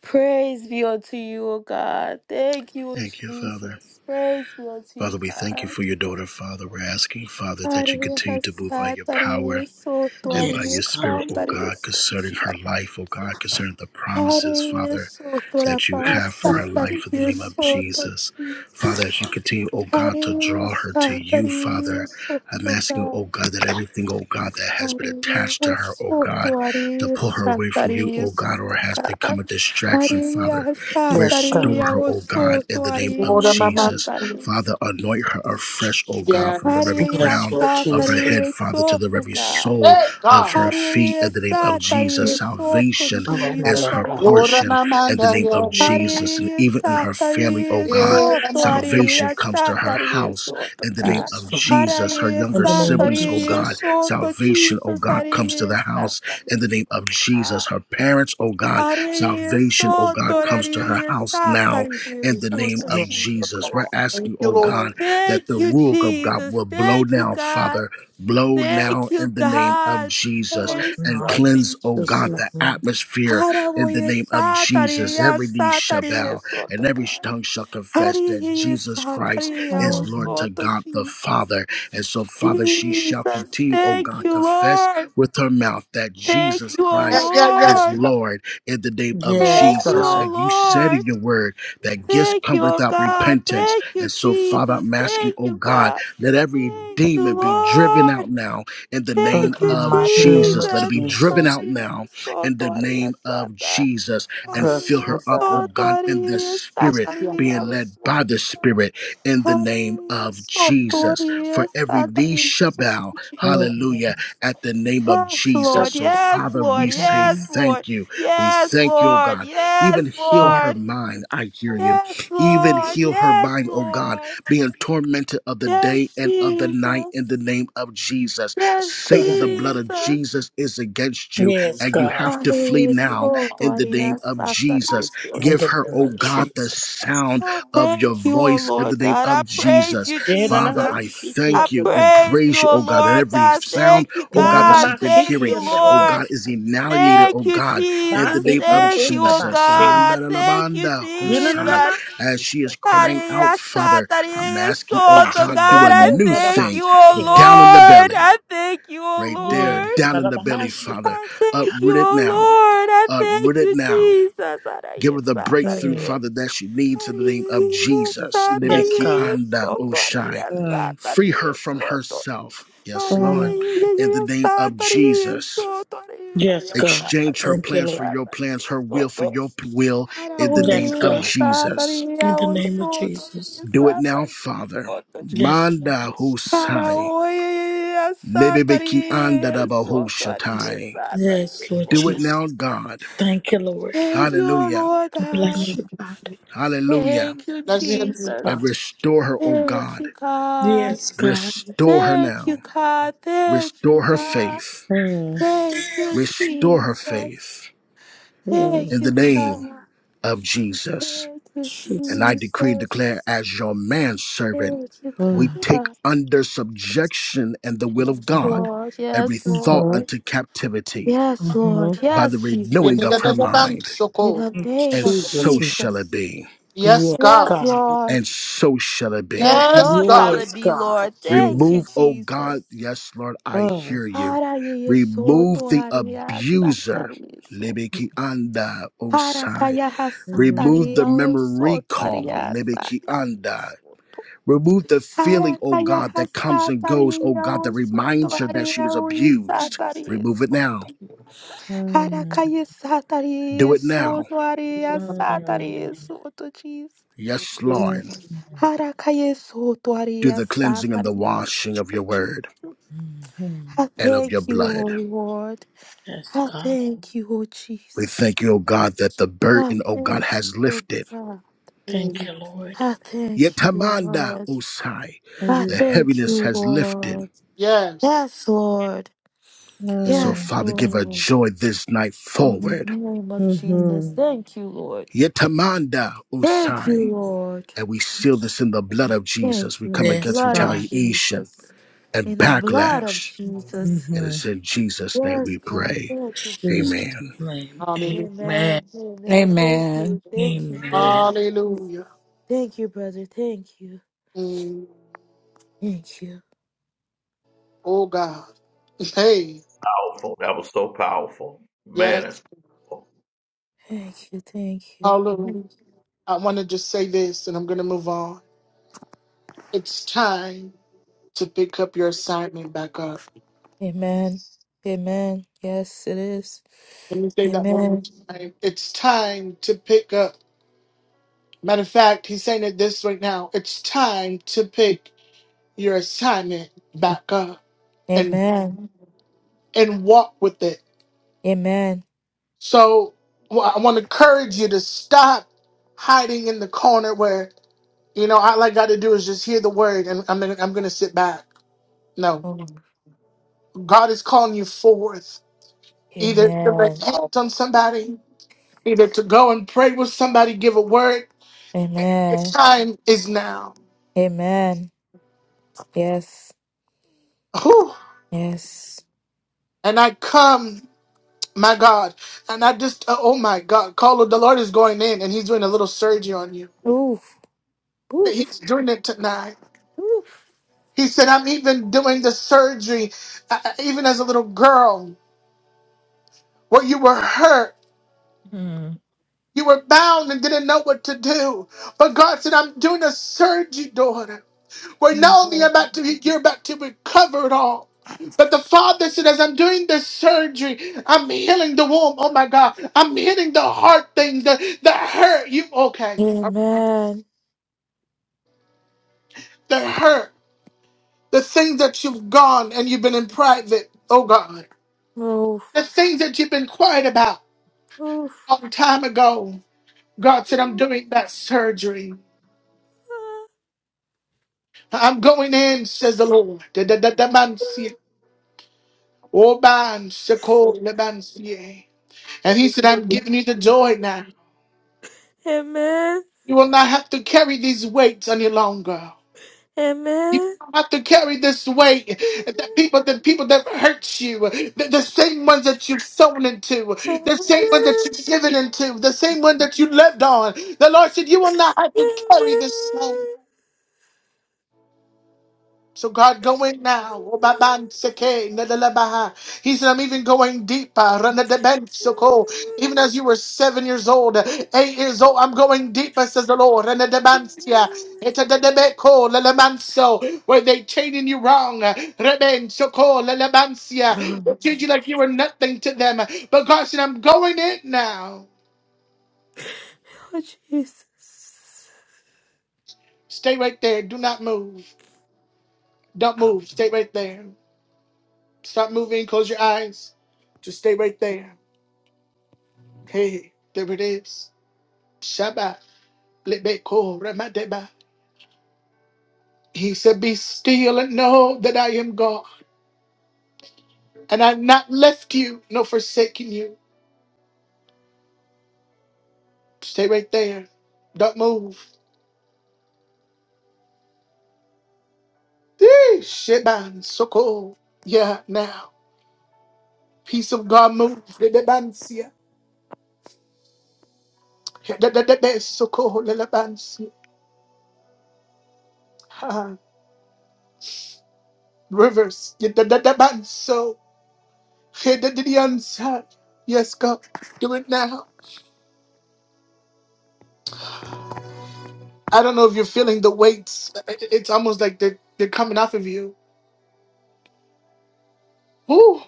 Speaker 9: Praise be unto you, O God. Thank you,
Speaker 8: Thank you, Father.
Speaker 9: Jesus. Praise be unto you,
Speaker 8: Father, we thank you
Speaker 9: God.
Speaker 8: for your daughter, Father. We're asking, Father, that you
Speaker 9: Ariya
Speaker 8: continue to move by
Speaker 9: sat,
Speaker 8: your power.
Speaker 9: ariya soto,
Speaker 8: and by
Speaker 11: Yes,
Speaker 8: your
Speaker 9: ariya
Speaker 8: spirit,
Speaker 11: God.
Speaker 9: sam,
Speaker 8: O
Speaker 9: ariya
Speaker 8: God,
Speaker 9: soto,
Speaker 8: concerning her life, O
Speaker 9: God.
Speaker 8: God, concerning the promises,
Speaker 9: Ariya
Speaker 8: Father,
Speaker 9: soto,
Speaker 8: that you
Speaker 9: rapa
Speaker 8: have for
Speaker 9: sat,
Speaker 8: her life in the
Speaker 9: ariya
Speaker 8: name of
Speaker 9: soto,
Speaker 8: Jesus. Father, as
Speaker 9: Jesus.
Speaker 8: you continue, oh God, to
Speaker 9: Ariya
Speaker 8: draw her to
Speaker 9: sat,
Speaker 8: you,
Speaker 9: ariya
Speaker 8: Father, I'm
Speaker 9: soto,
Speaker 8: asking, oh
Speaker 9: God.
Speaker 8: God, that everything, oh God, that has been
Speaker 9: Hallelujah.
Speaker 8: attached to her, oh
Speaker 9: So
Speaker 8: God, to
Speaker 9: bloody
Speaker 8: pull her away from you, oh
Speaker 9: Santaris.
Speaker 8: God, or has
Speaker 9: God.
Speaker 8: become a distraction, Father,
Speaker 9: Hallelujah.
Speaker 11: Yes, God.
Speaker 8: restore her,
Speaker 9: Santaria.
Speaker 8: oh
Speaker 9: So
Speaker 8: God, in the name
Speaker 9: bloody
Speaker 8: of
Speaker 1: Lord, I'm a man,
Speaker 8: Jesus.
Speaker 9: Santaris.
Speaker 8: Father, anoint her afresh, oh God,
Speaker 1: Yeah.
Speaker 8: from the very
Speaker 9: Hallelujah.
Speaker 11: Yes,
Speaker 8: crown
Speaker 11: Lord
Speaker 8: of her
Speaker 11: Jesus.
Speaker 8: head,
Speaker 9: Santaria.
Speaker 8: Father, to
Speaker 9: So
Speaker 8: the very
Speaker 9: God.
Speaker 8: sole
Speaker 1: Hey,
Speaker 8: of
Speaker 1: God.
Speaker 8: her feet
Speaker 9: Hallelujah.
Speaker 8: in the name of Jesus.
Speaker 9: Santaria. So to
Speaker 8: Salvation
Speaker 11: All right, my
Speaker 8: is
Speaker 9: Jesus.
Speaker 11: Lord
Speaker 8: her
Speaker 11: God.
Speaker 1: Ora
Speaker 8: portion
Speaker 1: na
Speaker 9: Hallelujah.
Speaker 8: in the
Speaker 1: manda
Speaker 8: name
Speaker 1: ya
Speaker 8: of Jesus. And
Speaker 9: Ariye
Speaker 8: even in her family, oh
Speaker 9: satariye
Speaker 8: God,
Speaker 1: yeah, Eh,
Speaker 9: soto
Speaker 1: na na
Speaker 8: salvation
Speaker 9: ariye
Speaker 8: comes to her
Speaker 9: satariye
Speaker 8: house
Speaker 9: soto
Speaker 8: in the name
Speaker 9: God.
Speaker 11: Yes,
Speaker 8: of
Speaker 11: Father.
Speaker 8: Jesus. Her
Speaker 9: Ariye
Speaker 11: In
Speaker 8: younger
Speaker 11: the name of
Speaker 8: siblings, oh
Speaker 9: satariye
Speaker 8: God,
Speaker 11: Jesus.
Speaker 9: soto
Speaker 8: salvation, oh
Speaker 9: Jesus
Speaker 8: God, comes to
Speaker 9: ariye
Speaker 8: the house in
Speaker 9: satariye
Speaker 8: the name of
Speaker 9: soto God.
Speaker 8: Jesus. Her parents, oh God,
Speaker 9: Ariye
Speaker 8: salvation, oh
Speaker 9: soto
Speaker 8: God, comes to her
Speaker 9: ariye
Speaker 8: house now
Speaker 9: satariye
Speaker 8: in the name
Speaker 9: soto
Speaker 8: of
Speaker 1: Jesus.
Speaker 11: Yes, Lord
Speaker 8: Jesus. We're
Speaker 11: God.
Speaker 9: Jesus.
Speaker 1: Thank
Speaker 8: asking,
Speaker 1: you,
Speaker 8: oh
Speaker 1: Lord.
Speaker 8: God, that the
Speaker 9: Thank you
Speaker 8: Ruach of God
Speaker 9: Jesus.
Speaker 8: will blow
Speaker 9: Thank you
Speaker 8: now,
Speaker 9: God.
Speaker 8: Father, blow
Speaker 9: Thank
Speaker 8: now
Speaker 9: you
Speaker 8: in the name of
Speaker 9: God.
Speaker 8: Jesus
Speaker 11: Right
Speaker 9: Praise
Speaker 8: and
Speaker 11: now,
Speaker 9: God
Speaker 11: in
Speaker 8: cleanse,
Speaker 9: in
Speaker 8: oh
Speaker 11: Jesus'
Speaker 8: God, the
Speaker 9: Jesus.
Speaker 11: name.
Speaker 8: atmosphere in the
Speaker 9: Haraboye
Speaker 8: name of Jesus.
Speaker 9: satariya
Speaker 8: Every knee shall
Speaker 9: satariya
Speaker 8: bow and
Speaker 9: soto
Speaker 8: every
Speaker 9: God.
Speaker 8: tongue shall confess that
Speaker 9: Hariya
Speaker 8: Jesus Christ
Speaker 9: satariya o
Speaker 8: is Lord
Speaker 11: Mm.
Speaker 8: to
Speaker 9: soto
Speaker 8: God the
Speaker 9: Jesus.
Speaker 8: Father. And so, Father, she shall
Speaker 9: Jesus,
Speaker 8: continue, oh
Speaker 9: thank
Speaker 8: God,
Speaker 9: you,
Speaker 8: confess
Speaker 9: Lord.
Speaker 8: with her mouth that
Speaker 9: Thank
Speaker 8: Jesus
Speaker 9: you, O
Speaker 1: Yeah,
Speaker 8: Christ
Speaker 1: yeah, yeah.
Speaker 8: is
Speaker 9: Lord.
Speaker 8: Lord in the name of
Speaker 11: Yes,
Speaker 1: Yeah.
Speaker 9: Thank you,
Speaker 8: Jesus.
Speaker 9: O
Speaker 11: God.
Speaker 8: And you said in
Speaker 9: Lord.
Speaker 8: your word that gifts
Speaker 9: Thank
Speaker 8: come
Speaker 9: you, O
Speaker 8: without
Speaker 9: God.
Speaker 8: repentance.
Speaker 9: Thank you,
Speaker 8: And so, Father,
Speaker 9: Jesus.
Speaker 8: I'm asking,
Speaker 9: Thank
Speaker 8: oh
Speaker 9: you,
Speaker 8: God,
Speaker 9: God.
Speaker 8: let every
Speaker 9: Thank you,
Speaker 8: demon be driven out
Speaker 9: Lord.
Speaker 8: now in the
Speaker 11: In
Speaker 8: name
Speaker 9: Thank
Speaker 11: the
Speaker 9: you,
Speaker 8: of
Speaker 11: mighty name of
Speaker 8: Jesus. Let it
Speaker 9: Jesus.
Speaker 8: be driven
Speaker 11: Jesus.
Speaker 8: out
Speaker 9: Hallelujah.
Speaker 8: now
Speaker 9: So
Speaker 8: in the
Speaker 9: Toria
Speaker 8: name of
Speaker 9: Sata.
Speaker 8: Jesus and fill
Speaker 11: Yes,
Speaker 9: Hallelujah.
Speaker 8: her
Speaker 11: Lord
Speaker 8: up, oh
Speaker 9: So
Speaker 11: God.
Speaker 8: God, in the
Speaker 9: Toria
Speaker 1: Yes,
Speaker 8: spirit,
Speaker 1: yeah,
Speaker 9: Sataria.
Speaker 8: being led by the
Speaker 9: Sota.
Speaker 8: spirit in the name
Speaker 9: Hallelujah.
Speaker 8: of
Speaker 9: So
Speaker 8: Jesus. For
Speaker 9: Toria
Speaker 8: every knee
Speaker 9: Sataria.
Speaker 8: shall
Speaker 9: So
Speaker 8: bow, hallelujah,
Speaker 9: Jesus.
Speaker 8: at the name of
Speaker 9: Yes,
Speaker 1: yeah.
Speaker 8: Jesus.
Speaker 9: Lord.
Speaker 8: So,
Speaker 9: Yes,
Speaker 8: Father,
Speaker 9: Lord.
Speaker 8: we say
Speaker 9: Yes,
Speaker 11: Mm-hmm.
Speaker 9: Lord.
Speaker 8: thank you. We
Speaker 9: Yes,
Speaker 8: thank you, oh
Speaker 9: Lord.
Speaker 8: God.
Speaker 9: Yes,
Speaker 8: Even heal
Speaker 11: Oh,
Speaker 8: her
Speaker 9: Lord.
Speaker 8: mind, I hear you.
Speaker 9: Yes,
Speaker 8: Even
Speaker 9: Lord.
Speaker 8: heal her
Speaker 9: Yes,
Speaker 8: mind, oh God,
Speaker 9: Lord.
Speaker 8: being tormented of the day
Speaker 9: Yes,
Speaker 8: and of the night
Speaker 9: Jesus.
Speaker 8: in the name of Jesus.
Speaker 9: Yes,
Speaker 8: Satan,
Speaker 11: God.
Speaker 8: the blood of
Speaker 9: Jesus.
Speaker 8: Jesus is against you
Speaker 11: Yes,
Speaker 8: and you
Speaker 11: God.
Speaker 8: have
Speaker 9: I
Speaker 8: to flee
Speaker 9: thank
Speaker 8: now in the name of Jesus.
Speaker 11: In
Speaker 8: Give
Speaker 11: the
Speaker 8: her,
Speaker 11: name
Speaker 8: oh
Speaker 11: of
Speaker 8: God, the
Speaker 11: Jesus.
Speaker 8: sound of your
Speaker 9: you, O
Speaker 8: voice in the
Speaker 9: Lord
Speaker 8: name
Speaker 9: God. I
Speaker 8: of
Speaker 9: praise
Speaker 8: Jesus.
Speaker 9: you,
Speaker 11: Yeah, no, no,
Speaker 8: Father,
Speaker 9: Jesus.
Speaker 11: my
Speaker 8: I
Speaker 9: I
Speaker 8: thank you
Speaker 11: shiki,
Speaker 8: and
Speaker 9: praise you,
Speaker 8: praise you, oh
Speaker 9: O
Speaker 8: God, that
Speaker 9: Lord
Speaker 8: every
Speaker 9: God.
Speaker 8: sound,
Speaker 9: Thank you,
Speaker 8: oh God, that
Speaker 9: God.
Speaker 8: she's been
Speaker 9: Thank
Speaker 11: Yinanamashiki
Speaker 9: you,
Speaker 8: hearing,
Speaker 11: and the
Speaker 8: oh
Speaker 9: Lord.
Speaker 8: God, is
Speaker 11: Robosha.
Speaker 8: annihilated,
Speaker 9: Thank
Speaker 8: oh
Speaker 9: you,
Speaker 8: God, in
Speaker 11: Ba
Speaker 8: the
Speaker 9: Jesus.
Speaker 11: i
Speaker 8: name of
Speaker 9: Thank you,
Speaker 11: onkonda
Speaker 9: O
Speaker 11: ba
Speaker 8: Jesus.
Speaker 11: shenda.
Speaker 9: God. Thank you,
Speaker 8: Andalamanda Hosai.
Speaker 9: Jesus.
Speaker 8: As
Speaker 11: Yinanamashiki
Speaker 8: she
Speaker 11: and
Speaker 8: is
Speaker 11: the Robosha.
Speaker 8: crying out,
Speaker 9: Hallelujah,
Speaker 8: Father, I'm
Speaker 9: Hallelujah,
Speaker 8: asking, oh
Speaker 11: Ba
Speaker 9: Soto.
Speaker 11: i
Speaker 8: God, do
Speaker 9: God,
Speaker 8: a
Speaker 9: I
Speaker 8: new
Speaker 11: onkonda da
Speaker 9: thank
Speaker 11: ba
Speaker 8: thing
Speaker 9: you, O
Speaker 11: shiki ya.
Speaker 8: down in the
Speaker 9: Lord.
Speaker 8: belly
Speaker 9: I thank you, O
Speaker 8: right
Speaker 11: Yeah,
Speaker 8: there,
Speaker 9: Lord.
Speaker 8: down in the belly, Father.
Speaker 11: kabarabamashiko.
Speaker 9: I thank you,
Speaker 8: Uproot it
Speaker 9: oh
Speaker 8: now.
Speaker 9: Lord. I
Speaker 8: Uproot
Speaker 9: thank
Speaker 8: it
Speaker 9: you,
Speaker 8: now.
Speaker 9: Jesus.
Speaker 8: Give
Speaker 9: Araye,
Speaker 8: her the breakthrough,
Speaker 11: Mm.
Speaker 9: satariye.
Speaker 8: Father, that she needs in the name of
Speaker 9: Ariye,
Speaker 8: Jesus.
Speaker 11: Yes,
Speaker 8: Libiki
Speaker 9: satariye,
Speaker 11: God.
Speaker 8: anda
Speaker 9: soto,
Speaker 8: oshai.
Speaker 9: ariye,
Speaker 11: Mm.
Speaker 8: Free her
Speaker 9: satariye,
Speaker 8: from
Speaker 9: soto.
Speaker 8: herself. Yes,
Speaker 9: Araye,
Speaker 8: Lord.
Speaker 11: Mm.
Speaker 8: In the name of
Speaker 9: satariye,
Speaker 8: Jesus.
Speaker 9: soto, ariye,
Speaker 11: Yes,
Speaker 9: baya,
Speaker 11: God.
Speaker 8: Exchange her
Speaker 11: Thank
Speaker 9: satariye,
Speaker 11: you,
Speaker 8: plans for
Speaker 11: Lord.
Speaker 8: your
Speaker 9: satariye,
Speaker 8: plans, her will for
Speaker 9: soto.
Speaker 8: your p- will,
Speaker 9: Araye,
Speaker 8: in the
Speaker 11: Yes,
Speaker 8: name of
Speaker 9: satariye,
Speaker 11: God.
Speaker 9: soto, ariye,
Speaker 8: Jesus.
Speaker 11: In the name of Jesus.
Speaker 8: Do it
Speaker 9: satariye,
Speaker 8: now, Father.
Speaker 9: soto, Jesus.
Speaker 11: Yes, God.
Speaker 8: Manda husai.
Speaker 9: Karaoye,
Speaker 8: Libibiki anda da
Speaker 9: Satari, Sotari,
Speaker 8: bahushatai.
Speaker 9: Satari,
Speaker 11: Yes, Lord
Speaker 8: Do it
Speaker 9: Sotari.
Speaker 11: Jesus.
Speaker 8: now, God
Speaker 11: Thank you,
Speaker 9: <laughs>
Speaker 11: Lord.
Speaker 9: Thank you,
Speaker 8: Hallelujah.
Speaker 9: Lord God.
Speaker 11: Bless you, God.
Speaker 8: Hallelujah.
Speaker 9: Thank you,
Speaker 1: Bless your
Speaker 11: Yes,
Speaker 1: name,
Speaker 9: Jesus.
Speaker 8: And
Speaker 1: God.
Speaker 11: God.
Speaker 8: restore her, oh
Speaker 9: Thank
Speaker 8: God.
Speaker 9: you, God.
Speaker 11: Yes, God.
Speaker 8: Restore her
Speaker 9: Thank you,
Speaker 8: now.
Speaker 9: God. Thank you,
Speaker 8: Restore her
Speaker 9: God.
Speaker 8: faith.
Speaker 11: Mm.
Speaker 9: Thank you,
Speaker 8: Restore her
Speaker 9: Jesus.
Speaker 8: faith
Speaker 11: Mm,
Speaker 9: Thank
Speaker 8: in the
Speaker 9: you, God.
Speaker 8: name of Jesus.
Speaker 9: Thank you,
Speaker 8: And
Speaker 11: Jesus.
Speaker 8: I decree and declare
Speaker 9: Jesus.
Speaker 8: as your manservant,
Speaker 9: Thank you,
Speaker 8: we
Speaker 11: Mm,
Speaker 8: take
Speaker 9: God.
Speaker 8: under subjection and the will of
Speaker 9: Yes,
Speaker 8: God
Speaker 9: Lord.
Speaker 8: every
Speaker 9: Yes,
Speaker 8: thought
Speaker 11: mhm,
Speaker 9: Lord.
Speaker 8: unto captivity
Speaker 9: Yes,
Speaker 11: mhm.
Speaker 9: Lord.
Speaker 8: by the
Speaker 9: Yes,
Speaker 1: yeah, da,
Speaker 8: renewing
Speaker 1: da,
Speaker 8: of
Speaker 1: da,
Speaker 9: Jesus.
Speaker 8: her
Speaker 1: da, bam,
Speaker 8: mind.
Speaker 9: In
Speaker 1: soko.
Speaker 9: the name
Speaker 8: And
Speaker 9: of
Speaker 8: so
Speaker 11: Jesus.
Speaker 8: shall it
Speaker 9: Jesus.
Speaker 8: be.
Speaker 1: Yes,
Speaker 11: Yes,
Speaker 1: God.
Speaker 9: Yes,
Speaker 11: God.
Speaker 9: Lord.
Speaker 8: And so shall it
Speaker 9: Yes,
Speaker 8: be.
Speaker 1: Yes,
Speaker 9: so shall
Speaker 1: God.
Speaker 9: it
Speaker 11: Yes,
Speaker 9: be,
Speaker 11: God.
Speaker 9: Lord. Thank you,
Speaker 8: Remove,
Speaker 11: Jesus.
Speaker 8: oh
Speaker 9: Jesus.
Speaker 8: God, yes, Lord, I
Speaker 11: Mm,
Speaker 8: hear you.
Speaker 9: Ara ye so to
Speaker 8: Remove the
Speaker 9: aria
Speaker 8: abuser.
Speaker 9: satari so.
Speaker 8: Libiki anda
Speaker 9: Ara
Speaker 8: osai.
Speaker 9: kaya
Speaker 11: mm,
Speaker 8: Remove
Speaker 9: hasatari
Speaker 8: the
Speaker 9: o
Speaker 8: memory
Speaker 9: so to
Speaker 8: recall.
Speaker 9: aria
Speaker 8: Libiki
Speaker 9: satari
Speaker 8: anda.
Speaker 9: so.
Speaker 8: Remove the feeling,
Speaker 9: Ara
Speaker 8: oh
Speaker 9: kaya
Speaker 8: God, that comes and goes,
Speaker 9: hasatari
Speaker 8: oh God, that
Speaker 9: o so to
Speaker 8: reminds her that
Speaker 9: aria
Speaker 8: she was abused.
Speaker 9: satari
Speaker 8: Remove it
Speaker 9: so.
Speaker 8: now.
Speaker 9: Ara
Speaker 11: mm,
Speaker 9: kaya
Speaker 8: Do
Speaker 9: satari
Speaker 8: it
Speaker 9: so
Speaker 8: now.
Speaker 9: to aria satari so to Jesus.
Speaker 8: Yes,
Speaker 11: mm,
Speaker 8: Lord.
Speaker 11: mm,
Speaker 9: Harakayesu
Speaker 8: Do
Speaker 9: tuaria
Speaker 8: the cleansing and the
Speaker 9: sakaris.
Speaker 8: washing of your word
Speaker 11: mhm.
Speaker 9: I
Speaker 8: and of your
Speaker 9: thank you, O
Speaker 8: blood.
Speaker 9: Lord.
Speaker 11: Yes,
Speaker 9: I
Speaker 11: God.
Speaker 9: thank you, O
Speaker 8: We
Speaker 9: Jesus.
Speaker 8: thank you, oh God, that the
Speaker 9: I
Speaker 8: burden, oh God,
Speaker 9: thank you,
Speaker 8: has
Speaker 9: O
Speaker 8: lifted.
Speaker 9: God.
Speaker 11: Thank
Speaker 1: Mm,
Speaker 11: you, Lord.
Speaker 9: I thank you,
Speaker 8: Yetamanda
Speaker 9: Lord.
Speaker 8: Osai.
Speaker 9: I
Speaker 11: Mm,
Speaker 8: The
Speaker 9: thank
Speaker 8: heaviness
Speaker 9: you,
Speaker 8: has lifted.
Speaker 9: Lord.
Speaker 1: Yes.
Speaker 9: Yes, Lord.
Speaker 8: And so,
Speaker 11: mm,
Speaker 9: Yes,
Speaker 8: Father, give her
Speaker 9: Lord.
Speaker 8: joy this night
Speaker 9: In the
Speaker 8: forward.
Speaker 9: name of Jesus.
Speaker 11: mhm.
Speaker 9: Thank you, Lord.
Speaker 8: Yetamanda
Speaker 9: Thank you,
Speaker 8: Osai.
Speaker 9: Lord.
Speaker 8: And we seal this in the blood of
Speaker 9: Thank
Speaker 8: Jesus. We
Speaker 9: you. In
Speaker 8: come
Speaker 9: the
Speaker 11: Yes,
Speaker 8: against
Speaker 9: blood of
Speaker 11: God.
Speaker 8: retaliation
Speaker 9: Jesus.
Speaker 8: and
Speaker 9: In the blood of
Speaker 8: backlash.
Speaker 9: Jesus.
Speaker 8: And
Speaker 11: Mm-hmm.
Speaker 8: it's in Jesus' name
Speaker 9: Yes,
Speaker 8: we
Speaker 9: God.
Speaker 8: pray.
Speaker 9: Thank you,
Speaker 11: Jesus'
Speaker 8: Amen.
Speaker 9: Jesus.
Speaker 11: name.
Speaker 1: Hallelujah.
Speaker 11: Amen.
Speaker 9: Amen. Amen. Thank
Speaker 15: Amen.
Speaker 9: you. Thank you.
Speaker 11: Amen.
Speaker 9: Thank you.
Speaker 1: Hallelujah.
Speaker 9: Thank you, brother. Thank you.
Speaker 1: Mm,
Speaker 9: Thank you.
Speaker 1: Oh, God. Hey, yes.
Speaker 9: Thank you. Thank you.
Speaker 1: Hallelujah. I want to just say this and I'm going to move on. It's time. to pick up your assignment back up.
Speaker 9: Amen. Amen. Yes, it is.
Speaker 1: Let me say that one more
Speaker 9: Amen.
Speaker 1: time. It's time to pick up. Matter of fact, he's saying it this right now. It's time to pick your assignment back up and
Speaker 9: Amen.
Speaker 1: and walk with it.
Speaker 9: Amen.
Speaker 1: So wa- I want to encourage you to stop hiding in the corner where you know all I got to do is just hear the word and I'm gonna, I'm gonna sit back. No,
Speaker 9: Oh,
Speaker 1: God is calling you forth either to lay
Speaker 9: Amen.
Speaker 1: hands on somebody, either to go and pray with somebody, give a word The
Speaker 9: Amen.
Speaker 1: time is now.
Speaker 9: Amen. Yes.
Speaker 1: Whew.
Speaker 9: Yes.
Speaker 1: And I come, my God, and I just, uh, oh my God, call the Lord is going in and he's doing a little surgery on you.
Speaker 9: Oof. Oof.
Speaker 1: He's doing it tonight.
Speaker 9: Oof.
Speaker 1: He said, I'm even doing the surgery, uh, uh, even as a little girl, where you were hurt.
Speaker 9: Mm.
Speaker 1: You were bound and didn't know what to do. But God said, I'm doing a surgery, daughter. Where not only about to you're about to recover it all. But the father said, as I'm doing this surgery, I'm healing the womb. Oh my God. I'm healing the heart things, the, the hurt. You okay. Um,
Speaker 9: Amen.
Speaker 1: The hurt. The things that you've gone and you've been in private. Oh God.
Speaker 9: Oof.
Speaker 1: The things that you've been quiet about
Speaker 9: Oof.
Speaker 1: a long time ago. God said, I'm doing that surgery. I'm going in, says the Lord. Da- da- da- da- man, see. Oh, man, se- call, see. And he said, I'm giving you the joy now.
Speaker 9: Amen.
Speaker 1: You will not have to carry these weights any longer. You
Speaker 9: Amen.
Speaker 1: don't have to carry this weight. The people, the people that hurt you, the, the same ones that you've sown into, the same ones that you've given into, the same one that you lived on. The Lord said, You will not have to carry this. shame. So God, go in now.
Speaker 9: Oh,
Speaker 1: Obabanseke, nedelebaha. He said, I'm even going deeper. Renedebensoko. Even as you were seven years old, eight years old, I'm going deeper, says the Lord. Renedebansia. Etededebeko, lelebanso. Where they chaining you wrong. Rebensoko, lelebansia. They treat you like you were nothing to them. But God said, I'm going in now.
Speaker 9: Jesus.
Speaker 1: Stay right there. Do not move. Don't move. Stay right there. Stop moving. Close your eyes. Just stay right there. Hey, there it is. Shabbat. Lebeko Ramadeba. He said, Be still and know that I am God. And I've not left you nor forsaken you. Stay right there. Don't move. Hey, Sheban Soko. Yeah, now. Peace of God move. Lebebansia. Yedadadebe Soko Lelebansia. Ah, Rivers. Yedadadabanso. Yedadadiansa. Yes, God. Do it now. I don't know if you're feeling the weights. I- It's almost like they're, they're coming off of you. Woo!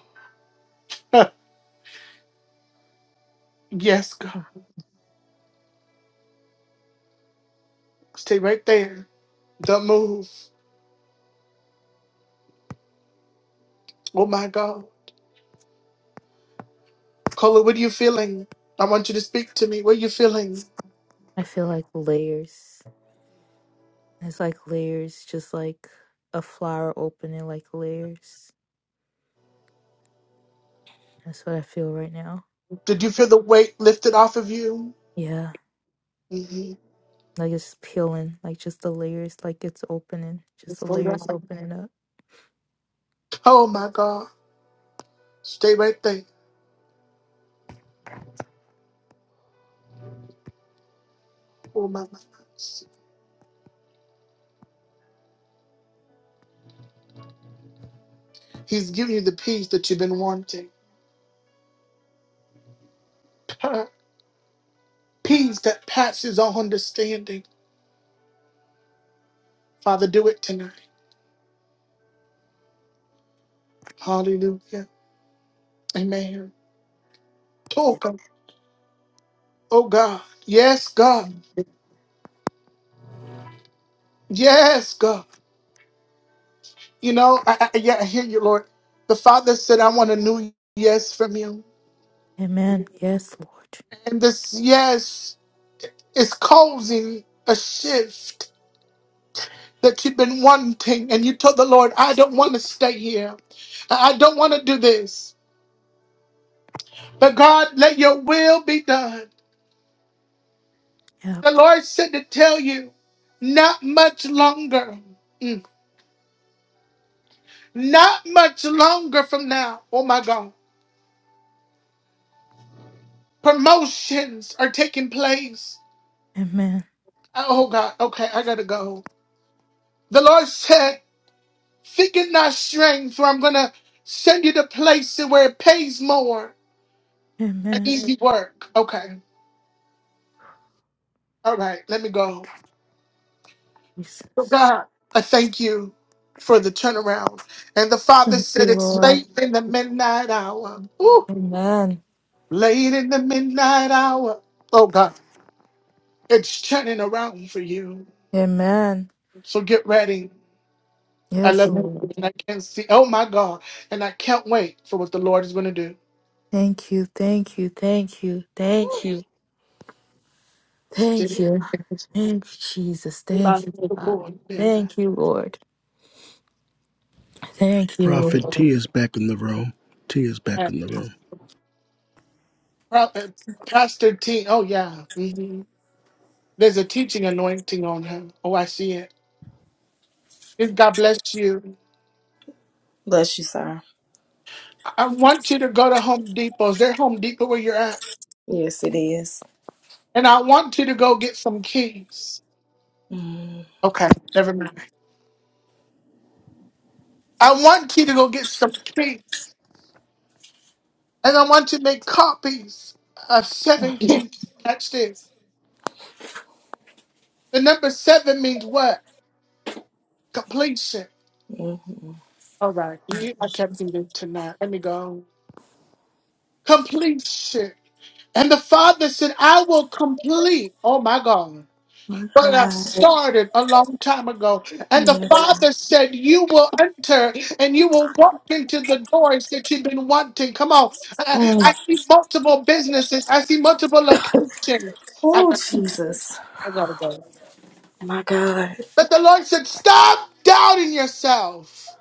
Speaker 1: <laughs> yes, God.
Speaker 9: Mhm.
Speaker 1: Stay right there. Don't move. Oh my God. Cola, what are you feeling? I want you to speak to me. What are you feeling?
Speaker 9: I feel like layers. It's like layers, just like a flower opening, like layers. That's what I feel right now.
Speaker 1: Did you feel the weight lifted off of you?
Speaker 9: Yeah.
Speaker 1: Mhm.
Speaker 9: Like it's peeling, like just the layers, like it's opening, just the layers opening up.
Speaker 1: Oh my God. Stay right there. Oh my God. He's giving you the peace that you've been wanting. <laughs> Peace that passes all understanding. Father, do it tonight. Hallelujah. Amen. Oh God. Oh God. Yes, God. Yes, God. You know, I, I, yeah, I hear you, Lord. The Father said, I want a new yes from you.
Speaker 9: Amen. Yes, Lord.
Speaker 1: And this yes is causing a shift that you've been wanting. And you told the Lord, I don't want to stay here. I I don't want to do this. But God, let your will be done.
Speaker 9: Yep.
Speaker 1: The Lord said to tell you, not much longer. Mm. Not much longer from now. Oh my God. Promotions are taking place.
Speaker 9: Amen.
Speaker 1: Oh God, okay, I gotta go. The Lord said, Think in thy strength, or I'm gonna send you to places where it pays more.
Speaker 9: Amen.
Speaker 1: Easy work. Okay. All right, let me go. So
Speaker 9: Jesus.
Speaker 1: God, I thank you for the turnaround. And the Father
Speaker 9: Thank you,
Speaker 1: said, It's
Speaker 9: Lord.
Speaker 1: late in the midnight hour. Ooh,
Speaker 9: Amen.
Speaker 1: late in the midnight hour. Oh God, it's turning around for you.
Speaker 9: Amen.
Speaker 1: So get ready. I
Speaker 9: Yes,
Speaker 1: love him,
Speaker 9: Lord.
Speaker 1: and I can't see. Oh my God! And I can't wait for what the Lord is going to do.
Speaker 9: Thank you. Thank you. Thank you. Thank
Speaker 1: Woo.
Speaker 9: you. Thank you. Thank you, Jesus. Thank you, God. Thank you, Lord. Thank you,
Speaker 8: Prophet
Speaker 9: Lord.
Speaker 8: T is back in the room. T is
Speaker 1: Yeah.
Speaker 8: back in the room.
Speaker 1: Prophet, Pastor T. Oh yeah. hmm There's a teaching anointing on her. Oh, I see it. God bless you.
Speaker 14: Bless you, sir.
Speaker 1: I I want you to go to Home Depot. Is there Home Depot where you're at?
Speaker 14: Yes, it is.
Speaker 1: And I want you to go get some keys.
Speaker 14: Mm-hmm.
Speaker 1: Okay, never mind. I want you to go get some keys, and I want you to make copies of seven keys. Catch this. The number seven means what? Completion. All right. You, I can't do this tonight. Let me go. Completion. And the Father said, I will complete. Oh my God.
Speaker 14: My
Speaker 1: But I
Speaker 14: God.
Speaker 1: started a long time ago. And the
Speaker 14: Yes, God.
Speaker 1: Father said, You will enter and you will walk into the doors that you've been wanting. Come on. I,
Speaker 14: Mm.
Speaker 1: I see multiple businesses, I see multiple locations. I,
Speaker 14: Oh, Jesus.
Speaker 1: I gotta go.
Speaker 14: My God.
Speaker 1: But the Lord said, Stop doubting yourself.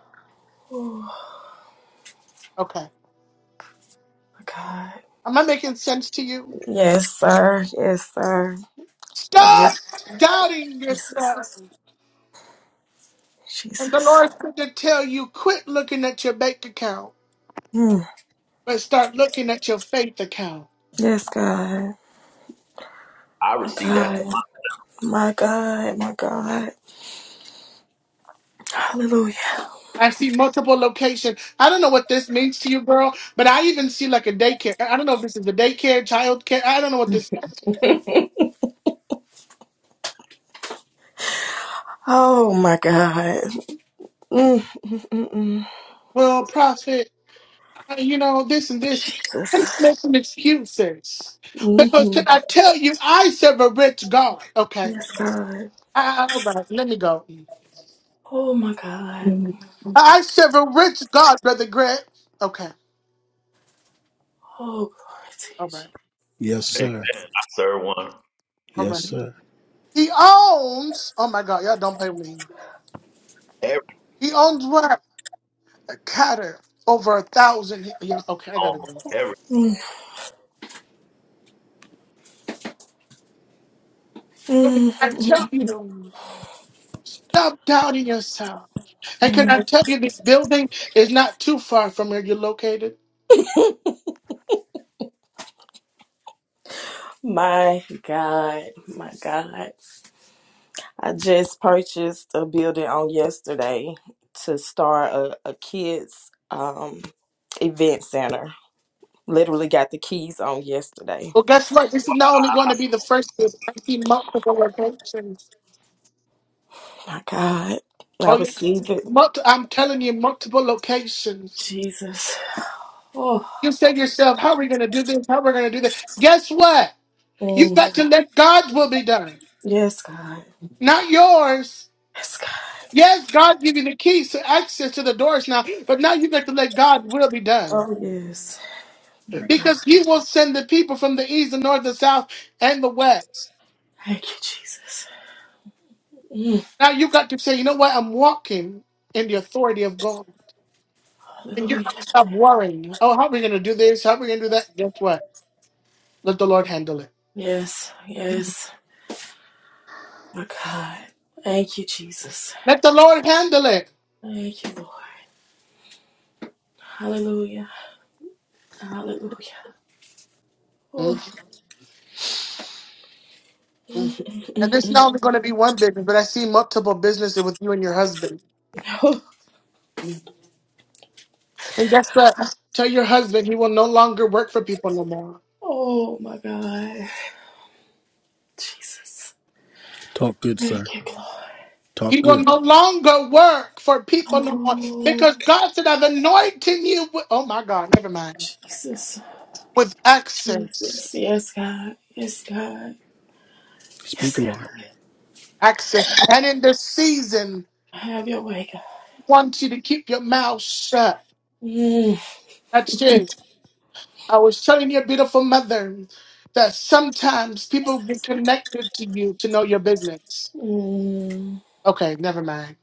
Speaker 14: Oh,
Speaker 1: Okay.
Speaker 14: my God.
Speaker 1: Am I making sense to you?
Speaker 14: Yes, sir. Yes, sir. I
Speaker 1: Stop
Speaker 14: just,
Speaker 1: doubting
Speaker 14: Jesus.
Speaker 1: yourself. And the
Speaker 14: Jesus.
Speaker 1: Lord's going to tell you quit looking at your bank account,
Speaker 14: Mm.
Speaker 1: but start looking at your faith account.
Speaker 14: Yes, God. My God. My God. My God. Hallelujah.
Speaker 1: I see multiple location. I don't know what this means to you, girl, but I even see like a daycare. I don't know if this is a daycare, childcare. I don't know what this.
Speaker 14: Oh, my God. Mm, mm, mm, mm. mm.
Speaker 1: Well, profit, you know this and this.
Speaker 14: Jesus.
Speaker 1: It's making excuses. Because
Speaker 14: Mm-hmm.
Speaker 1: can I tell you, I serve a rich God. Okay,
Speaker 14: Yes, God.
Speaker 1: all right, let me go.
Speaker 14: Oh my God.
Speaker 1: I serve a rich God, Brother Grant. Okay.
Speaker 14: Oh, glory to
Speaker 1: All right.
Speaker 14: you,
Speaker 8: Yes,
Speaker 4: Amen.
Speaker 8: sir.
Speaker 4: I serve one.
Speaker 1: All
Speaker 8: Yes,
Speaker 1: right.
Speaker 8: sir.
Speaker 1: He owns, oh my God, y'all don't play with me.
Speaker 4: Every
Speaker 1: He owns what? A catter over a thousand. he- Yeah, okay, I gotta
Speaker 4: home,
Speaker 1: go.
Speaker 4: every
Speaker 14: Jesus.
Speaker 1: So can
Speaker 14: Mm, mm,
Speaker 1: I tell you, stop doubting yourself. And can
Speaker 14: Mm.
Speaker 1: I tell you, this building is not too far from where you're located.
Speaker 14: My God, my God. I just purchased a building on yesterday to start a, a kids um event center. Literally got the keys on yesterday.
Speaker 1: Well, guess what? This is not only going to be the first, but I see multiple locations.
Speaker 14: My God. I
Speaker 1: Oh, yeah.
Speaker 14: receive it.
Speaker 1: Multi- I'm telling you, multiple locations.
Speaker 14: Jesus. Oh
Speaker 1: You say to yourself, how are we going to do this? How are we going to do that? Guess what? You
Speaker 14: mm.
Speaker 1: got to let God's will be done,
Speaker 14: yes, God.
Speaker 1: not yours.
Speaker 14: Yes, God.
Speaker 1: Yes, God give you the keys to access to the doors now, but now you got to let God's will be done
Speaker 14: Oh yes. My God.
Speaker 1: because He will send the people from the east, the north, the south, and the west.
Speaker 14: Thank you, Jesus. Mm.
Speaker 1: Now you got to say, you know what? I'm walking in the authority of God, and you
Speaker 14: Hallelujah.
Speaker 1: got to stop worrying. Oh, how are we going to do this? How are we going to do that? Guess what? Let the Lord handle it.
Speaker 14: Yes, yes. My God. Thank you, Jesus.
Speaker 1: Let the Lord handle it.
Speaker 14: Thank you, Lord. Hallelujah. Hallelujah. Oh,
Speaker 1: Mhm. And it's not only going to be one business, but I see multiple businesses with you and your husband.
Speaker 14: <laughs> oh,
Speaker 1: Mm-hmm. And guess what? Tell your husband he will no longer work for people no more.
Speaker 14: oh my God. Jesus.
Speaker 8: Talk good, sir.
Speaker 14: Thank you, Lord.
Speaker 8: Talk
Speaker 1: He will
Speaker 8: good.
Speaker 1: no longer work for people no more
Speaker 14: Oh,
Speaker 1: because God said, I've anointed you with, oh my God, never mind,
Speaker 14: Jesus.
Speaker 1: with access.
Speaker 14: Jesus. Yes, God. Yes, God.
Speaker 8: Speak,
Speaker 14: Yes,
Speaker 8: Lord.
Speaker 14: God.
Speaker 1: Access. And in this season,
Speaker 14: Have your way, God.
Speaker 1: I want you to keep your mouth shut.
Speaker 14: Mm,
Speaker 1: That's it. I was telling your beautiful mother that sometimes people get connected to you to know your business.
Speaker 14: mm,
Speaker 1: Okay, never mind.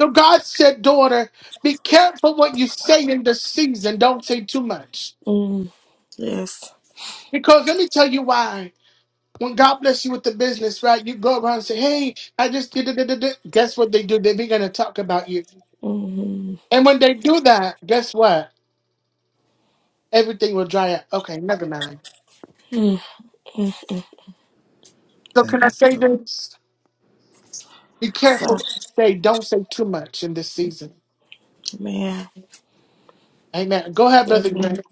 Speaker 1: So God said, daughter, be careful what you say in this season. Don't say too much.
Speaker 14: mm. Yes.
Speaker 1: Because let me tell you why. When God bless you with the business, right, you go around and say, hey, I just did it. Did it, did it. Guess what they do? They begin to talk about you.
Speaker 14: Mm,
Speaker 1: And when they do that, guess what? Everything will dry up. Okay, never mind.
Speaker 14: mm, mm.
Speaker 1: So can
Speaker 8: Thank
Speaker 1: I
Speaker 8: you.
Speaker 1: say
Speaker 8: brother.
Speaker 1: this? Be careful
Speaker 14: So,
Speaker 1: what you say. Don't say too much in this season.
Speaker 14: man.
Speaker 1: Amen. Go ahead, Brother
Speaker 14: Mm,
Speaker 1: Grant.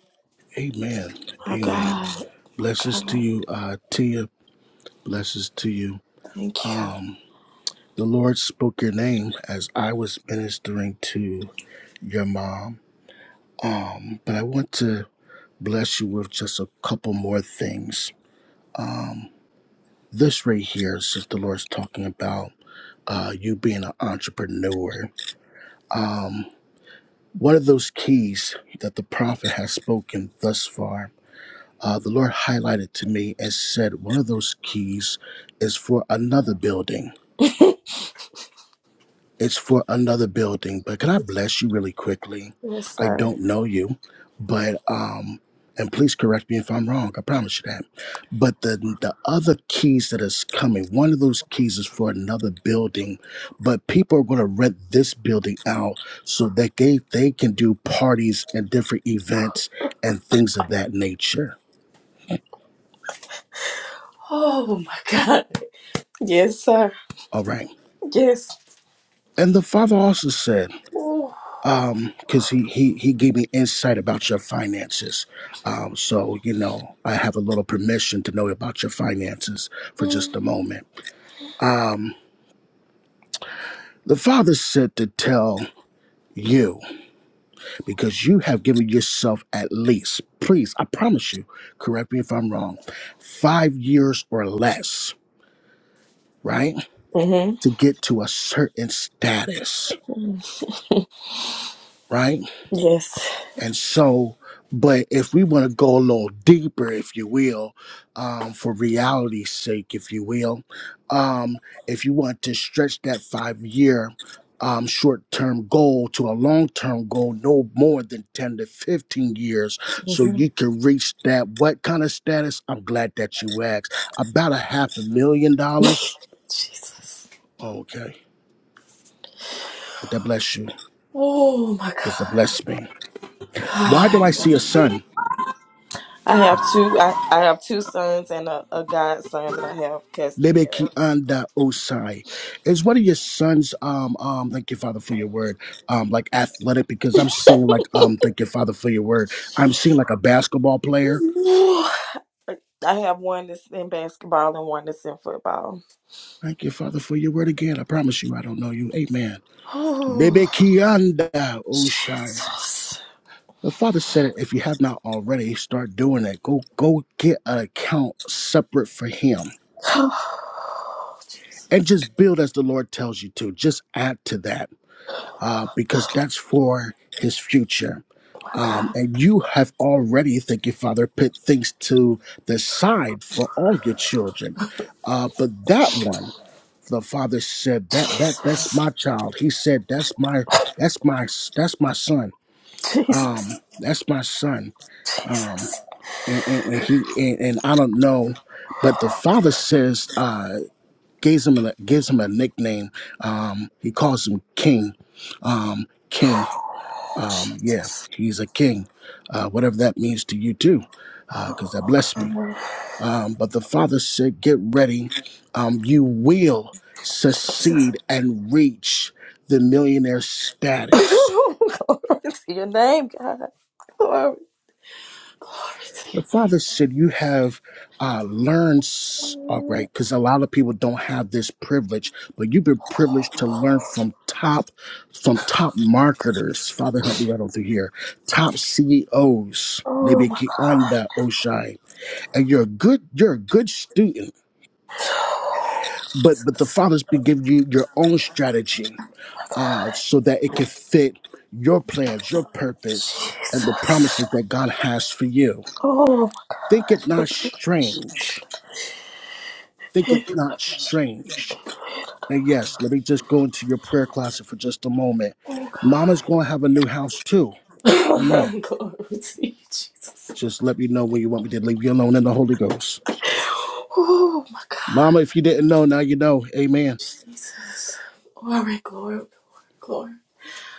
Speaker 8: Amen.
Speaker 14: My
Speaker 8: Amen.
Speaker 14: God. My
Speaker 8: Blessings to
Speaker 14: God.
Speaker 8: you, uh, Tia. Blessings to you.
Speaker 14: Thank you.
Speaker 8: Um, the Lord spoke your name as I was ministering to your mom. Um, but I want to bless you with just a couple more things. Um, this right here, since the Lord's talking about uh, you being an entrepreneur, um, one of those keys that the prophet has spoken thus far, uh, the Lord highlighted to me and said, one of those keys is for another building
Speaker 14: <laughs>
Speaker 8: It's for another building, but can I bless you really quickly?
Speaker 14: Yes,
Speaker 8: I
Speaker 14: sir.
Speaker 8: don't know you, but um and please correct me if I'm wrong. I promise you that. But the the other keys that is coming, one of those keys is for another building, but people are going to rent this building out so that they they can do parties and different events and things of that nature.
Speaker 14: Oh my God. Yes, sir.
Speaker 8: All right.
Speaker 14: Yes.
Speaker 8: And the father also said.
Speaker 14: Ooh.
Speaker 8: um because he he he gave me insight about your finances um so you know i have a little permission to know about your finances for just a moment um the father said to tell you because you have given yourself at least please i promise you correct me if i'm wrong five years or less right
Speaker 14: Mm-hmm.
Speaker 8: to get to a certain status right
Speaker 14: Yes.
Speaker 8: And so, but if we want to go a little deeper, if you will, um, for reality's sake, if you will, um, if you want to stretch that five year um, short term goal to a long term goal, no more than 10 to 15 years, so
Speaker 14: hmm
Speaker 8: you can reach that. What kind of status? I'm glad that you asked. About a half a million
Speaker 14: <laughs>
Speaker 8: dollars.
Speaker 14: Jesus.
Speaker 8: Okay. That bless you
Speaker 14: Oh my
Speaker 8: because it
Speaker 14: God.
Speaker 8: blessed me. Why do
Speaker 14: God.
Speaker 8: I see a
Speaker 14: God.
Speaker 8: sun?
Speaker 14: I have two. I, I have two sons and a, a godson that I have custody
Speaker 8: Lebeki
Speaker 14: of.
Speaker 8: anda osai. Is one of your sons um um thank you father for your word um like athletic because I'm seeing like um thank you father for your word I'm seeing like a basketball player
Speaker 14: Ooh. I have one that's in basketball and one that's in football.
Speaker 8: thank you father for your word again I promise you I don't know you amen
Speaker 14: Oh,
Speaker 8: Lebeki anda osai.
Speaker 14: Jesus. <sighs>
Speaker 8: The father said if you have not already start doing it go go get an account separate for him
Speaker 14: Oh, Jesus.
Speaker 8: and just build as the Lord tells you to just add to that uh, because that's for his future.
Speaker 14: Oh my
Speaker 8: Um,
Speaker 14: God.
Speaker 8: and you have already, thank you, Father, put things to the side for all your children. Uh, but that one, the father said, that that that's
Speaker 14: Jesus.
Speaker 8: my child. He said, that's my that's my that's my son. Um,
Speaker 14: Jesus.
Speaker 8: that's my son. Um,
Speaker 14: Jesus.
Speaker 8: and, and, and he and, and I don't know, but the father says. Uh, gives him a, gives him a nickname. Um, he calls him King. Um, king.
Speaker 14: Oh,
Speaker 8: Um, yeah,
Speaker 14: Jesus.
Speaker 8: he's a king. Uh, whatever that means to you too, because that
Speaker 14: Oh,
Speaker 8: blessed me.
Speaker 14: God.
Speaker 8: Um, but the father said, "Get ready. Um, you will
Speaker 14: Jesus.
Speaker 8: succeed and reach the millionaire
Speaker 14: <laughs>
Speaker 8: status."
Speaker 14: Glory to your name, God. Glory. Glory to
Speaker 8: The
Speaker 14: your
Speaker 8: Father
Speaker 14: name, Jesus.
Speaker 8: said, You have uh, learned, s- all
Speaker 14: Oh,
Speaker 8: right, because a lot of people don't have this privilege, but you've been privileged to learn from top, from top marketers. Father, help me right on through here. Top CEOs,
Speaker 14: oh, my
Speaker 8: Lebeki
Speaker 14: God.
Speaker 8: Anda Oshai. And you're a good, you're a good student,
Speaker 14: Oh,
Speaker 8: but but the
Speaker 14: Jesus.
Speaker 8: Father's been giving you your own strategy
Speaker 14: God.
Speaker 8: uh, so that it can fit your plans, your purpose, and
Speaker 14: Jesus.
Speaker 8: the promises that God has for you.
Speaker 14: Oh, my
Speaker 8: Think
Speaker 14: God.
Speaker 8: it not strange think it not strange. And yes, let me just go into your prayer closet for just a moment.
Speaker 14: Oh,
Speaker 8: Mama's
Speaker 14: God.
Speaker 8: going to have a new house too. Amen.
Speaker 14: <laughs> Glory to you, Jesus.
Speaker 8: Just let me know when you want me to leave you alone in the Holy Ghost.
Speaker 14: Oh, my God.
Speaker 8: Mama, if you didn't know, now you know. Amen.
Speaker 14: Jesus. Glory, glory, glory, glory.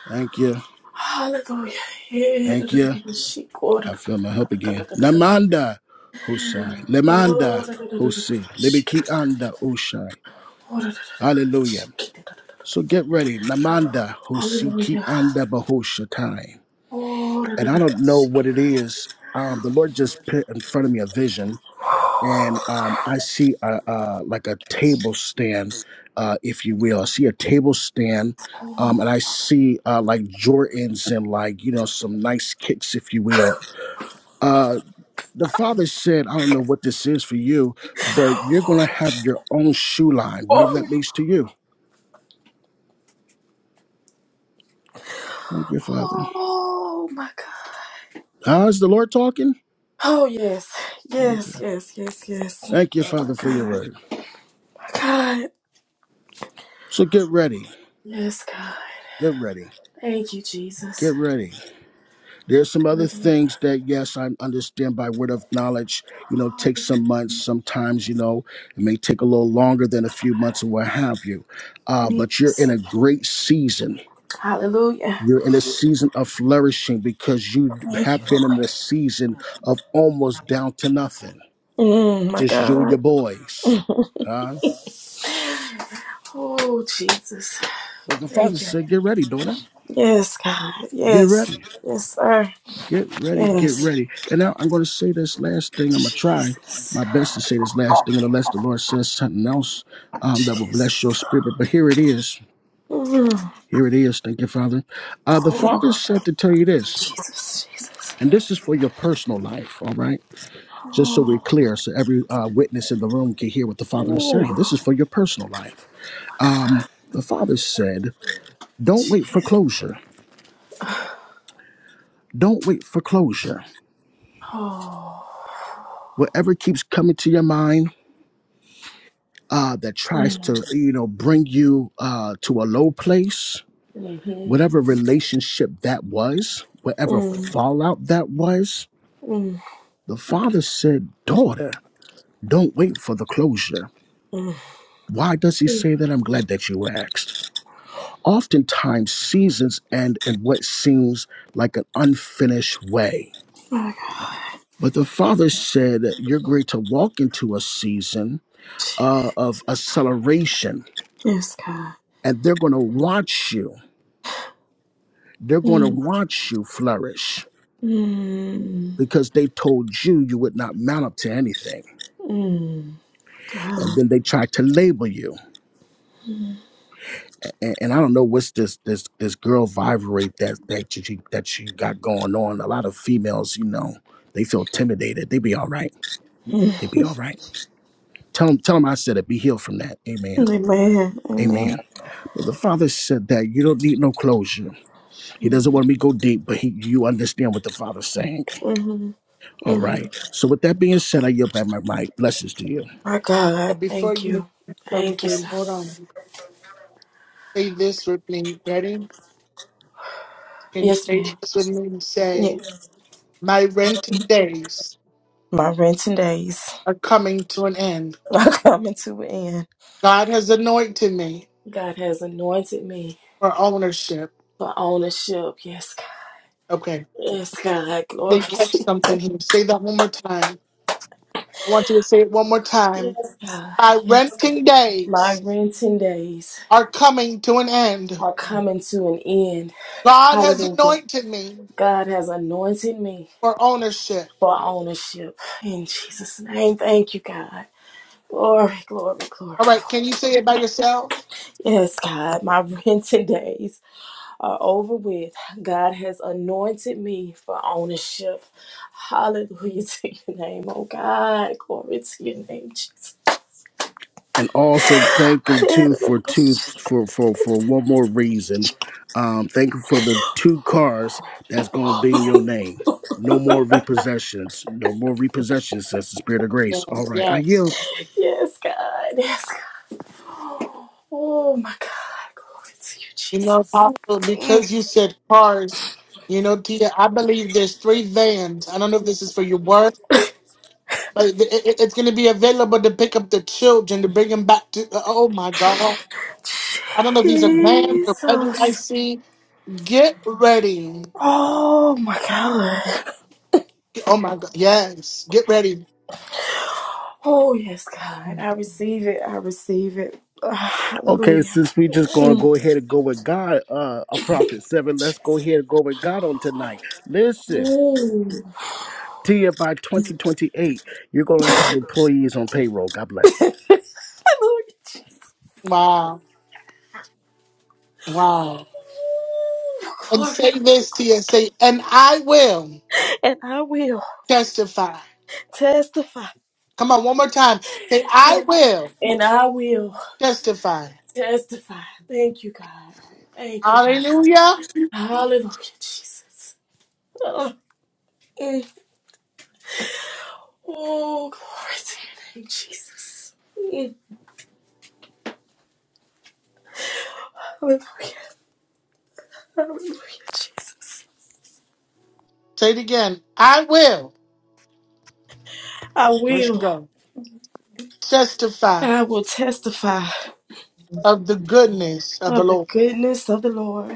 Speaker 8: Thank you.
Speaker 14: Hallelujah. Yeah.
Speaker 8: Thank you.
Speaker 14: She- Oh,
Speaker 8: I feel my help again. Namanda Hosai. Lemanda Hosi.
Speaker 14: she-
Speaker 8: Libiki anda Oshai.
Speaker 14: Oh,
Speaker 8: Hallelujah.
Speaker 14: she-
Speaker 8: So get ready. Namanda Hosiki
Speaker 14: Hallelujah.
Speaker 8: anda Bahoshatai.
Speaker 14: Oh,
Speaker 8: and I don't know
Speaker 14: she-
Speaker 8: what it is. Um, the Lord just put in front of me a vision, and um, I see a, uh, like a table stand, uh, if you will. I see a table stand, um, and I see uh, like Jordans and like you know some nice kicks, if you will. Uh, the father said, "I don't know what this is for you, but you're gonna have your own shoe line, whatever that
Speaker 14: oh,
Speaker 8: means to you." Thank you, Father.
Speaker 14: oh my God.
Speaker 8: How's the Lord talking?
Speaker 14: Oh yes,
Speaker 8: Okay.
Speaker 14: yes, yes, yes, yes.
Speaker 8: Thank you,
Speaker 14: Oh my
Speaker 8: Father, for your
Speaker 14: God,
Speaker 8: word.
Speaker 14: my God.
Speaker 8: So get ready.
Speaker 14: Yes, God.
Speaker 8: Get ready
Speaker 14: Thank you,
Speaker 8: get
Speaker 14: Jesus.
Speaker 8: ready. There's some other
Speaker 14: Hallelujah.
Speaker 8: things that yes, I understand by word of knowledge. You know, take some
Speaker 14: Hallelujah.
Speaker 8: months. Sometimes you know it may take a little longer than a few months or what have you. Uh, but you're
Speaker 14: Jesus.
Speaker 8: in a great season.
Speaker 14: Hallelujah.
Speaker 8: You're in a season of flourishing because you
Speaker 14: Thank
Speaker 8: have
Speaker 14: you.
Speaker 8: been in
Speaker 14: Lord.
Speaker 8: a season of almost down to nothing.
Speaker 14: Mm, my
Speaker 8: Just you and
Speaker 14: God.
Speaker 8: your boys. Huh?
Speaker 14: Oh, Jesus.
Speaker 8: But the father
Speaker 14: Thank you.
Speaker 8: said, "Get ready, daughter.
Speaker 14: Yes, God.
Speaker 8: Get ready."
Speaker 14: Yes. Yes, sir.
Speaker 8: Get ready, get
Speaker 14: Yes.
Speaker 8: ready. And now I'm going to say this last thing. I'm going to try
Speaker 14: Jesus.
Speaker 8: my best to say this last thing, and unless the Lord says something else um, that will bless your
Speaker 14: Jesus.
Speaker 8: spirit. But here it is.
Speaker 14: Mm.
Speaker 8: Here it is. Thank you, Father. Uh, the Father
Speaker 14: Oh,
Speaker 8: said to tell you this,
Speaker 14: Jesus. Jesus.
Speaker 8: and this is for your personal life, all right? Just so we're
Speaker 14: Oh,
Speaker 8: clear, so every uh, witness in the room can hear what the Father is
Speaker 14: Ooh.
Speaker 8: saying. This is for your personal life. Um, the Father said, Don't wait for
Speaker 14: Jesus.
Speaker 8: closure. Don't wait for closure.
Speaker 14: Oh.
Speaker 8: Whatever keeps coming to your mind, uh, that tries
Speaker 14: Mm.
Speaker 8: to you know bring you uh, to a low place
Speaker 14: Mhm.
Speaker 8: whatever relationship that was whatever
Speaker 14: Mm.
Speaker 8: fallout that was
Speaker 14: Mm.
Speaker 8: the father said daughter don't wait for the closure
Speaker 14: Mm.
Speaker 8: why does he
Speaker 14: Mm.
Speaker 8: say that i'm glad that you asked oftentimes seasons end in what seems like an unfinished way
Speaker 14: My God.
Speaker 8: but the father said you're going to walk into a season uh, of
Speaker 14: Jesus.
Speaker 8: acceleration
Speaker 14: Yes, God.
Speaker 8: and they're going to watch you They're going to
Speaker 14: Mm.
Speaker 8: watch you flourish
Speaker 14: Mm.
Speaker 8: because they told you you would not mount up to anything,
Speaker 14: Mm. God.
Speaker 8: and then they tried to label you. And, and I don't know what's this this this girl vibrate that that you that you got going on. A lot of females, you know, they feel intimidated. They be all right.
Speaker 14: Amen.
Speaker 8: They be all right. Tell them tell them I said it. Be healed from that. Amen.
Speaker 14: Amen.
Speaker 8: Amen. But the father said that you don't need no closure. He doesn't want me to go deep, but he, you understand what the father's saying.
Speaker 14: hmm
Speaker 8: All
Speaker 14: hmm
Speaker 8: right. So with that being said, I yield back my mic. Blessings to you.
Speaker 14: My God,
Speaker 1: Before you
Speaker 14: thank
Speaker 1: do
Speaker 14: you. Thank you,
Speaker 1: something,
Speaker 14: sir.
Speaker 1: hold on. Say this with me. Ready? Can you
Speaker 14: Yes,
Speaker 1: say
Speaker 14: ma'am.
Speaker 1: this with me and say,
Speaker 14: Yes.
Speaker 1: My rented days
Speaker 14: My renting days
Speaker 1: are coming to an end.
Speaker 14: are <laughs> coming to an end.
Speaker 1: God has anointed me
Speaker 14: God has anointed me
Speaker 1: for ownership.
Speaker 14: for ownership. Yes, God.
Speaker 1: Okay.
Speaker 14: Yes, God. <laughs> Glory
Speaker 1: They
Speaker 14: to
Speaker 1: catch
Speaker 14: you.
Speaker 1: something here. Say that one more time. I want you to say it one more time.
Speaker 14: Yes, God.
Speaker 1: My
Speaker 14: Yes, God.
Speaker 1: renting
Speaker 14: My
Speaker 1: days
Speaker 14: renting days
Speaker 1: are coming to an end.
Speaker 14: are coming to an end.
Speaker 1: God has
Speaker 14: Hallelujah.
Speaker 1: anointed me
Speaker 14: God has anointed me
Speaker 1: for ownership.
Speaker 14: for ownership. In Jesus' name, thank you, God. Glory, glory, glory,
Speaker 1: All right. Can
Speaker 14: glory.
Speaker 1: you say it by yourself?
Speaker 14: Yes, God, my <laughs> renting days are over with. God has anointed me for ownership. Hallelujah <laughs> to your name, oh God. Glory to your name, Jesus.
Speaker 8: and also thank him too for two
Speaker 14: <laughs>
Speaker 8: for for for one more reason. Um, thank him for the two cars that's gonna be in your name. No more repossessions. No more repossessions. Says the Spirit of
Speaker 1: Yeah.
Speaker 8: Grace. All right, I
Speaker 1: Yes.
Speaker 8: yield.
Speaker 14: Yes, God. Yes, God. Oh, my God. Glory to you,
Speaker 1: You know,
Speaker 14: Jesus.
Speaker 1: Apostle,
Speaker 14: Mm.
Speaker 1: because you said cars, you know, Tia, I believe there's three vans. I don't know if this is for your work, but it, it- it's going to be available to pick up the children to bring them back to. uh, Oh my God. I don't know if these are vans or buses I
Speaker 14: Jesus.
Speaker 1: see. Get ready.
Speaker 14: Oh, my God.
Speaker 1: Oh my God. Yes. Get ready.
Speaker 14: Oh, yes, God. I receive it. I receive it. Ah,
Speaker 8: Okay,
Speaker 14: hallelujah.
Speaker 8: since we just
Speaker 14: <laughs>
Speaker 8: gonna
Speaker 14: Mm.
Speaker 8: go ahead and go with God, uh, a prophet seven. Let's go ahead and go with God on tonight. Listen,
Speaker 14: Mm.
Speaker 8: Tia, by twenty twenty eight, you're gonna have employees on payroll. God bless.
Speaker 14: Hallelujah.
Speaker 1: Wow. Wow.
Speaker 14: Ooh,
Speaker 1: And
Speaker 14: Glory,
Speaker 1: say
Speaker 14: glory,
Speaker 1: this, Tia.
Speaker 14: glory.
Speaker 1: Say, and I will
Speaker 14: And I will
Speaker 1: testify.
Speaker 14: testify.
Speaker 1: Come on, one more time. Say, I
Speaker 14: And
Speaker 1: will
Speaker 14: and I will
Speaker 1: testify.
Speaker 14: testify. Thank you, God. Thank you, God.
Speaker 1: Hallelujah.
Speaker 14: Hallelujah, Jesus. Oh, mm. Oh, glory to your name, Jesus. Mm. Hallelujah. Hallelujah, Jesus.
Speaker 1: Say it again. I will.
Speaker 14: I
Speaker 1: Where she
Speaker 14: will.
Speaker 1: go? Testify
Speaker 14: I will testify
Speaker 1: of the goodness of the
Speaker 14: of the
Speaker 1: Lord.
Speaker 14: goodness of the Lord.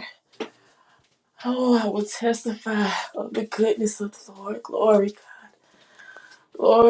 Speaker 14: Oh, I will testify of the goodness of the Lord. Glory, God.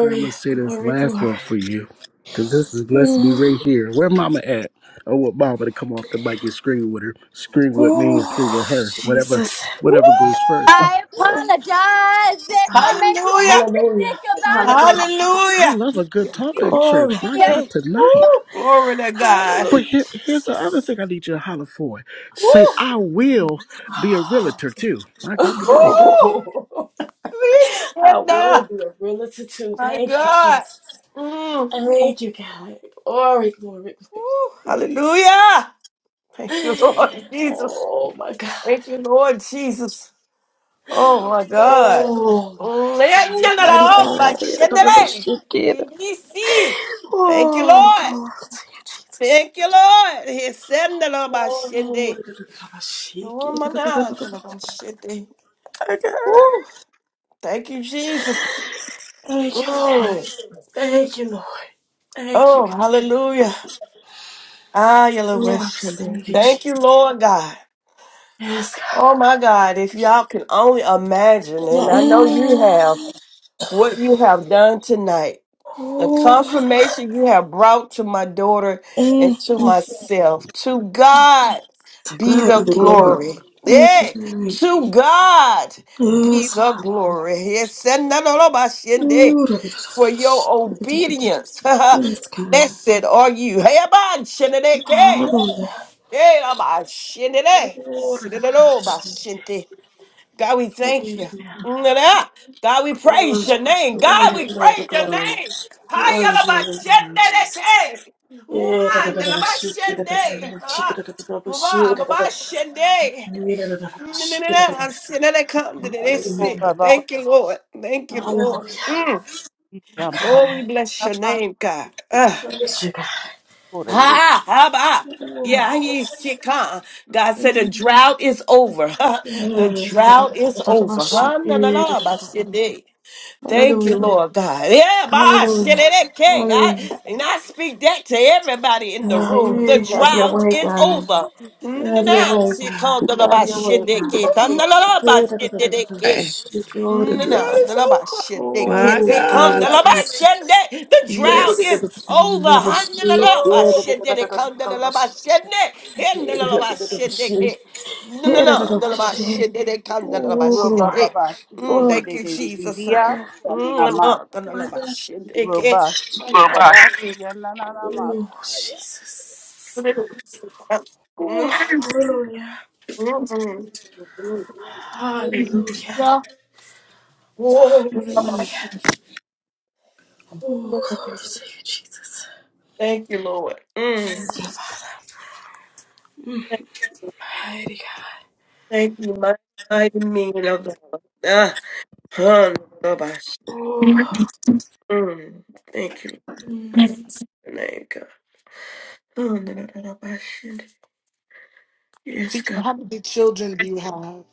Speaker 8: And I'm gonna say this
Speaker 14: glory,
Speaker 8: last one
Speaker 14: glory.
Speaker 8: for you, cause this is blessed to be right
Speaker 14: Mm.
Speaker 8: here. Where Mama at? I want Mama to come off the mic and scream with her, scream with me, and scream
Speaker 14: Oh,
Speaker 8: with her. Whatever,
Speaker 14: Jesus.
Speaker 8: whatever goes first.
Speaker 3: Woo!
Speaker 16: I apologize if I
Speaker 14: Ah,
Speaker 16: make you
Speaker 3: Hallelujah!
Speaker 16: take the
Speaker 14: Hallelujah.
Speaker 16: dick about a
Speaker 14: Hallelujah.
Speaker 16: thousand.
Speaker 8: I
Speaker 3: Hallelujah!
Speaker 8: love a good
Speaker 16: You
Speaker 8: talkback
Speaker 14: Glory.
Speaker 8: church.
Speaker 16: take
Speaker 8: My
Speaker 16: me
Speaker 8: God,
Speaker 14: Hey.
Speaker 8: tonight.
Speaker 3: Woo! Glory to God!
Speaker 8: But
Speaker 14: Hallelujah,
Speaker 8: here, here's the other
Speaker 14: Jesus.
Speaker 8: thing I need you to holler for.
Speaker 3: Woo!
Speaker 8: Say, I will be a realtor too. My God,
Speaker 3: Woo!
Speaker 8: today.
Speaker 14: Oh,
Speaker 3: We
Speaker 14: <laughs> I
Speaker 3: said
Speaker 14: will
Speaker 3: that.
Speaker 14: be a realtor too.
Speaker 3: My
Speaker 14: Thank you,
Speaker 3: God!
Speaker 14: Jesus.
Speaker 3: Mm.
Speaker 14: Thank you, God. Glory, glory, glory.
Speaker 3: Woo! Hallelujah! Thank you, Lord
Speaker 14: Hey.
Speaker 3: Jesus.
Speaker 14: Oh, my God.
Speaker 3: Thank you, Lord Jesus. Oh my God.
Speaker 14: Oh my God,
Speaker 3: Thank
Speaker 14: mighty God.
Speaker 3: you,
Speaker 14: Oh,
Speaker 3: Lord.
Speaker 14: glory to you, Jesus.
Speaker 3: Thank you, Lord. He said,
Speaker 14: Oh, my
Speaker 3: Oh my God.
Speaker 14: God.
Speaker 3: Woo. Thank you, Jesus.
Speaker 14: Thank you, Lord.
Speaker 3: Mm.
Speaker 14: Thank you, Lord. Thank you,
Speaker 3: Oh,
Speaker 14: God.
Speaker 3: hallelujah. Ah, yellow
Speaker 14: Lord,
Speaker 3: West.
Speaker 14: thank you,
Speaker 3: Thank
Speaker 14: Jesus.
Speaker 3: you, Lord God.
Speaker 14: Yes,
Speaker 3: Oh
Speaker 14: God.
Speaker 3: my God, if y'all can only imagine, and I know you have.
Speaker 14: Mm.
Speaker 3: what you have done tonight, the
Speaker 14: Oh, my God.
Speaker 3: confirmation you have brought to my daughter
Speaker 14: Mm,
Speaker 3: and to
Speaker 14: mm.
Speaker 3: myself. To God
Speaker 14: To
Speaker 3: be
Speaker 14: God
Speaker 3: the
Speaker 14: be the glory.
Speaker 3: glory.
Speaker 14: Thank you,
Speaker 3: Yeah,
Speaker 14: Lord.
Speaker 3: to God be
Speaker 14: Yes,
Speaker 3: the
Speaker 14: Father.
Speaker 3: glory. Yes, and none of my shinde.
Speaker 14: Ooh, da, da,
Speaker 3: for your
Speaker 14: da, da.
Speaker 3: obedience. <laughs>
Speaker 14: Yes, God.
Speaker 3: Blessed are you. Hey, aban shinde, ke.
Speaker 14: Hallelujah.
Speaker 3: hey, man, shinde, de.
Speaker 14: Glory
Speaker 3: shinde,
Speaker 14: to
Speaker 3: de, lo,
Speaker 14: God.
Speaker 3: ba, shinde. God, we thank you.
Speaker 14: Amen.
Speaker 3: Mm-da. God, we praise
Speaker 14: Glory,
Speaker 3: your name. God,
Speaker 14: glory,
Speaker 3: we
Speaker 14: glory,
Speaker 3: praise your
Speaker 14: glory.
Speaker 3: name.
Speaker 14: Glory, glory, glory, Jesus.
Speaker 3: Hayalabashendeleke.
Speaker 14: Yeah, da da da da da, shake it, da da da da
Speaker 3: Umandelabashende.
Speaker 14: da, shake it,
Speaker 3: Ah,
Speaker 14: da da da da, shake
Speaker 3: baba,
Speaker 14: it, da da
Speaker 3: baba,
Speaker 14: da da.
Speaker 3: shende.
Speaker 14: Yeah, da da da da, shake it,
Speaker 3: Nnenenene,
Speaker 14: da da da. Hallelujah.
Speaker 17: Ora
Speaker 3: asenelekandelelesi.
Speaker 17: baba
Speaker 3: Thank you, Lord. Thank you, Lord.
Speaker 14: Hallelujah.
Speaker 3: Mm.
Speaker 14: My
Speaker 17: isha
Speaker 3: Oh, we
Speaker 14: God.
Speaker 3: bless your
Speaker 17: mama
Speaker 3: name, God. Ah.
Speaker 14: Praise you, God.
Speaker 17: korere.
Speaker 3: Ha ha ba.
Speaker 14: Ooh.
Speaker 3: Yeah, he sick, huh? God said the
Speaker 14: Mm.
Speaker 3: drought is over. <laughs> The
Speaker 14: Yeah, da da da
Speaker 3: drought
Speaker 14: da
Speaker 3: is
Speaker 14: da da da,
Speaker 3: over.
Speaker 14: shake
Speaker 3: Huh? Na, na,
Speaker 14: it, da
Speaker 3: na,
Speaker 14: da da
Speaker 3: ba,
Speaker 14: da.
Speaker 3: shinde. Thank you,
Speaker 14: Hallelujah.
Speaker 3: Lord God. Yeah, ba,
Speaker 14: Hallelujah.
Speaker 3: shinde, de, ke.
Speaker 14: Hallelujah.
Speaker 3: I, and I speak that to everybody in the room. The
Speaker 14: Hey, have your
Speaker 3: drought
Speaker 14: way,
Speaker 3: is
Speaker 14: God.
Speaker 3: over. Na, na,
Speaker 14: Have your
Speaker 3: na,
Speaker 14: way,
Speaker 3: sick, huh?
Speaker 14: God.
Speaker 3: Da, da, ba,
Speaker 14: Have your way,
Speaker 3: shinde,
Speaker 7: Ooh,
Speaker 14: God.
Speaker 3: ke. Da,
Speaker 7: glory.
Speaker 3: na, na, na,
Speaker 14: Hey,
Speaker 3: ba,
Speaker 14: da, da, da,
Speaker 3: shinde,
Speaker 14: da, da,
Speaker 3: de,
Speaker 14: da, da,
Speaker 3: ke.
Speaker 14: she Go, da,
Speaker 7: The
Speaker 14: da, da.
Speaker 7: drought is over.
Speaker 3: Nandalalabashende,
Speaker 14: Oh,
Speaker 7: My God,
Speaker 14: glory
Speaker 7: I
Speaker 14: to you. Jesus.
Speaker 7: receive.
Speaker 3: ketekandalabashende. The
Speaker 14: Hey, da, da, da,
Speaker 3: drought
Speaker 7: Yes.
Speaker 3: is
Speaker 14: da, da, da,
Speaker 3: over.
Speaker 14: da, da, she
Speaker 7: Lord.
Speaker 14: did, da, da, da,
Speaker 3: Handalalabashende,
Speaker 14: da, da, da, da, da,
Speaker 3: dekandalalabashende, hendalalabashende,
Speaker 14: she did.
Speaker 3: ke-
Speaker 14: Hey, da, da, da, da, da, da, she- Hey, da, da, da, da, she.
Speaker 3: nandalalabashende,
Speaker 14: Oh,
Speaker 17: Ro
Speaker 14: glory.
Speaker 17: baba
Speaker 3: dekandalalabashende. Mm,
Speaker 17: de
Speaker 14: Oh,
Speaker 17: de
Speaker 3: Thank you,
Speaker 17: de de de
Speaker 3: Jesus. Mm,
Speaker 17: dia
Speaker 14: my God.
Speaker 17: siya na na ma.
Speaker 14: My God.
Speaker 3: nandalalabashende,
Speaker 17: Ro
Speaker 3: ke-
Speaker 14: My God.
Speaker 17: na na na ma
Speaker 14: Oh, Jesus. Oh,
Speaker 3: Mm.
Speaker 14: hallelujah.
Speaker 3: mm, mm, mm.
Speaker 14: Hallelujah.
Speaker 1: Yeah.
Speaker 3: Whoa.
Speaker 14: Hallelujah. Oh, glory to you, Jesus.
Speaker 3: Thank you, Lord. Mm.
Speaker 14: Mighty God.
Speaker 3: Thank you, mighty, mighty meaning of the Lord. Ah, hum, da, ba, sh-
Speaker 14: Oh.
Speaker 3: mm. Thank you,
Speaker 14: Mm.
Speaker 3: in the name God. Hum, da, da, da, da, ba, shit. Yes,
Speaker 1: Teacher,
Speaker 3: God.
Speaker 1: How many children do you have?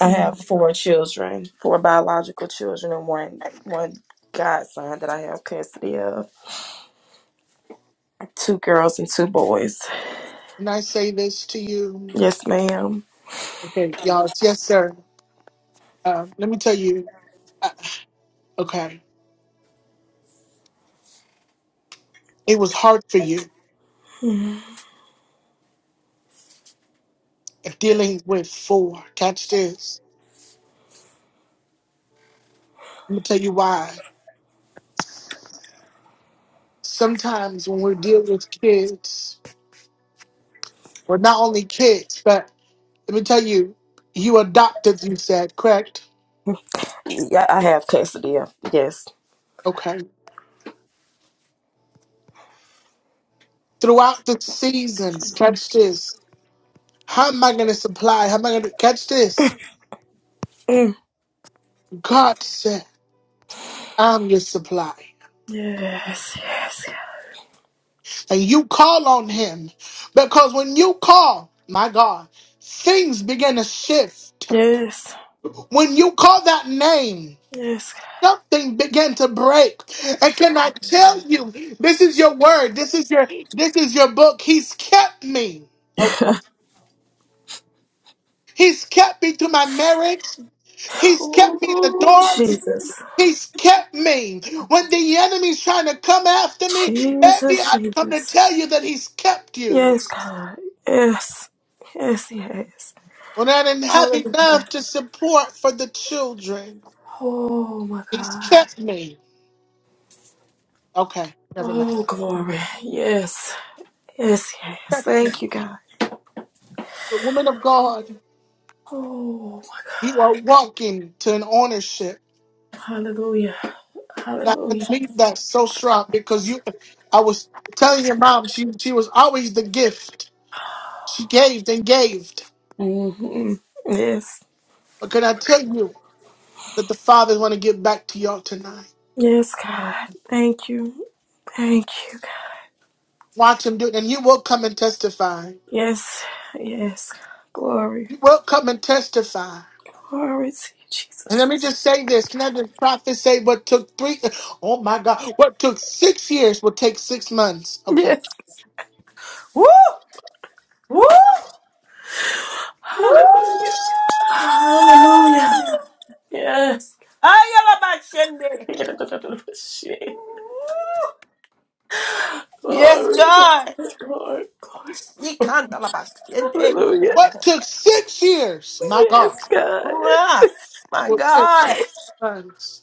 Speaker 14: I have four children, four biological children, and one one godson that I have custody of. Two girls and two boys.
Speaker 1: Can I say this to you?
Speaker 14: Yes, ma'am.
Speaker 1: Okay, y'all. It's yes, sir. Uh, let me tell you. Uh, okay, it was hard for you dealing with four. Catch this. Let me tell you why. Sometimes when we deal with kids, well, not only kids, but let me tell you, you adopted. You said correct.
Speaker 14: Yeah, I have custody of. Yes.
Speaker 1: Okay. throughout the seasons. Catch this. How am I going to supply? How am I going to catch this?
Speaker 14: Mm.
Speaker 1: God said, I'm your supply.
Speaker 14: Yes. Yes. God.
Speaker 1: And you call on Him because when you call, my God, things begin to shift.
Speaker 14: Yes.
Speaker 1: When you call that name,
Speaker 14: Yes.
Speaker 1: something began to break. And can I
Speaker 14: God.
Speaker 1: tell you, this is your word. This is your this is your book. He's kept me. Okay. He's kept me through my marriage. He's kept me in the
Speaker 14: Oh,
Speaker 1: dark.
Speaker 14: Jesus.
Speaker 1: He's kept me. When the enemy's trying to come after me, baby,
Speaker 14: Jesus,
Speaker 1: I come to
Speaker 14: Jesus.
Speaker 1: tell you that he's kept you.
Speaker 14: Yes, God. Yes. Yes, yes.
Speaker 1: When I didn't have
Speaker 14: Hallelujah.
Speaker 1: enough to support for the children,
Speaker 14: Oh my
Speaker 1: he's
Speaker 14: God.
Speaker 1: kept me. Okay, never
Speaker 14: Oh,
Speaker 1: mind.
Speaker 14: glory. Yes. Yes, yes.
Speaker 1: Kept you.
Speaker 14: Thank you, God.
Speaker 1: The woman of God,
Speaker 14: Oh my
Speaker 1: you are walking to an ownership.
Speaker 14: God. Hallelujah.
Speaker 1: And I
Speaker 14: Hallelujah.
Speaker 1: believe that so strong because you, I was telling your mom, she, she was always the gift. She gave and gave.
Speaker 14: hmm Yes.
Speaker 1: But can I tell you that the Father's want to give back to y'all tonight?
Speaker 14: Yes, God. Thank you. Thank you, God.
Speaker 1: Watch him do it. And you will come and testify.
Speaker 14: Yes. Yes. Glory.
Speaker 1: You will come and testify.
Speaker 14: Glory to you,
Speaker 1: And let
Speaker 14: Jesus.
Speaker 1: me just say this. Can I just prophesy? what took three oh my God. What took six years will take six months. Okay.
Speaker 14: Yes.
Speaker 3: Woo! Woo! Woo!
Speaker 14: Hallelujah. Hallelujah. Yes.
Speaker 3: Ayalabashende.
Speaker 14: <laughs>
Speaker 3: Woo! Yes,
Speaker 14: Glory, glory,
Speaker 3: God.
Speaker 14: glory, glory.
Speaker 3: Ikandalabashende.
Speaker 14: Hallelujah.
Speaker 1: What took six years, my God,
Speaker 14: Yes, God.
Speaker 3: Ah, My
Speaker 1: will take six
Speaker 3: God.
Speaker 1: months.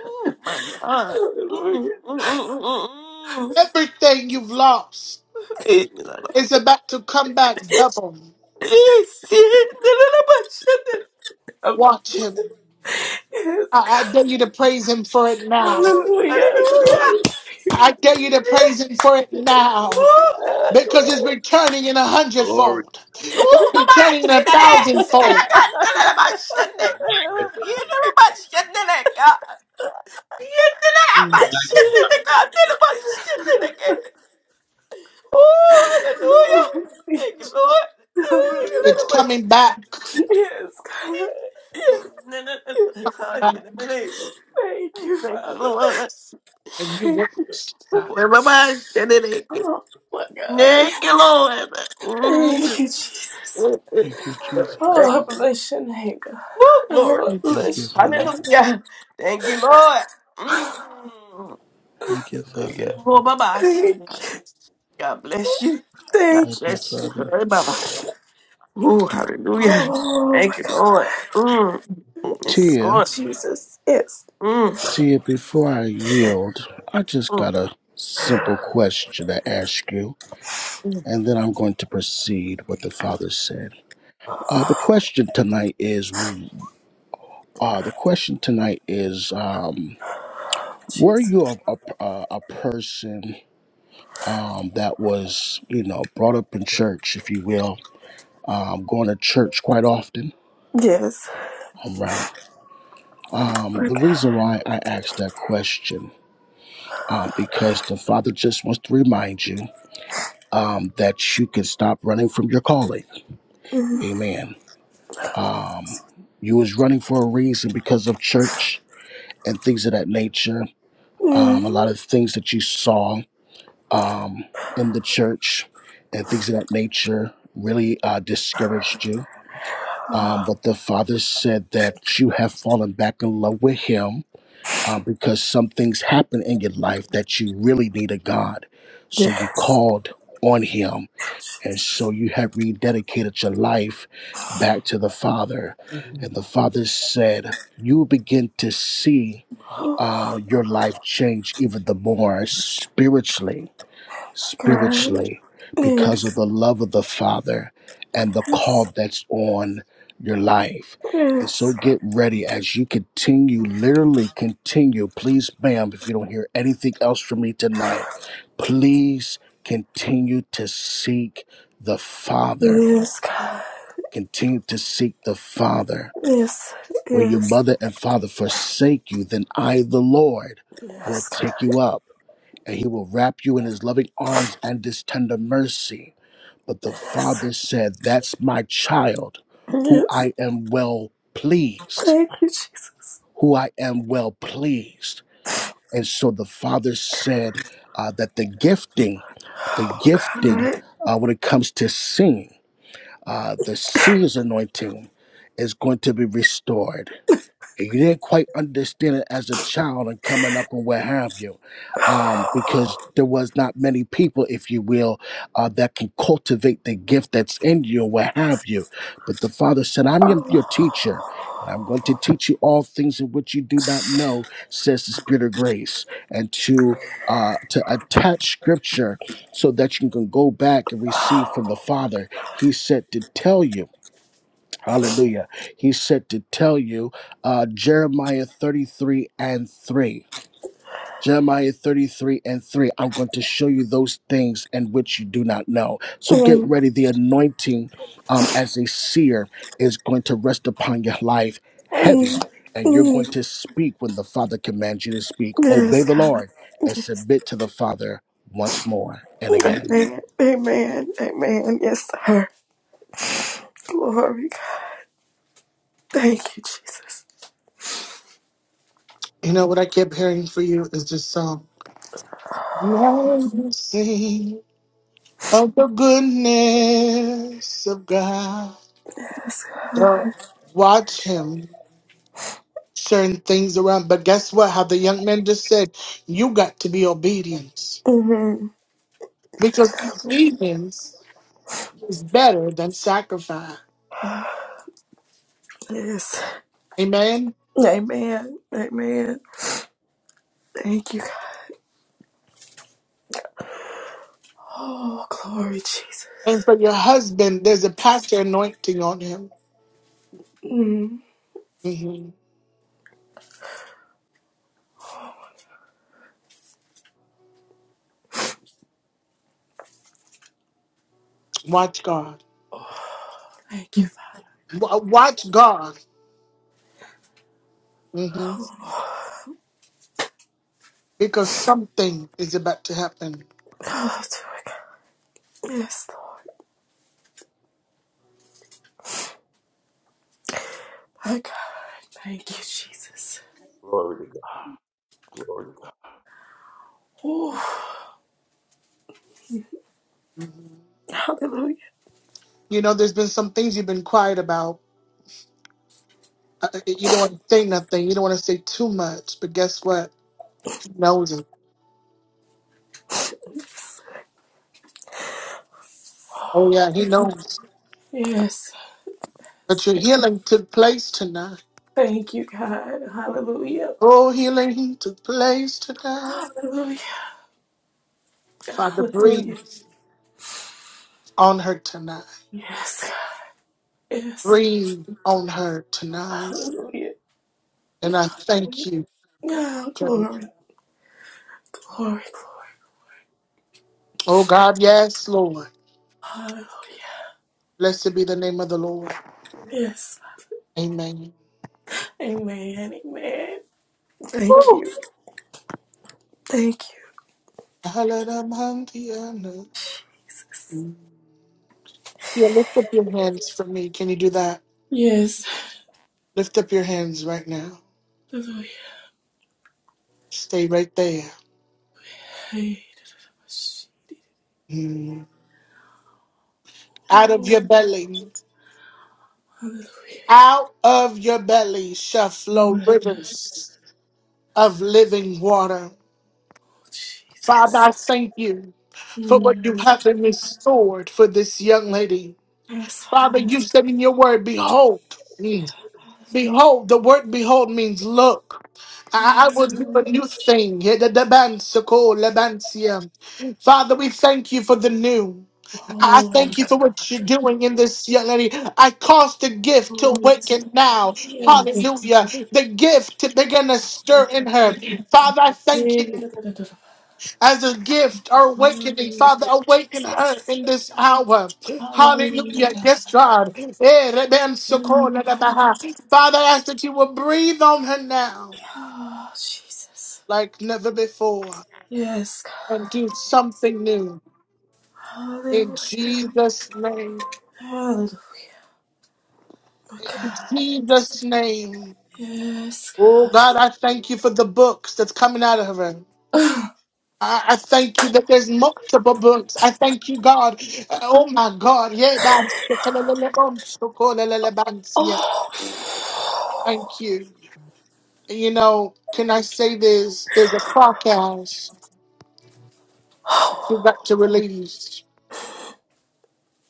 Speaker 3: Ooh, my God.
Speaker 14: Hallelujah.
Speaker 3: Mm, mm, mm, mm, mm,
Speaker 1: Everything you've lost
Speaker 3: mm.
Speaker 1: is about to come back double.
Speaker 3: Yes, yes.
Speaker 14: Um,
Speaker 1: Watch him.
Speaker 14: Yes,
Speaker 1: I, I dare
Speaker 14: God.
Speaker 1: you to praise him for it now.
Speaker 3: Oh,
Speaker 14: Hallelujah. Glory. Yes,
Speaker 1: I
Speaker 3: Hallelujah.
Speaker 1: dare you to praise him for it
Speaker 14: God.
Speaker 1: now.
Speaker 3: Oh, God.
Speaker 1: Because it's
Speaker 14: Glory.
Speaker 1: returning in a
Speaker 4: glory, glory,
Speaker 1: hundredfold.
Speaker 3: Oh, Baba,
Speaker 1: returning a
Speaker 3: Shinele.
Speaker 4: Glory.
Speaker 1: thousandfold.
Speaker 3: Shinele, God.
Speaker 14: God.
Speaker 3: Shinele, Baba, Shinele.
Speaker 4: Glory.
Speaker 3: Shinele, Baba, Shinele, God. Shinele, Baba,
Speaker 4: Magnus- Magnus-
Speaker 3: Shinele, God. Shinele, Baba, Shinele, God. Oh,
Speaker 14: Yes.
Speaker 3: hallelujah.
Speaker 14: Glory.
Speaker 3: Thank you, Lord.
Speaker 14: Glory,
Speaker 3: Shinele,
Speaker 1: It's
Speaker 3: Baba,
Speaker 14: Lord.
Speaker 1: coming
Speaker 3: Shinele.
Speaker 1: back.
Speaker 14: Yes, God.
Speaker 3: Shinele,
Speaker 14: Yes, yes.
Speaker 3: Baba,
Speaker 1: uh,
Speaker 3: Shinele.
Speaker 14: Thank you,
Speaker 3: Thank you, Lord.
Speaker 14: Father.
Speaker 1: And you
Speaker 14: Thank you.
Speaker 1: witness that.
Speaker 3: Oh, Baba, Shinele.
Speaker 14: Oh, my God.
Speaker 3: Thank you, Lord.
Speaker 14: Thank you,
Speaker 3: Mm.
Speaker 14: Jesus.
Speaker 8: Thank you, Jesus.
Speaker 14: Oh, I bless your name, God.
Speaker 3: Woo,
Speaker 14: Oh, I
Speaker 3: glory.
Speaker 8: Thank you,
Speaker 14: bless your
Speaker 8: Father.
Speaker 14: name.
Speaker 3: Hallelujah. Thank you, Lord. Mm.
Speaker 8: Thank you, Father.
Speaker 14: Hallelujah.
Speaker 3: Oh, Baba.
Speaker 14: Thank
Speaker 3: God
Speaker 14: you.
Speaker 3: bless you. God
Speaker 14: Thank you.
Speaker 8: Thank you,
Speaker 3: bless you.
Speaker 8: Father.
Speaker 3: Hey, Baba. Ooh, hallelujah.
Speaker 14: Oh my
Speaker 3: Thank you, Lord.
Speaker 14: God.
Speaker 3: Mm. Thank you,
Speaker 8: Tia.
Speaker 3: Lord.
Speaker 14: Jesus. Yes.
Speaker 3: Mm.
Speaker 8: Tia, before I yield, I just
Speaker 3: Mm.
Speaker 8: got a simple question to ask you,
Speaker 3: Mm.
Speaker 8: and then I'm going to proceed what the father said. Uh, the question tonight is, uh, the question tonight is, um, were
Speaker 14: Jesus.
Speaker 8: you a a, a a person um, that was, you know, brought up in church, if you will, um, going to church quite often?
Speaker 14: Yes.
Speaker 8: All right. Um,
Speaker 14: My
Speaker 8: the
Speaker 14: God.
Speaker 8: reason why I asked that question, um, because the father just wants to remind you. um, that you can stop running from your calling.
Speaker 14: Mm.
Speaker 8: Amen. Um, you was running for a reason because of church and things of that nature. Um, a
Speaker 14: Mm.
Speaker 8: lot of things that you saw um, in the church and things of that nature really uh, discouraged you. Um, but the Father said that you have fallen back in love with Him uh, because some things happen in your life that you really need a God. So you
Speaker 14: Yes.
Speaker 8: called on Him And so you have rededicated your life back to the Father. And the Father said, You will begin to see
Speaker 14: Oh
Speaker 8: uh, your life change even the more spiritually
Speaker 14: my God.
Speaker 8: spiritually because of
Speaker 14: Yes.
Speaker 8: the love of the Father and the call
Speaker 14: Yes.
Speaker 8: that's on your life. And so
Speaker 14: Yes.
Speaker 8: get ready as you continue, literally continue. Please, ma'am, if you don't hear anything else from me tonight, please continue to seek the Father.
Speaker 14: Yes, God.
Speaker 8: Continue to seek the Father.
Speaker 14: Yes.
Speaker 8: When your
Speaker 14: Yes.
Speaker 8: mother and father forsake you, then I, the Lord, will
Speaker 14: Yes, God.
Speaker 8: take you up and he will wrap you in his loving arms and his tender mercy but the
Speaker 14: Yes.
Speaker 8: father said, That's my child, who
Speaker 14: Yes.
Speaker 8: I am well pleased,
Speaker 14: Thank you, Jesus.
Speaker 8: who I am well pleased. And so the father said uh, that the gifting, the
Speaker 14: Oh
Speaker 8: gifting
Speaker 14: God.
Speaker 8: uh, when it comes to singing, uh, the seer's anointing is going to be restored and you didn't quite understand it as a child and coming up and what have you, um, because
Speaker 14: Oh.
Speaker 8: there was not many people, if you will, uh, that can cultivate the gift that's in you and what have you. But the Father said, "I'm your, your teacher, and I'm going to teach you all things in which you do not know," says the Spirit of grace, and to uh, to attach Scripture so that you can go back and receive
Speaker 14: Oh.
Speaker 8: from the Father. He said to tell you. Hallelujah. He said to tell you uh, Jeremiah 33 and 3. Jeremiah 33 and 3. I'm going to show you those things in which you do not know. So get
Speaker 14: Mm.
Speaker 8: ready. The anointing um, as a seer is going to rest upon your life heavy,
Speaker 14: Mm,
Speaker 8: and you're going
Speaker 14: mm.
Speaker 8: to speak when the Father commands you to speak. Obey
Speaker 14: Yes,
Speaker 8: the
Speaker 14: God.
Speaker 8: Lord and
Speaker 14: Yes.
Speaker 8: submit to the Father once more and again.
Speaker 14: Amen. Amen. Amen. Yes, sir. Glory, God. Thank you, Jesus.
Speaker 1: You know what I kept hearing for you is this song. Let me sing of the goodness of God.
Speaker 14: Yes, God.
Speaker 1: Well, Watch him turn things around. But guess what? How the young man just said, you got to be obedient.
Speaker 14: Mhm.
Speaker 1: Because obedience is better than sacrifice.
Speaker 14: Yes.
Speaker 1: Amen.
Speaker 14: Amen. Amen. Thank you, God. Oh, glory, Jesus.
Speaker 1: And for your husband, there's a pastor anointing on him.
Speaker 14: Mm.
Speaker 1: Mhm. Watch God.
Speaker 14: Oh, thank you, Father.
Speaker 1: Wa- Watch God. Mhm.
Speaker 14: Oh,
Speaker 1: Because something is about to happen.
Speaker 14: dear God. Yes, Lord. My God. Thank you, Jesus.
Speaker 4: glory to God. Glory to God.
Speaker 14: Oh,
Speaker 1: Mhm.
Speaker 14: hallelujah.
Speaker 1: You know, there's been some things you've been quiet about. Uh, uh, you don't want to say nothing. You don't want to say too much. But guess what? He knows it. Oh, yeah, he knows.
Speaker 14: Yes.
Speaker 1: But your healing took place tonight.
Speaker 14: Thank you, God. Hallelujah.
Speaker 1: Oh, healing took place tonight.
Speaker 14: Hallelujah.
Speaker 1: Father, breathe
Speaker 14: Hallelujah.
Speaker 1: on her tonight.
Speaker 14: Yes. Yes.
Speaker 1: breathe on her tonight.
Speaker 14: Hallelujah.
Speaker 1: And I thank you.
Speaker 14: Yeah,
Speaker 1: for-
Speaker 14: glory, glory, glory.
Speaker 1: Oh God, yes, Lord.
Speaker 14: Hallelujah.
Speaker 1: Blessed be the name of the Lord.
Speaker 14: Yes.
Speaker 1: Amen.
Speaker 14: Amen. Amen. Thank you.
Speaker 1: Woo.
Speaker 14: Thank you.
Speaker 1: Hallelujah. Yeah, lift up your hands for me. Can you do that?
Speaker 14: Yes.
Speaker 1: Lift up your hands right now.
Speaker 14: Hallelujah.
Speaker 1: Stay right there.
Speaker 14: Hey, she-
Speaker 1: Mm. Out of your
Speaker 14: Mm,
Speaker 1: belly,
Speaker 14: Hallelujah.
Speaker 1: out of your belly shall flow
Speaker 14: Mm.
Speaker 1: rivers of living water.
Speaker 14: Oh,
Speaker 1: Father,
Speaker 14: Jesus.
Speaker 1: I thank you for what you
Speaker 14: Mm.
Speaker 1: have been restored for this young lady.
Speaker 14: Yes,
Speaker 1: Father,
Speaker 14: Father.
Speaker 1: you said in your word, behold, mm,
Speaker 14: Hallelujah.
Speaker 1: behold, the word behold means look. I, I will do a
Speaker 14: Mm.
Speaker 1: new thing. Yeah, the- the band, so cool, the band, yeah. Father, we thank you for the new. I
Speaker 14: Oh, my
Speaker 1: thank you for what you're
Speaker 14: God.
Speaker 1: doing in this young lady. I cause the gift to
Speaker 14: Oh, yes.
Speaker 1: awaken now. Hallelujah. The gift to begin to stir in her. Father, I thank you
Speaker 14: Yes.
Speaker 1: as a gift or awakening.
Speaker 14: Hallelujah.
Speaker 1: Father, awaken her
Speaker 14: Jesus.
Speaker 1: in this hour. Hallelujah.
Speaker 14: Hallelujah.
Speaker 1: Yes, God. Eh, reben
Speaker 14: Oh my
Speaker 1: sokola da
Speaker 14: God.
Speaker 1: baha. Father, I ask that you will breathe on her now
Speaker 14: Oh, Jesus.
Speaker 1: like never before
Speaker 14: Yes, God.
Speaker 1: and do something new. In
Speaker 14: Hallelujah.
Speaker 1: Jesus' name.
Speaker 14: Hallelujah. My
Speaker 1: In
Speaker 14: God.
Speaker 1: Jesus' name.
Speaker 14: Yes,
Speaker 1: Oh,
Speaker 14: God.
Speaker 1: God, I thank you for the books that's coming out of her. I I thank you that there's multiple books. I thank you, God. Uh, Oh my God. Yeah, that's-
Speaker 14: Oh.
Speaker 1: Thank you. You know, can I say this? There's a podcast you're about to
Speaker 14: oh.
Speaker 1: release.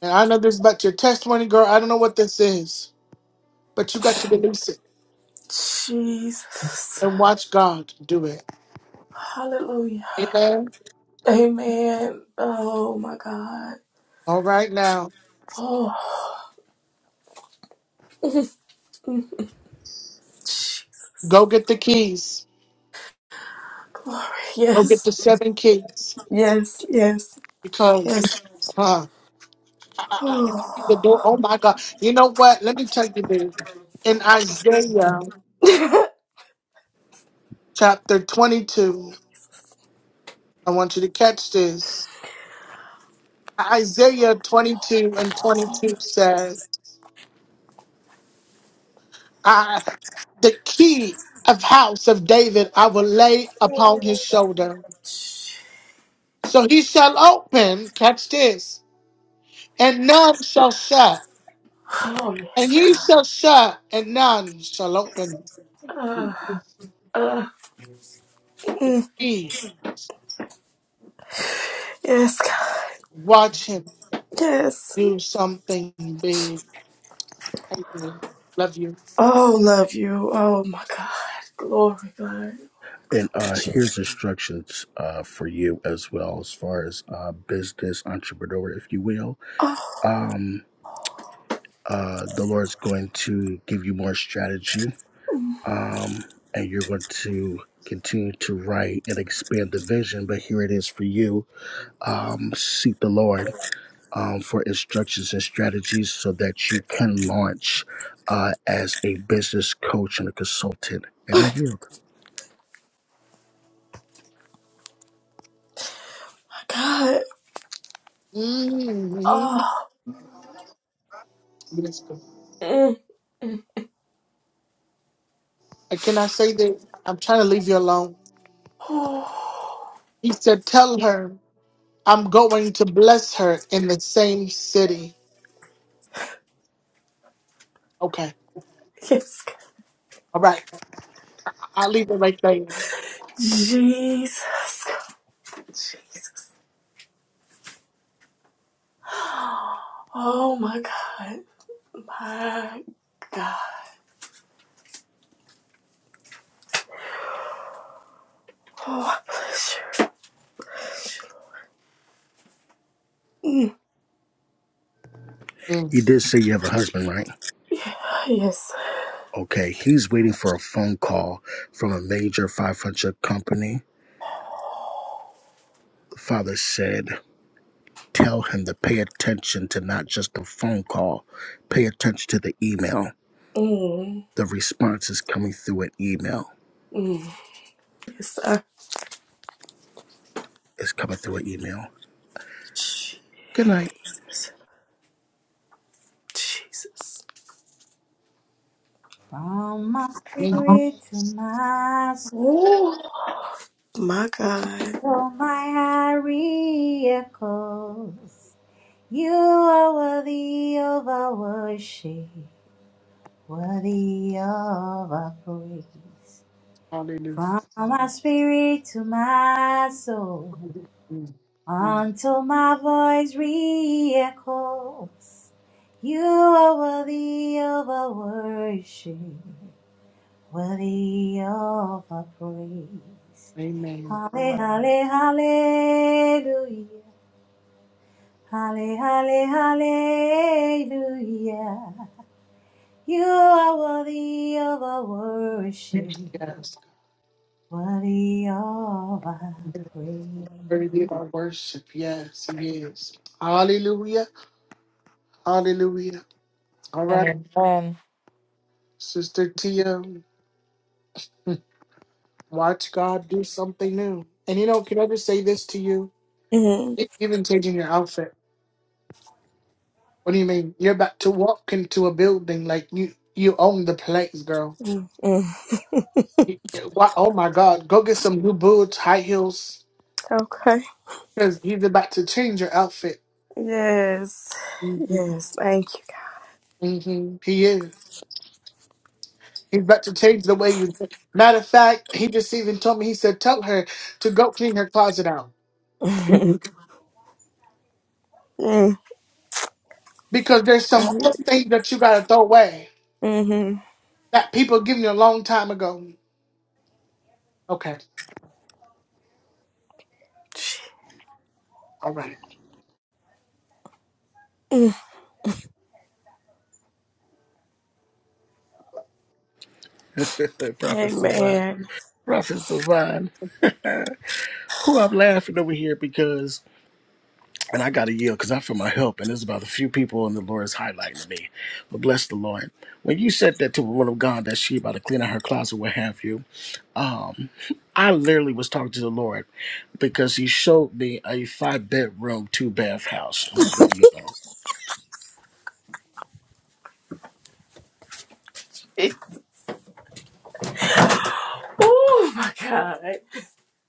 Speaker 1: And I know this is about your testimony, girl. I don't know what this is, but you got to release it
Speaker 14: Jesus.
Speaker 1: and watch God do it.
Speaker 14: Hallelujah.
Speaker 1: Amen.
Speaker 14: Amen. Oh my God.
Speaker 1: All right now.
Speaker 14: Oh. Jesus.
Speaker 1: Go get the keys.
Speaker 14: Glory.
Speaker 1: Go get the
Speaker 14: Yes.
Speaker 1: seven keys.
Speaker 14: Yes. Yes.
Speaker 1: Because
Speaker 14: Yes.
Speaker 1: uh, I, I, I see the
Speaker 14: Oh.
Speaker 1: door. Oh my God. You know what? Let me tell you this. In Isaiah chapter 22, I want you to catch this. Isaiah 22 and
Speaker 14: <laughs>
Speaker 1: 22 says, I, The key of house of David I will lay
Speaker 14: Oh,
Speaker 1: upon his shoulder. So he shall open, catch this, and none shall shut. And
Speaker 14: yes,
Speaker 1: he
Speaker 14: God.
Speaker 1: shall shut, and none shall open.
Speaker 14: Uh, uh, mm,
Speaker 1: We
Speaker 14: yes, God.
Speaker 1: watch him
Speaker 14: Yes.
Speaker 1: do something big. Amen. Love you.
Speaker 14: Oh, love you. Oh, my God. Glory, God.
Speaker 8: And uh, here's instructions uh, for you as well, as far as uh, business entrepreneur, if you will.
Speaker 14: Oh,
Speaker 8: Um, uh, the Lord's going to give you more strategy,
Speaker 14: my
Speaker 8: um, and you're going to continue to write and expand the vision. But here it is for you: um, seek the Lord um, for instructions and strategies, so that you can launch uh, as a business coach and a consultant. And I yield.
Speaker 14: God.
Speaker 1: hmm
Speaker 14: Oh,
Speaker 1: Yes, God.
Speaker 14: mm, mm.
Speaker 1: And Can I say that? I'm trying to leave you alone.
Speaker 14: oh
Speaker 1: He said, Tell her I'm going to bless her in the same city. Okay.
Speaker 14: yes, God.
Speaker 1: All right. I'll leave it right there.
Speaker 14: Jesus, God. Jesus. Oh, my God. My God. Oh, I bless you.
Speaker 1: Mm.
Speaker 8: You did say you have a husband, right?
Speaker 14: Yeah, yes.
Speaker 8: Okay, he's waiting for a phone call from a major 500 company. The father said, Tell him to pay attention to not just the phone call, pay attention to the email.
Speaker 14: Mm,
Speaker 8: The response is coming through an email.
Speaker 14: mm. Yes,
Speaker 8: It's coming through an email.
Speaker 14: Jesus.
Speaker 8: Good night.
Speaker 14: Jesus.
Speaker 18: From my
Speaker 1: Mm.
Speaker 18: spirit to my
Speaker 14: Ooh. My God.
Speaker 18: soul, my heart echoes. You are worthy of our worship, worthy of our praise.
Speaker 1: Hallelujah.
Speaker 18: From my spirit to my soul,
Speaker 1: Mm.
Speaker 18: until my voice re-echoes. You are worthy of our worship, worthy of our praise.
Speaker 1: Amen.
Speaker 18: Halle, halle, hallelujah. Halle, halle, hallelujah. You are worthy of our worship,
Speaker 1: Yes.
Speaker 18: worthy of our praise.
Speaker 1: Worthy of our worship. Yes, he is. Hallelujah. Hallelujah. All
Speaker 9: And
Speaker 1: right.
Speaker 9: amen.
Speaker 1: Sister Tia, watch God do something new. And you know, can I just say this to you?
Speaker 14: Mm,
Speaker 1: E- Even changing your outfit. What do you mean? You're about to walk into a building like you you own the place, girl.
Speaker 14: mm, mm. <laughs>
Speaker 1: You- Why, oh my God! Go get some new boots, high heels,
Speaker 14: Okay.
Speaker 1: because he's about to change your outfit.
Speaker 14: Yes.
Speaker 1: hmm
Speaker 14: Yes. Thank you.
Speaker 1: hmm He is. He's about to change the way you. Matter of fact, he just even told me. He said, "Tell her to go clean her closet out
Speaker 14: Mm,
Speaker 1: Mhm.
Speaker 14: mm,
Speaker 1: because there's some old things that you gotta throw away
Speaker 14: mhm,
Speaker 1: that people given you a long time ago." Okay. All right.
Speaker 14: mm,
Speaker 8: <laughs> Prophet Savan.
Speaker 14: Amen.
Speaker 8: Prophet Savan. Who I'm laughing over here because, and I got to yield because I feel my help, and there's about a few people, and the Lord is highlighting to me. But bless the Lord. When you said that to a woman of God that she about to clean out her closet, what have you, Um, I literally was talking to the Lord because He showed me a five bedroom, two bath house, and I'm leaving you alone.
Speaker 14: Oh my God.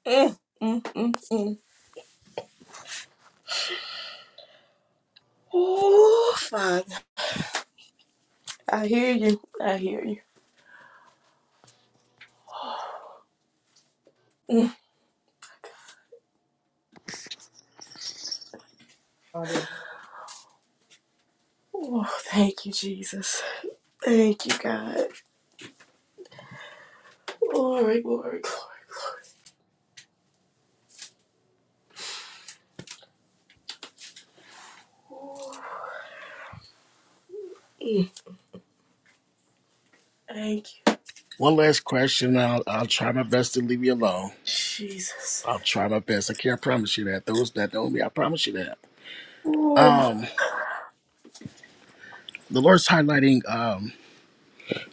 Speaker 14: mm, mm, mm, mm. Oh, Father. I hear you. I hear you. Mm.
Speaker 1: Um,
Speaker 14: Oh, thank you, Jesus. Thank you, God. Glory, glory, glory. Thank you,
Speaker 8: One last question. I'll, I'll try my best to leave you alone.
Speaker 14: Jesus.
Speaker 8: I'll try my best. I can't promise you that. Those that know me, I promise you that.
Speaker 14: Ooh.
Speaker 8: Um, the Lord's highlighting um,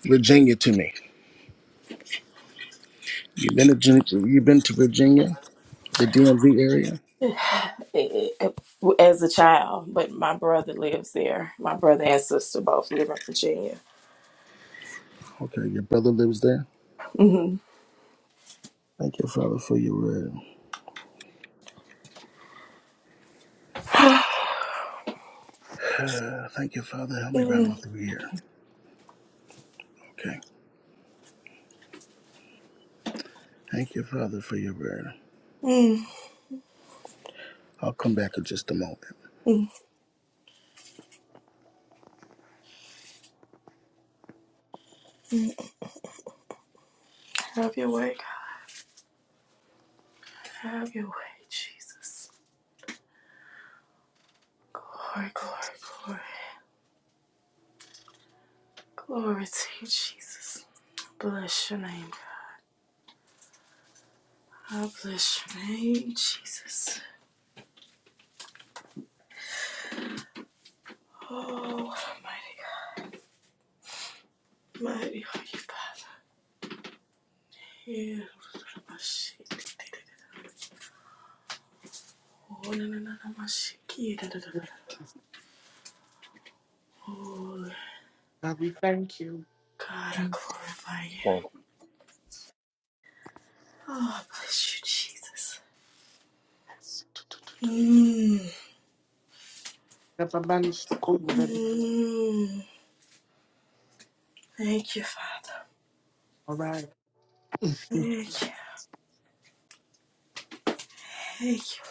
Speaker 8: Virginia to me. You've been to Gen- you've been to Virginia, the DMV area.
Speaker 14: As a child, but my brother lives there. My brother and sister both live in Virginia.
Speaker 8: Okay, your brother lives there.
Speaker 14: hmm
Speaker 8: Thank you, Father, for your word.
Speaker 14: <sighs>
Speaker 8: <sighs> Thank you, Father. Help me right on
Speaker 14: mm,
Speaker 8: through here. Okay. Thank you, Father, for your word.
Speaker 14: mm,
Speaker 8: I'll come back in just a moment.
Speaker 14: mm, mm. Have your way, God. Have your way, Jesus. Glory, glory, glory. Glory to you, Jesus. Bless your name. God. I bless your name, Jesus. Oh, mighty, mighty are you, Father. Yeah, my shit. Oh, na, na, na, na, ma, shiki, da, da, da, da, da. Oh,
Speaker 1: God, we thank you.
Speaker 14: God, I glorify you.
Speaker 4: Thank you,
Speaker 14: Oh, bless you, Jesus. Mm,
Speaker 1: All
Speaker 14: mm. Thank you, Father.
Speaker 1: right.
Speaker 14: Thank you. Thank you.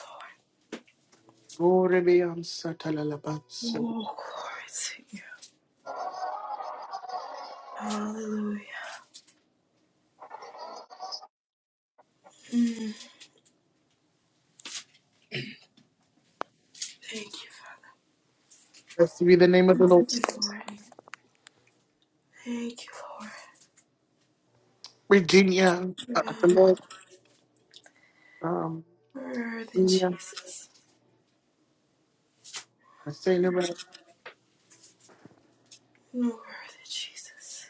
Speaker 1: Glory be on Satalabansu.
Speaker 14: Oh, glory to you. Hallelujah. Mm, thank you.
Speaker 1: Blessed be the name of the Lord.
Speaker 14: Thank you, Lord. Thank you, Lord.
Speaker 1: Virginia, uh,
Speaker 14: You
Speaker 1: the
Speaker 14: are
Speaker 1: Lord, um,
Speaker 14: worthy,
Speaker 1: Virginia,
Speaker 14: Jesus.
Speaker 1: my sailor,
Speaker 14: You
Speaker 1: right?
Speaker 14: are worthy, Jesus.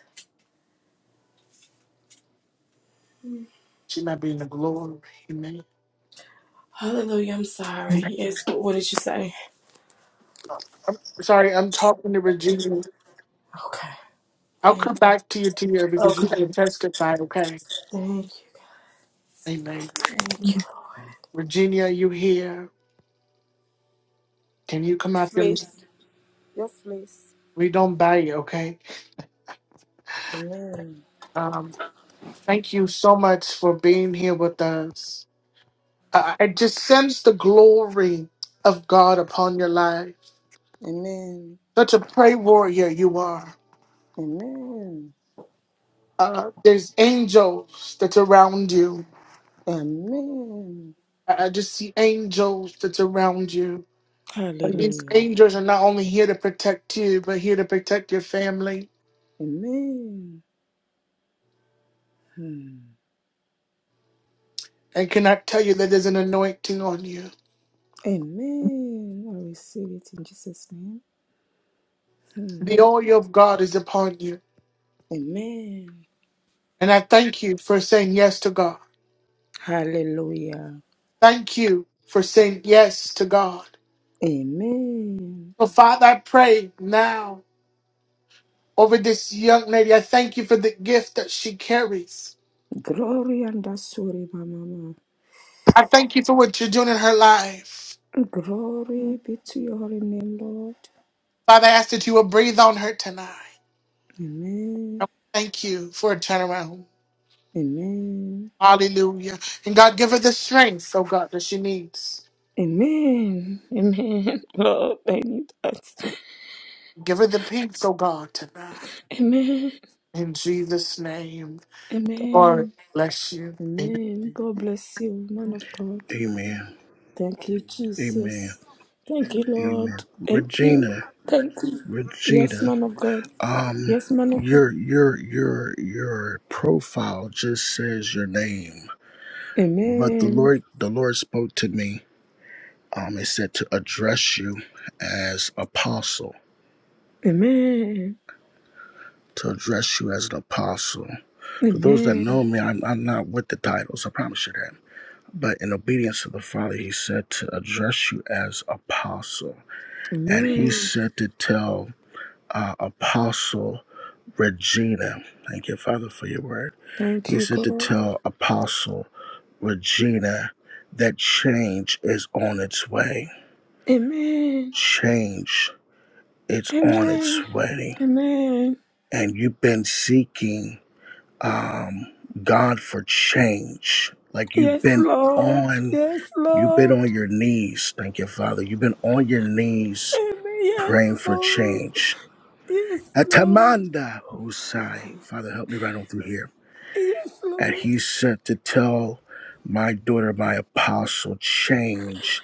Speaker 14: Mm.
Speaker 1: she might be in the glory. Amen.
Speaker 14: Hallelujah. I'm sorry.
Speaker 1: I'm
Speaker 14: Yes. What, what did you say?
Speaker 1: sorry, I'm talking to Virginia.
Speaker 14: Okay.
Speaker 1: I'll come
Speaker 14: Thank.
Speaker 1: back to you, Tia, because you
Speaker 14: Okay.
Speaker 1: can testify, okay?
Speaker 14: Thank you.
Speaker 1: Amen.
Speaker 14: Thank
Speaker 1: Virginia, you here? Can you come out
Speaker 19: Yes,
Speaker 1: here?
Speaker 19: please. Yes, please.
Speaker 1: We don't buy it, okay?
Speaker 19: Amen.
Speaker 1: Um, thank you so much for being here with us. I I just sense the glory of God upon your life.
Speaker 19: Amen.
Speaker 1: Such a pray warrior you are.
Speaker 19: Amen.
Speaker 1: Uh, there's angels that's around you.
Speaker 19: Amen.
Speaker 1: I I just see angels that's around you. And These
Speaker 19: Hallelujah.
Speaker 1: angels are not only here to protect you, but here to protect your family.
Speaker 19: Amen. Hmm.
Speaker 1: And can I tell you that there's an anointing on you?
Speaker 19: Amen. I receive it in Jesus' name.
Speaker 1: The
Speaker 19: Hmm.
Speaker 1: oil of God is upon you.
Speaker 19: Amen.
Speaker 1: And I thank you for saying yes to God.
Speaker 19: Hallelujah.
Speaker 1: Thank you for saying yes to God.
Speaker 19: Amen.
Speaker 1: So, Father, I pray now over this young lady. I thank you for the gift that she carries.
Speaker 19: Glory and asuri, my mama.
Speaker 1: I thank you for what you're doing in her life.
Speaker 19: Glory be to your holy name, Lord.
Speaker 1: Father, I ask that you will breathe on her tonight.
Speaker 19: Amen.
Speaker 1: And Thank you for a turnaround.
Speaker 19: Amen.
Speaker 1: Hallelujah. And God, give her the strength, oh God, that she needs.
Speaker 19: Amen. Amen. <laughs> Lord, I need that.
Speaker 1: Give her the peace, oh God, tonight.
Speaker 19: Amen.
Speaker 1: In Jesus' name. Lord,
Speaker 19: Amen.
Speaker 1: bless you. Amen.
Speaker 19: Amen. God bless you, man of God.
Speaker 8: Amen.
Speaker 19: Thank you,
Speaker 8: Amen.
Speaker 19: Jesus. Thank you, Lord.
Speaker 8: Amen.
Speaker 19: Thank you.
Speaker 8: Regina,
Speaker 19: Thank you. Yes,
Speaker 8: Regina,
Speaker 19: man of God.
Speaker 8: um,
Speaker 19: Yes, man of God.
Speaker 8: your your your your profile just says your name, but the
Speaker 19: Amen.
Speaker 8: Lord the Lord spoke to me. Um, it said to address you as apostle,
Speaker 19: Amen.
Speaker 8: to address you as an apostle. For those that
Speaker 19: Amen.
Speaker 8: know me, I'm, I'm not with the titles. I promise you that. But in obedience to the Father, He said to address you as apostle. and he
Speaker 19: Amen.
Speaker 8: said to tell uh, Apostle Regina, thank you, Father, for your word.
Speaker 19: Thank
Speaker 8: He
Speaker 19: you,
Speaker 8: said to
Speaker 19: God.
Speaker 8: tell Apostle Regina that change is on its way.
Speaker 19: Amen.
Speaker 8: Change is on
Speaker 19: Amen.
Speaker 8: its way.
Speaker 19: Amen.
Speaker 8: And you've been seeking um, God for change. Like you've
Speaker 19: Yes,
Speaker 8: been
Speaker 19: Lord.
Speaker 8: on,
Speaker 19: Yes,
Speaker 8: you've been
Speaker 19: Lord.
Speaker 8: on your knees. Thank you, Father. You've been on your knees
Speaker 19: Amen. Yes,
Speaker 8: praying for
Speaker 19: Lord.
Speaker 8: change
Speaker 19: Yes, Lord.
Speaker 8: Atamanda Hosai. Father, help me right on through here.
Speaker 19: Yes,
Speaker 8: And he
Speaker 19: Lord.
Speaker 8: sent to tell my daughter, my apostle, change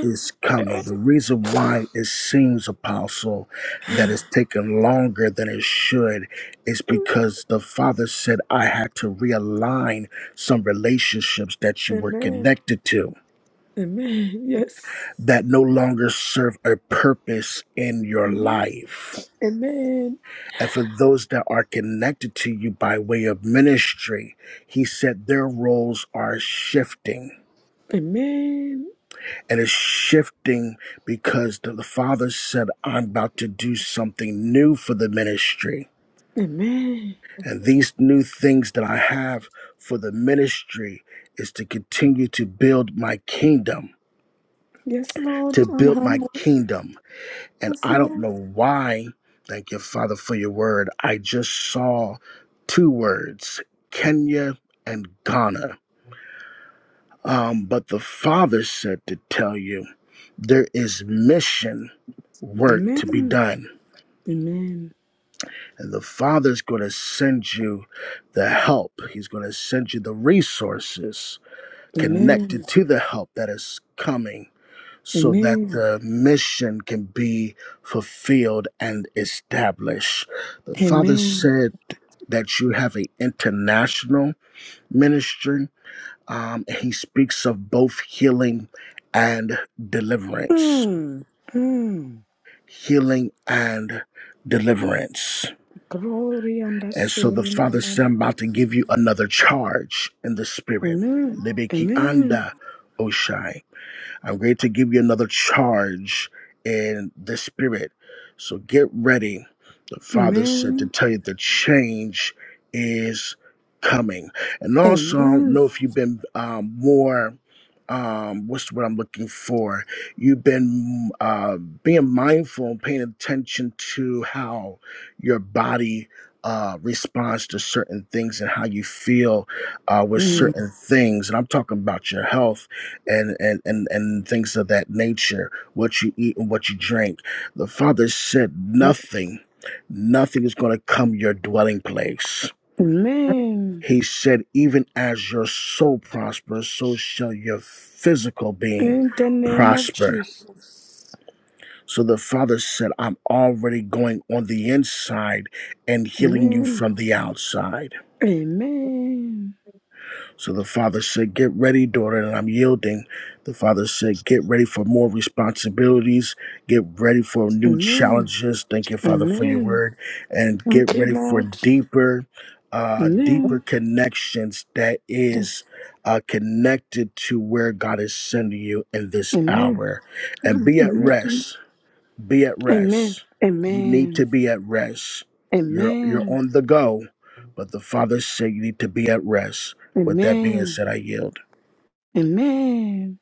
Speaker 8: is
Speaker 19: <laughs>
Speaker 8: coming. The reason why it seems, apostle, that it's taken longer than it should is
Speaker 19: Yes.
Speaker 8: because the father said I had to realign some relationships that you were
Speaker 19: Amen.
Speaker 8: connected to
Speaker 19: Amen. Yes.
Speaker 8: that no longer serve a purpose in your
Speaker 19: Amen.
Speaker 8: life
Speaker 19: Amen.
Speaker 8: And for those that are connected to you by way of ministry, he said their roles are shifting.
Speaker 19: Amen.
Speaker 8: And it's shifting because the, the Father said, I'm about to do something new for the ministry.
Speaker 19: Amen.
Speaker 8: And these new things that I have for the ministry is to continue to build my kingdom,
Speaker 19: Yes, Lord.
Speaker 8: to
Speaker 19: I'm
Speaker 8: build my
Speaker 19: humble.
Speaker 8: kingdom. And
Speaker 19: Yes,
Speaker 8: I don't
Speaker 19: Lord.
Speaker 8: know why. Thank you, Father, for your word. I just saw two words Kenya and Ghana. Um, but the Father said to tell you there is mission work to be
Speaker 19: Amen.
Speaker 8: done.
Speaker 19: Amen.
Speaker 8: And the Father's going to send you the help, He's going to send you the resources
Speaker 19: Amen.
Speaker 8: connected to the help that is coming so that
Speaker 19: Amen.
Speaker 8: the mission can be fulfilled and established. The Father
Speaker 19: Amen.
Speaker 8: said that you have an international ministry. Um, he speaks of both healing and deliverance.
Speaker 19: Mm. Mm.
Speaker 8: Healing and deliverance.
Speaker 19: Glory and
Speaker 8: And so the
Speaker 19: asuri,
Speaker 8: Father said,
Speaker 19: Mama.
Speaker 8: I'm about to give you another charge in the Spirit.
Speaker 19: Amen.
Speaker 8: Libiki
Speaker 19: Amen.
Speaker 8: anda Oshai. I'm going to give you another charge in the spirit. So get ready. The Father said to
Speaker 19: Amen.
Speaker 8: tell you the change is coming. And also, I don't
Speaker 19: Amen.
Speaker 8: know if you've been um, more. Um, what's what I'm looking for? You've been uh, being mindful and paying attention to how your body uh, responds to certain things and how you feel uh, with
Speaker 19: Mm.
Speaker 8: certain things. And I'm talking about your health and and and and things of that nature what you eat and what you drink the father said nothing nothing is going to come your dwelling place
Speaker 19: Amen.
Speaker 8: he said even as your soul prospers so shall your physical being
Speaker 19: In the name of
Speaker 8: prosper
Speaker 19: Jesus.
Speaker 8: so the father said i'm already going on the inside and healing you from the outside
Speaker 19: Amen.
Speaker 8: So the father said, Get ready, daughter, and I'm yielding. The father said, Get ready for more responsibilities. Get ready for new
Speaker 19: Amen.
Speaker 8: challenges. Thank you, Father, for your
Speaker 19: Amen.
Speaker 8: word. And get
Speaker 19: Thank you,
Speaker 8: ready for
Speaker 19: Lord.
Speaker 8: deeper, uh, deeper
Speaker 19: Amen.
Speaker 8: connections that is uh, connected to where God is sending you in this
Speaker 19: Amen.
Speaker 8: hour. And
Speaker 19: I'm
Speaker 8: be at
Speaker 19: ready.
Speaker 8: rest. Be at
Speaker 19: Amen.
Speaker 8: rest. You need to
Speaker 19: Amen.
Speaker 8: be at rest. You're you're
Speaker 19: Amen.
Speaker 8: on the go, but the Father said you need to be at rest. With that being
Speaker 19: Amen.
Speaker 8: said, I yield.
Speaker 19: Amen.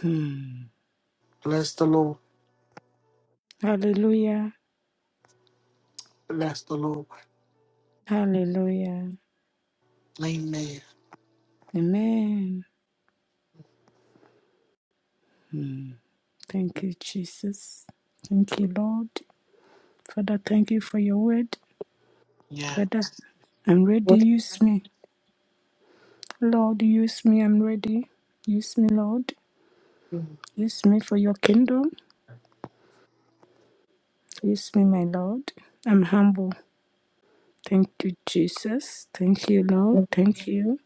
Speaker 19: Hmm.
Speaker 1: Bless the Lord.
Speaker 19: Hallelujah.
Speaker 1: Bless the Lord.
Speaker 19: Hallelujah.
Speaker 1: Amen.
Speaker 19: Amen. Hmm. Thank you, Jesus. Thank you, Lord. Father, thank you for your word.
Speaker 1: Yeah.
Speaker 19: Father, I'm ready. Use me. Lord, use me. I'm ready. Use me, Lord. Use me for your kingdom. Use me, my Lord. I'm humble. Thank you, Jesus. Thank you, Lord. Thank you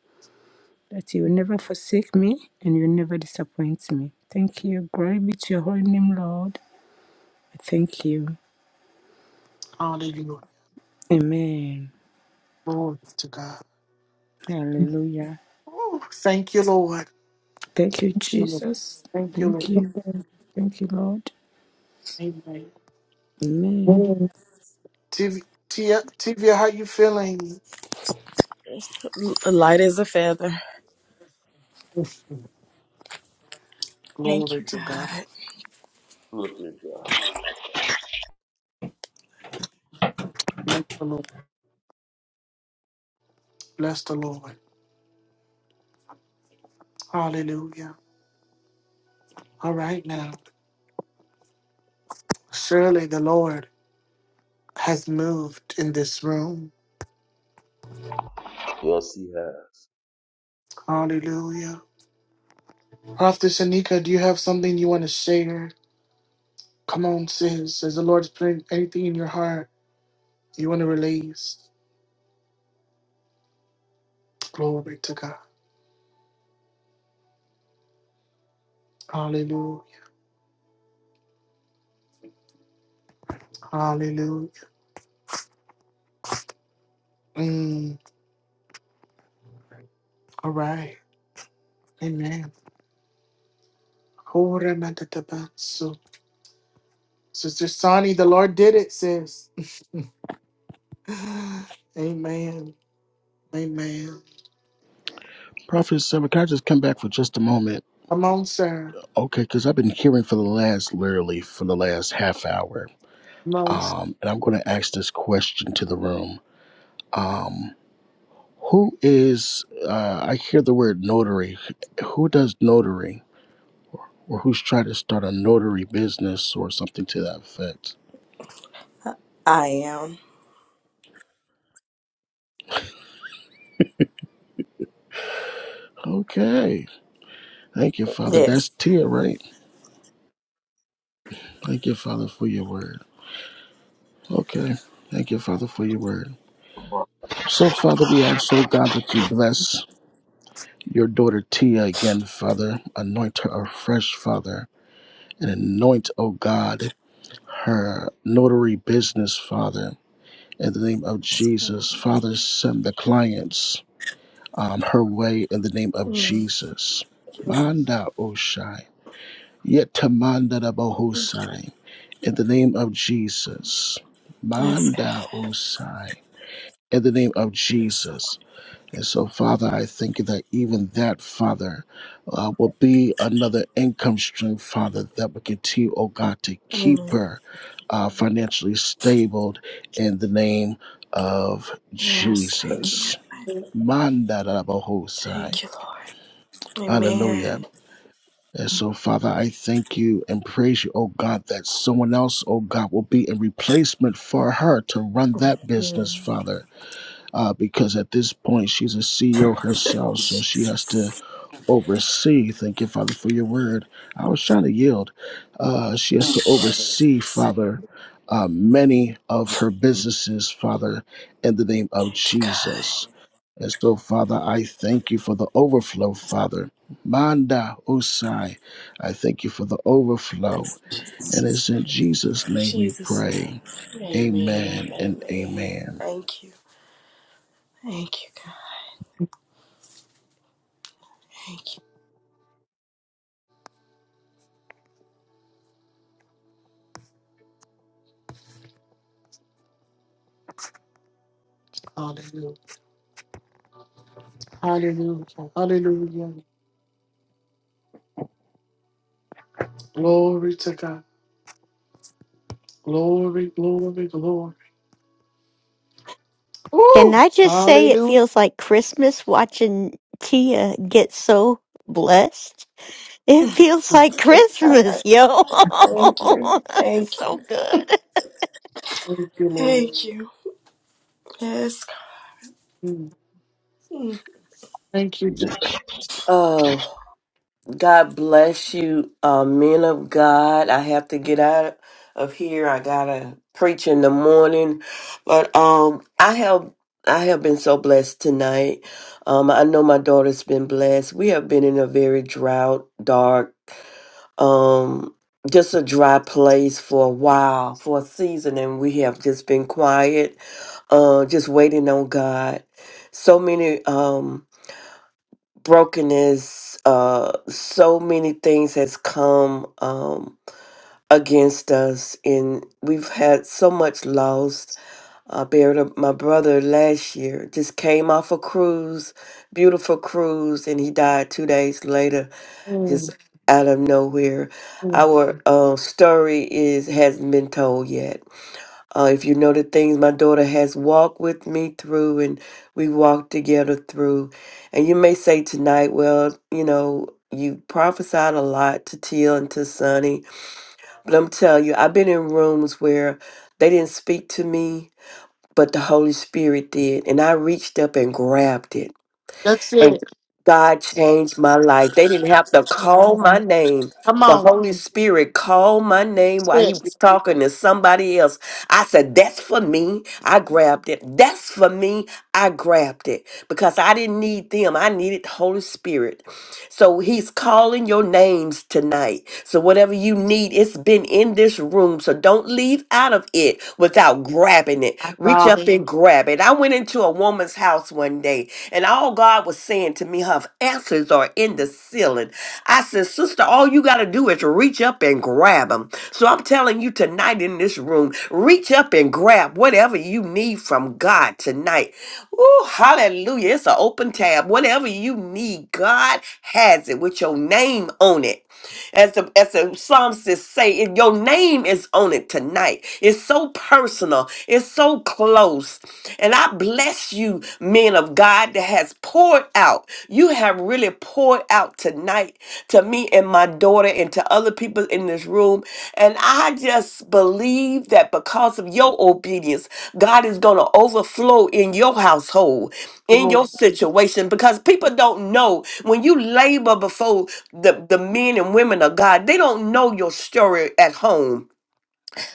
Speaker 19: that you will never forsake me and you will never disappoint me. Thank you. Glory be to your holy name, Lord. I Thank you.
Speaker 1: Hallelujah.
Speaker 19: Amen.
Speaker 1: Glory to God.
Speaker 19: Hallelujah.
Speaker 1: Oh, thank you, Lord.
Speaker 19: Thank you,
Speaker 1: Lord.
Speaker 19: Jesus.
Speaker 1: Thank you,
Speaker 19: Thank you.
Speaker 1: Lord.
Speaker 19: Thank you, Lord.
Speaker 1: Amen.
Speaker 19: Amen.
Speaker 1: Amen. Tiv- Tia, Tivia, how you feeling?
Speaker 14: you. L- Light as a feather. Thank
Speaker 1: Glory
Speaker 14: you,
Speaker 1: to God.
Speaker 14: God.
Speaker 4: Look at God.
Speaker 1: Bless the Lord. Bless the Lord. Hallelujah. All right now. Surely the Lord has moved in this room.
Speaker 4: Yes, He has.
Speaker 1: Hallelujah. Prophet Anika, do you have something you want to share? Come on, sis. Is the Lord putting anything in your heart you want to release? Glory to God. Hallelujah. Hallelujah. Mm. All right. Amen. Horematatabas. Sister Sonny, the Lord did it, sis. <laughs> Amen. Amen.
Speaker 8: Prophet Sarah, can I just come back for just a moment?
Speaker 1: Come on, sir.
Speaker 8: Okay, because I've been hearing for the last, literally, for the last half hour.
Speaker 1: Come on,
Speaker 8: Um, and I'm going to ask this question to the room. Um, who is, uh, I hear the word notary. Who does notary? Or who's trying to start a notary business or something to that effect?
Speaker 14: I am.
Speaker 8: Okay. Thank you, Father. That's
Speaker 14: Yes.
Speaker 8: Tia, right? Thank you, Father, for your word. Okay. Thank you, Father, for your word. So, Father, we ask, oh God, that you bless your daughter Tia again, Father. Anoint her afresh, Father. And anoint, oh God, her notary business, Father. In the name of Jesus, Father, send the clients um, her way in the name of
Speaker 14: Mm,
Speaker 8: Jesus.
Speaker 1: sir.
Speaker 8: Manda Yetamanda
Speaker 14: Thank you.
Speaker 8: Bahosai. In the name of Jesus.
Speaker 14: Yes, God.
Speaker 8: Manda Osai. In the name of
Speaker 14: Yes,
Speaker 8: Jesus. And so, Father, I thank you that even that, Father, uh, will be another income stream, Father, that will continue, oh God, to
Speaker 14: Lord.
Speaker 8: keep
Speaker 14: Mm,
Speaker 8: her uh, financially stable in the name of
Speaker 14: Yes, thank you,
Speaker 8: Jesus.
Speaker 14: God.
Speaker 8: Manda Bahosai.
Speaker 14: Thank you, Lord.
Speaker 8: Hallelujah.
Speaker 14: Amen.
Speaker 8: And so, Father, I thank you and praise you, oh God, that someone else, oh God, will be in replacement for her to run that business,
Speaker 14: Mm.
Speaker 8: Father. Uh, because at this point, she's a CEO
Speaker 14: <laughs>
Speaker 8: herself, so she
Speaker 14: Jesus.
Speaker 8: has to oversee. Thank you, Father, for your word. I was trying to yield. Uh, she has to oversee,
Speaker 14: Jesus.
Speaker 8: Father, uh, many of her businesses, Father, in the name of
Speaker 14: Thank you, God.
Speaker 8: Jesus. And so, Father, I thank you for the overflow, Father. Manda Osai, I thank you for the overflow. And it's in Jesus'
Speaker 14: In
Speaker 8: name we
Speaker 14: Jesus' name.
Speaker 8: pray.
Speaker 14: Amen.
Speaker 8: Amen and
Speaker 14: Amen.
Speaker 8: amen.
Speaker 14: Thank you. Thank you, God. Thank you.
Speaker 1: Hallelujah. Hallelujah. Hallelujah. Glory to God. Glory, glory, glory.
Speaker 20: Can
Speaker 1: Ooh,
Speaker 20: I just say it
Speaker 1: hallelujah.
Speaker 20: feels like Christmas watching Tia get so blessed? It feels like
Speaker 14: Thank God.
Speaker 20: Christmas, yo.
Speaker 14: Thank you.
Speaker 20: <laughs>
Speaker 14: Thank you.
Speaker 20: so good.
Speaker 1: Thank you, Lord.
Speaker 14: Thank you. Yes,
Speaker 1: Mm.
Speaker 14: God.
Speaker 1: Thank you,
Speaker 4: He
Speaker 1: Jesus.
Speaker 4: just
Speaker 3: Oh. God bless you, uh, men of God. I have to get out of here. I gotta preach in the morning, but um, I have I have been so blessed tonight. Um, I know my daughter's been blessed. We have been in a very drought, dark, um, just a dry place for a while, for a season, and we have just been quiet, uh, just waiting on God. So many. Um, brokenness uh so many things has come um against us and we've had so much loss i buried a, my brother last year just came off a cruise beautiful cruise and he died two days later just
Speaker 1: Mm,
Speaker 3: out of nowhere
Speaker 1: mm.
Speaker 3: our uh, story is hasn't been told yet uh, if you know the things my daughter has walked with me through and we walked together through. And you may say tonight, well, you know, you prophesied a lot to Teal and to Sonny. But I'm telling you, I've been in rooms where they didn't speak to me, but the Holy Spirit did. And I reached up and grabbed it
Speaker 1: That's
Speaker 3: and
Speaker 1: it.
Speaker 3: God changed my life. They didn't have to call my name,
Speaker 1: Come
Speaker 3: but
Speaker 1: on.
Speaker 3: Holy Spirit called my name while He
Speaker 1: That's
Speaker 3: was
Speaker 1: it.
Speaker 3: talking to somebody else. I said, That's for me. I grabbed it. That's for me. I grabbed it because I didn't need them. I needed the Holy Spirit. So He's calling your names tonight. So whatever you need, it's been in this room. So don't leave out of it without grabbing it.
Speaker 1: My
Speaker 3: Reach
Speaker 1: God.
Speaker 3: up and grab it. I went into a woman's house one day and all God was saying to me, her answers are in the ceiling. I said, Sister, all you got to do is reach up and grab them. So I'm telling you tonight in this room, reach up and grab whatever you need from God tonight. Ooh, hallelujah. It's an open tab. Whatever you need, God has it with your name on it as the as the psalmist say, if your name is on it tonight. It's so personal. It's so close. And I bless you, men of God, that has poured out. You have really poured out tonight to me and my daughter and to other people in this room. And I just believe that because of your obedience, God is going to overflow in your household
Speaker 1: Thank
Speaker 3: in your
Speaker 1: you,
Speaker 3: situation because people don't know when you labor before the, the men and women of God, they don't know your story at home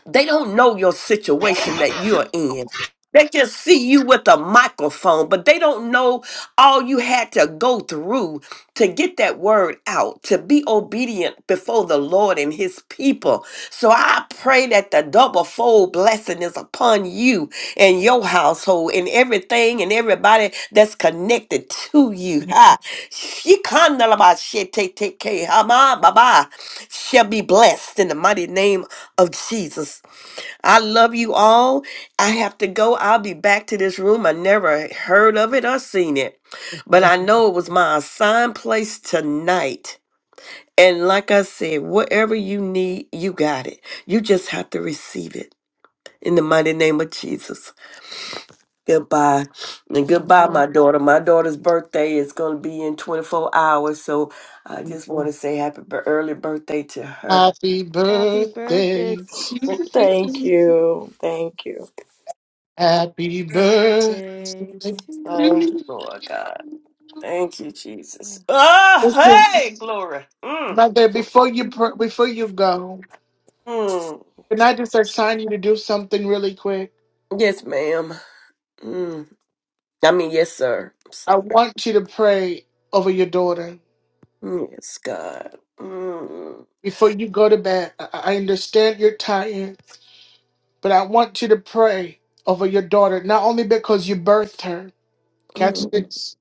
Speaker 3: they don't know your situation that you're in. They just see you with a microphone, but they don't know all you had to go through to get that word out, to be obedient before the Lord and his people. So I pray that the double fold blessing is upon you and your household and everything and everybody that's connected to you. Ha. Shikandalabasheteteke, hama baba Shall be blessed in the mighty name of Jesus. I love you all. I have to go. I'll be back to this room. I never heard of it or seen it, but
Speaker 1: Lord.
Speaker 3: I know it was my assigned place tonight. And like I said, whatever you need, you got it. You just have to receive it in the mighty name of Jesus. Goodbye. And goodbye, my
Speaker 9: Amen.
Speaker 3: daughter. My daughter's birthday is going to be in 24 hours. So I just want to say happy bir- early birthday to her.
Speaker 1: Happy
Speaker 9: Happy birthday
Speaker 1: birthday to
Speaker 14: Thank
Speaker 1: you.
Speaker 14: you. Thank you.
Speaker 1: Happy birthday.
Speaker 9: Birthday
Speaker 1: to
Speaker 9: to
Speaker 3: Thank you, Lord God. Thank you, Jesus.
Speaker 9: you.
Speaker 3: Oh,
Speaker 1: you.
Speaker 3: hey, glory. Mm,
Speaker 1: Mother, before you pr- before you go,
Speaker 3: mm.
Speaker 1: can I just assign you to do something really quick?
Speaker 3: Yes, ma'am. Mm. I mean, yes, sir. I'm
Speaker 1: I
Speaker 3: sorry.
Speaker 1: want you to pray over your daughter
Speaker 3: Mm, Yes, God. Mm,
Speaker 1: before you go to bed. I, I understand you're tired, but I want you to pray over your daughter. Not only because you birthed her, catch
Speaker 3: mm,
Speaker 1: this.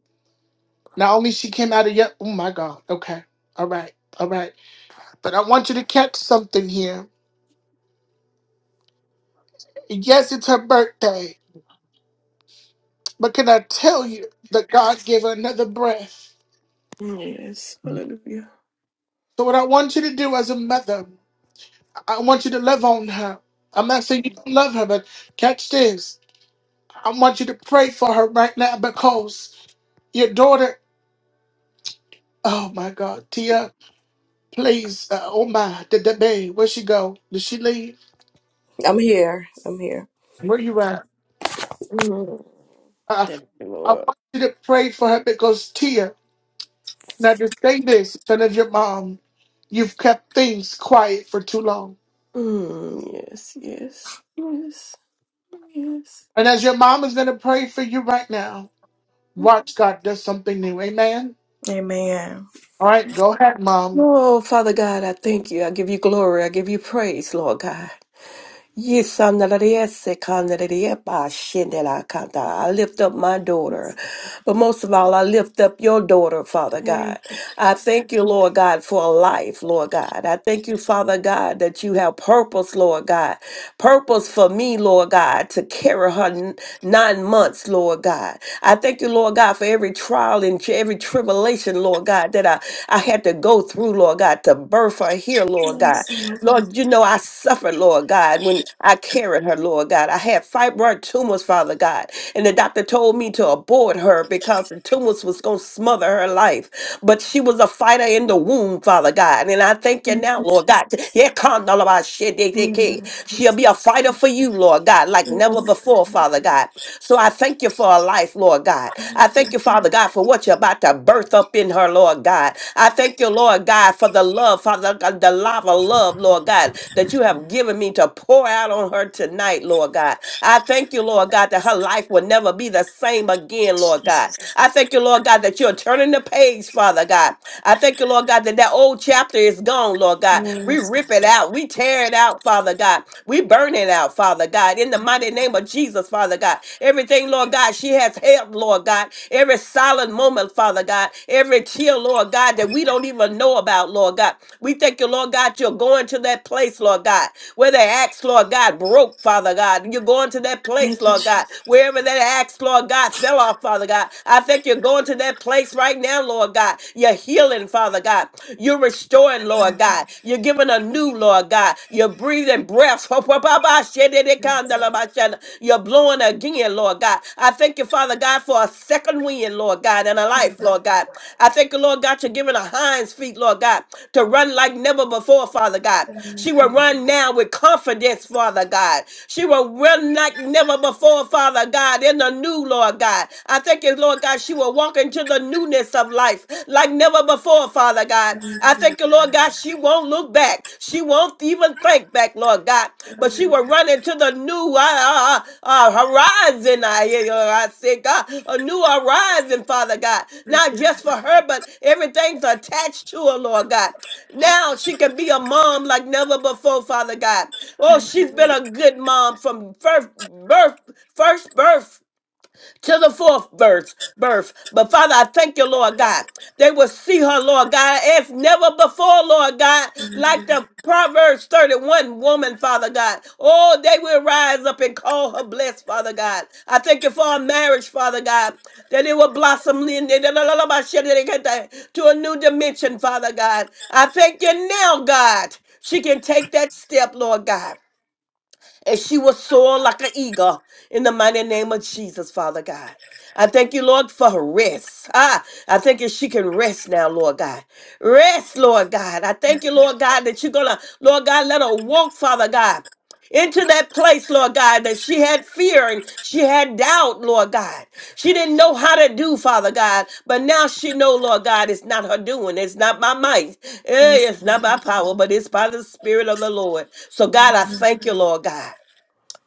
Speaker 1: Not only she came out of your. Oh my God. Okay. All right. All right. But I want you to catch something here. Yes, it's her birthday, but can I tell you that God gave her another breath?
Speaker 3: yes, hallelujah.
Speaker 1: So, what I want you to do as a mother, I want you to love on her. I'm not saying you don't love her, but catch this. I want you to pray for her right now because your daughter, oh my God, Tia, please, uh, oh my, did the babe, where'd she go? Did she leave?
Speaker 14: I'm here. I'm here.
Speaker 1: Where you at?
Speaker 3: Mm.
Speaker 1: Uh,
Speaker 3: Thank you,
Speaker 1: I
Speaker 3: Lord.
Speaker 1: want you to pray for her because Tia. Now just say this, and as your mom, you've kept things quiet for too long.
Speaker 3: Mm, yes, yes, yes, yes.
Speaker 1: And as your mom is going to pray for you right now, watch God does something new. Amen.
Speaker 14: Amen.
Speaker 1: All right, go ahead, mom.
Speaker 3: Oh, Father God, I thank you. I give you glory. I give you praise, Lord God. Yes, I'm the Lord, yes, I can, the Lord, yes, I can, the Lord. I lift up my daughter. But most of all, I lift up your daughter, Father
Speaker 14: Thank
Speaker 3: God. I thank you, Lord God, for a life, Lord God. I thank you, Father God, that you have purpose, Lord God. Purpose for me, Lord God, to carry her n- nine months, Lord God. I thank you, Lord God, for every trial and tri- every tribulation, Lord God, that I, I had to go through, Lord God, to birth her here, Lord
Speaker 14: you.
Speaker 3: God.
Speaker 14: so
Speaker 3: Lord, you know I suffered, Lord God, when I carried her, Lord God. I had fibroid tumors, Father God, and the doctor told me to abort destroyed her because the tumors was going to smother her life. But she was a fighter in the womb, Father God. And I thank you
Speaker 14: much.
Speaker 3: now, Lord God. Yeah, come, all about shit, they- they can't. She'll be a fighter for you, Lord God,
Speaker 14: Thank
Speaker 3: like
Speaker 14: you.
Speaker 3: never before, Father God. So I thank you for her life, Lord God. I thank you, Father God, for what you're about to birth up in her, Lord God. I thank you, Lord God, for the love, Father God, the lava love, Lord God, that you have given me to pour out on her tonight, Lord God. I thank you, Lord God, that her life will never be the same again again, Lord
Speaker 14: Lord.
Speaker 3: God. I thank you, Lord God, that you're turning the page, Father God. I thank you, Lord God, that that old chapter is gone, Lord
Speaker 14: Yes, God.
Speaker 3: God. We
Speaker 14: Yes, God.
Speaker 3: rip it out. We tear it out, Father God. We burn it out, Father God. In the mighty name of Jesus, Father God. Everything, Lord God, she has held, Lord God. Every silent moment, Father God. Every tear, Lord God, that we don't even know about, Lord God. We thank you, Lord God, you're going to that place, Lord God, where the axe, Lord God, broke, Father God. You're going to that place,
Speaker 14: Thank you,
Speaker 3: Lord
Speaker 14: Jesus.
Speaker 3: God, wherever that axe, Lord God. Lord God, fell off, Father God. I think you're going to that place right now, Lord God. You're healing, Father God. You're restoring, Lord God. You're giving a new, Lord God. You're breathing breath. <laughs> You're blowing again, Lord God. I thank you, Father God, for a second wind, Lord God, and a life, Lord God. I thank you, Lord God, you're giving a hind's feet, Lord God, to run like never before, Father God. She
Speaker 14: Thank
Speaker 3: will
Speaker 14: you. Lord.
Speaker 3: run now with confidence, Father God. She will run like never before, Father God, in the new new, Lord God. I thank you, Lord God, she will walk into the newness of life like never before, Father God.
Speaker 14: Thank
Speaker 3: I
Speaker 14: you.
Speaker 3: thank you, Lord God, she won't look back. She won't even think back, Lord God, but she
Speaker 14: Glory.
Speaker 3: will run into the new uh, uh, uh, uh, horizon. I hear you, I say, God, a new horizon, Father God,
Speaker 14: Thank
Speaker 3: not
Speaker 14: you.
Speaker 3: just for her, but everything's attached to her, Lord God. Now she can be a mom like never before, Father God. Oh,
Speaker 14: Thank you.
Speaker 3: she's been
Speaker 14: Lord.
Speaker 3: a good mom from first birth, first birth to the fourth birth, birth. But Father, I thank you, Lord God. They will see her, Lord God, as never before, Lord God,
Speaker 14: Thank
Speaker 3: like
Speaker 14: you.
Speaker 3: the Proverbs 31 woman, Father God. Oh, they will rise up and call her blessed, Father God. I thank you for our marriage, Father God, that it will blossom in to a new dimension, Father God. I thank you now, God. She can take that step, Lord God and she will soar like an eagle in the mighty name of Jesus, Father God. I thank you, Lord, for her rest. Ah, I thank you she can rest now, Lord God. Rest, Lord God. I thank you, Lord God, that you're going to, Lord God, let her walk, Father God, into that place, Lord God, that she had fear and she had doubt, Lord God. She didn't know how to do, Father God, but now she know, Lord God, it's not her doing. It's not by might.
Speaker 14: Lord. Yes,
Speaker 3: Eh, It's not by
Speaker 14: God.
Speaker 3: power, but it's by the Spirit of the Lord. So, God, I thank you, Lord God.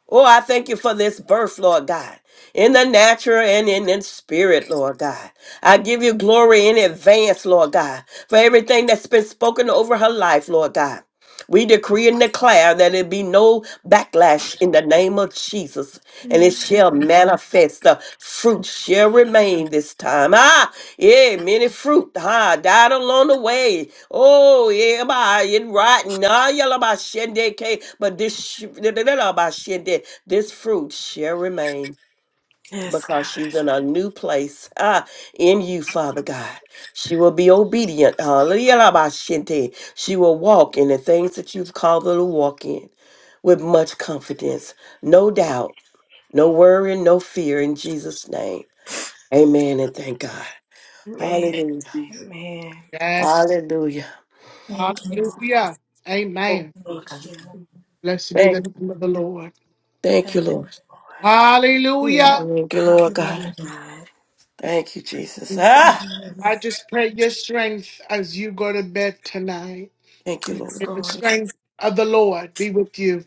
Speaker 3: Oh, I thank you for this birth, Lord God, in the natural and in the spirit, Lord God. I give you glory in advance, Lord God, for everything that's been spoken over her life, Lord God. We decree and declare that it be no backlash in the name of Jesus, and it
Speaker 14: Yes,
Speaker 3: shall
Speaker 14: Lord.
Speaker 3: manifest. The fruit shall remain this time. Ah, yeah, many fruit ah, died along the way. Oh, yeah, by it right now, Y'all about shende cake, but this sh- da- da- da- da- by shende, this fruit shall remain
Speaker 14: Yes,
Speaker 3: because
Speaker 14: God.
Speaker 3: she's in a new place ah, in you, Father God. She will be obedient. hallelujah, all about shende. She will walk in the things that you've called her to walk in with much confidence, no doubt, no worry, no fear in Jesus' name. Amen and thank God.
Speaker 14: Amen.
Speaker 3: Hallelujah.
Speaker 14: Amen.
Speaker 1: Yes.
Speaker 3: Hallelujah.
Speaker 14: Thank you.
Speaker 1: Hallelujah.
Speaker 3: Oh,
Speaker 1: Amen.
Speaker 14: Thank you.
Speaker 1: Blessed be
Speaker 3: okay.
Speaker 1: the name of the Lord.
Speaker 3: Thank you,
Speaker 14: Thank you,
Speaker 3: Lord.
Speaker 14: Lord.
Speaker 1: Hallelujah.
Speaker 3: Thank you, Lord God.
Speaker 14: Hallelujah, God.
Speaker 3: Thank you, Jesus.
Speaker 1: And so
Speaker 3: Ah,
Speaker 1: I just pray your strength as you go to bed tonight.
Speaker 3: thank you,
Speaker 14: Yes,
Speaker 3: Lord.
Speaker 1: May The
Speaker 14: Lord.
Speaker 1: strength of the Lord be with you.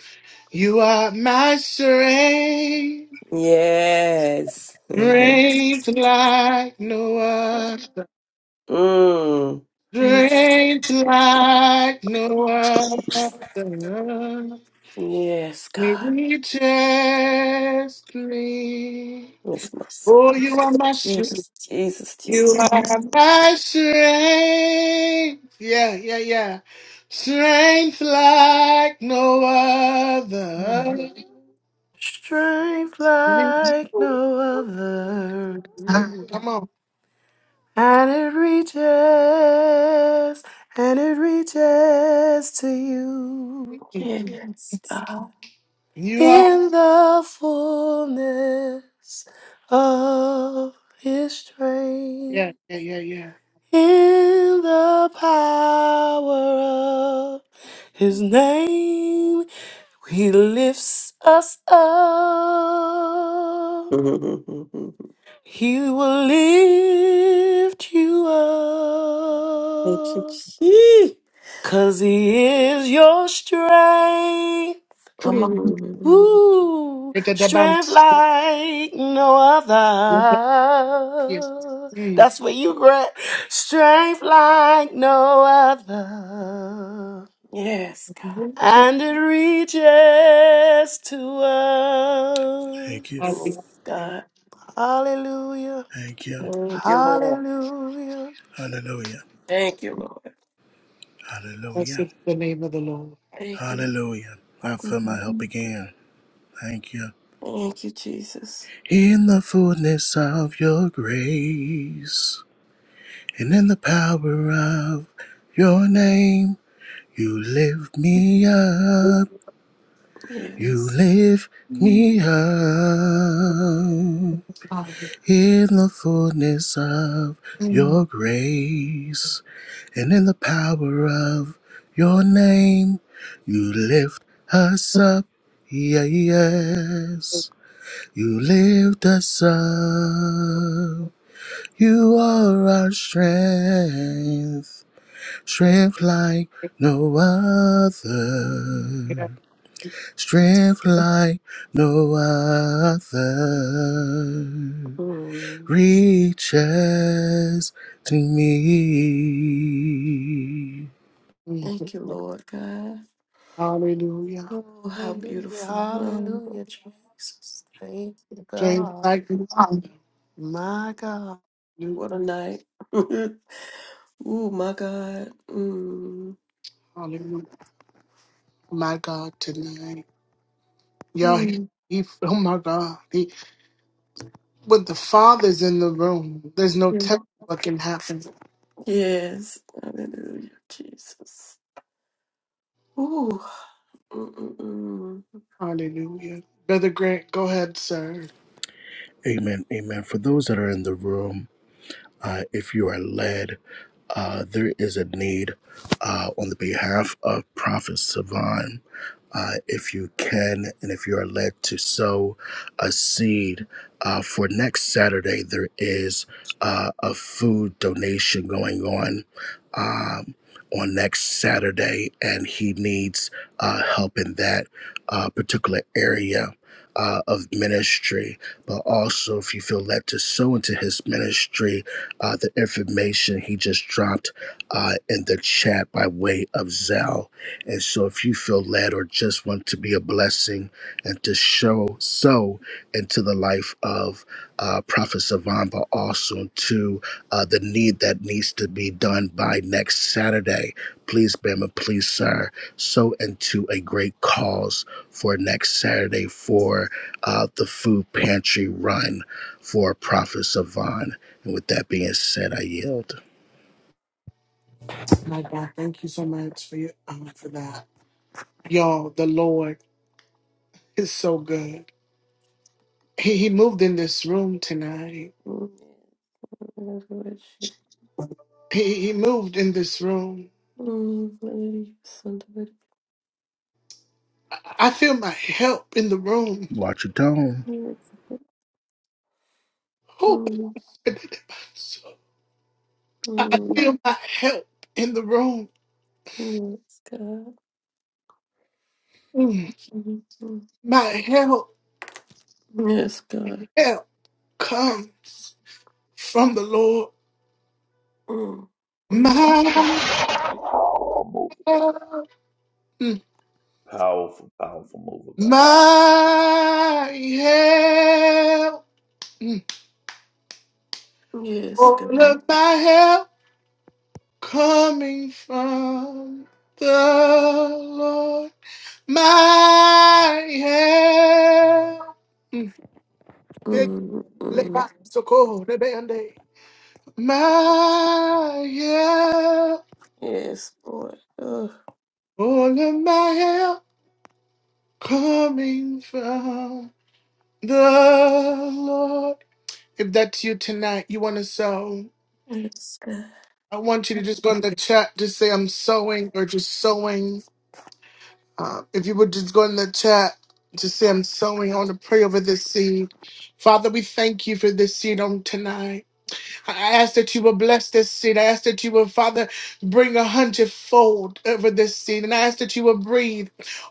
Speaker 1: You are my strength.
Speaker 3: Yes. <laughs>
Speaker 1: Draped like no other.
Speaker 3: mm.
Speaker 14: Thank
Speaker 1: Draped like no other.
Speaker 3: Yes,
Speaker 1: Me
Speaker 3: God.
Speaker 1: reaches me.
Speaker 3: Yes, my son.
Speaker 1: Oh, you are my strength.
Speaker 3: Jesus, Jesus,
Speaker 1: You
Speaker 3: Jesus.
Speaker 14: you.
Speaker 1: are my strength. Yeah, yeah, yeah. Strength like no other.
Speaker 7: Strength like no other.
Speaker 1: Come on.
Speaker 7: And it reaches, and it reaches to you.
Speaker 3: Yes, God.
Speaker 1: You are.
Speaker 7: in the fullness of his
Speaker 1: Yeah,
Speaker 7: strength,
Speaker 1: yeah, yeah, yeah.
Speaker 7: in the power of his name, he lifts us up.
Speaker 3: Hmm
Speaker 7: He will lift you
Speaker 3: Thank you,
Speaker 7: up,
Speaker 3: Jesus.
Speaker 7: cause he is your strength.
Speaker 1: Come on.
Speaker 3: hmm.
Speaker 7: Ooh,
Speaker 1: Get the
Speaker 7: strength
Speaker 1: dance.
Speaker 7: like no
Speaker 1: Yes,
Speaker 7: other.
Speaker 1: Jesus.
Speaker 7: That's what you grant. Strength like no other.
Speaker 3: Yes, God.
Speaker 1: Worship.
Speaker 7: And it reaches to
Speaker 8: Thank you.
Speaker 7: us.
Speaker 3: Yes,
Speaker 1: Hallelujah.
Speaker 3: God.
Speaker 7: Hallelujah.
Speaker 8: Thank you.
Speaker 3: Thank you, Lord.
Speaker 7: Hallelujah.
Speaker 8: Hallelujah.
Speaker 3: Thank you, Lord.
Speaker 8: Hallelujah.
Speaker 1: Blessed the name of the Lord.
Speaker 3: Thank you.
Speaker 8: Hallelujah. I feel my help
Speaker 3: Mhm.
Speaker 8: again. Thank you.
Speaker 3: Thank you, Jesus.
Speaker 8: In the fullness of your grace and in the power of your name, you lift me up. You
Speaker 3: Yes.
Speaker 8: lift me up. In the fullness of your grace and in the power of your name, you lift us up. Yeah, yes. You lift us up. You are our strength. Strength like no other. Strength like no other.
Speaker 3: Mm.
Speaker 8: Reaches to me.
Speaker 3: Thank you,
Speaker 1: Mhm.
Speaker 3: Lord God.
Speaker 1: Hallelujah.
Speaker 3: Oh, how
Speaker 7: Hallelujah.
Speaker 3: beautiful. Um,
Speaker 7: Hallelujah, Jesus. Thank you,
Speaker 1: Thank
Speaker 7: God.
Speaker 1: like Hallelujah.
Speaker 7: My God.
Speaker 3: what a night. <laughs> oh, my God. Mm.
Speaker 1: Hallelujah. My God, tonight. Y'all, he,
Speaker 3: Mm.
Speaker 1: he, oh my God. He, When the Father's in the room. There's no
Speaker 3: Yeah.
Speaker 1: telling what can happen.
Speaker 3: Yes. Hallelujah, Jesus. Ooh. Mm-mm-mm.
Speaker 1: Hallelujah. Brother Grant, go ahead, sir.
Speaker 8: Amen. Amen. For those that are in the room, uh, if you are led. Uh, there is a need uh, on the behalf of Prophet Savan. Uh, if you can, and if you are led to sow a seed uh, for next Saturday, there is uh, a food donation going on um, on next Saturday, and he needs uh, help in that uh, particular area uh, of ministry. But also, if you feel led to sow into his ministry, uh, the information he just dropped uh, in the chat by way of Zell. And so if you feel led or just want to be a blessing and to show so into the life of uh, Prophet Savan, but also to uh, the need that needs to be done by next Saturday, please, Bama, please, sir, so into a great cause for next Saturday for uh, the food pantry run for Prophet Savan. And with that being said, I yield.
Speaker 1: My God, thank you so much for your um, for that. Y'all, the Lord is so good. He, he moved in this room tonight.
Speaker 3: Mm. Hallelujah, Jesus.
Speaker 1: He, he moved in this room.
Speaker 3: Mm, Hallelujah, son of a-
Speaker 1: I, I feel my help in the room.
Speaker 8: Watch your tone.
Speaker 3: Yes.
Speaker 1: Oh,
Speaker 3: Mm,
Speaker 1: I I
Speaker 3: mm,
Speaker 1: feel my help in the room.
Speaker 3: Yes, God.
Speaker 1: Mm,
Speaker 3: Mm, mm.
Speaker 1: My help,
Speaker 3: Yes, God.
Speaker 1: help comes from the Lord.
Speaker 3: Mm,
Speaker 1: My
Speaker 3: mm,
Speaker 1: help,
Speaker 4: powerful move of
Speaker 1: mm,
Speaker 4: God. Powerful, powerful move of God.
Speaker 1: my help, mm,
Speaker 3: Yes,
Speaker 1: all
Speaker 3: God.
Speaker 1: of my help coming from the Lord. My help. Mm. It- let-
Speaker 3: Mm.
Speaker 1: So cold. that band aid. My help.
Speaker 3: Yes, Lord. Oh,
Speaker 1: All of my help coming from the Lord. If that's you tonight, you want to sow.
Speaker 3: yes, God.
Speaker 1: I want you to just go in the chat, just say I'm sowing or just sowing. Uh, if you would just go in the chat, just say I'm sowing. I want to pray over this seed. Father, we thank you for this seed on tonight. I ask that you will bless this seed. I ask that you will, Father, bring a hundredfold over this seed. And I ask that you will breathe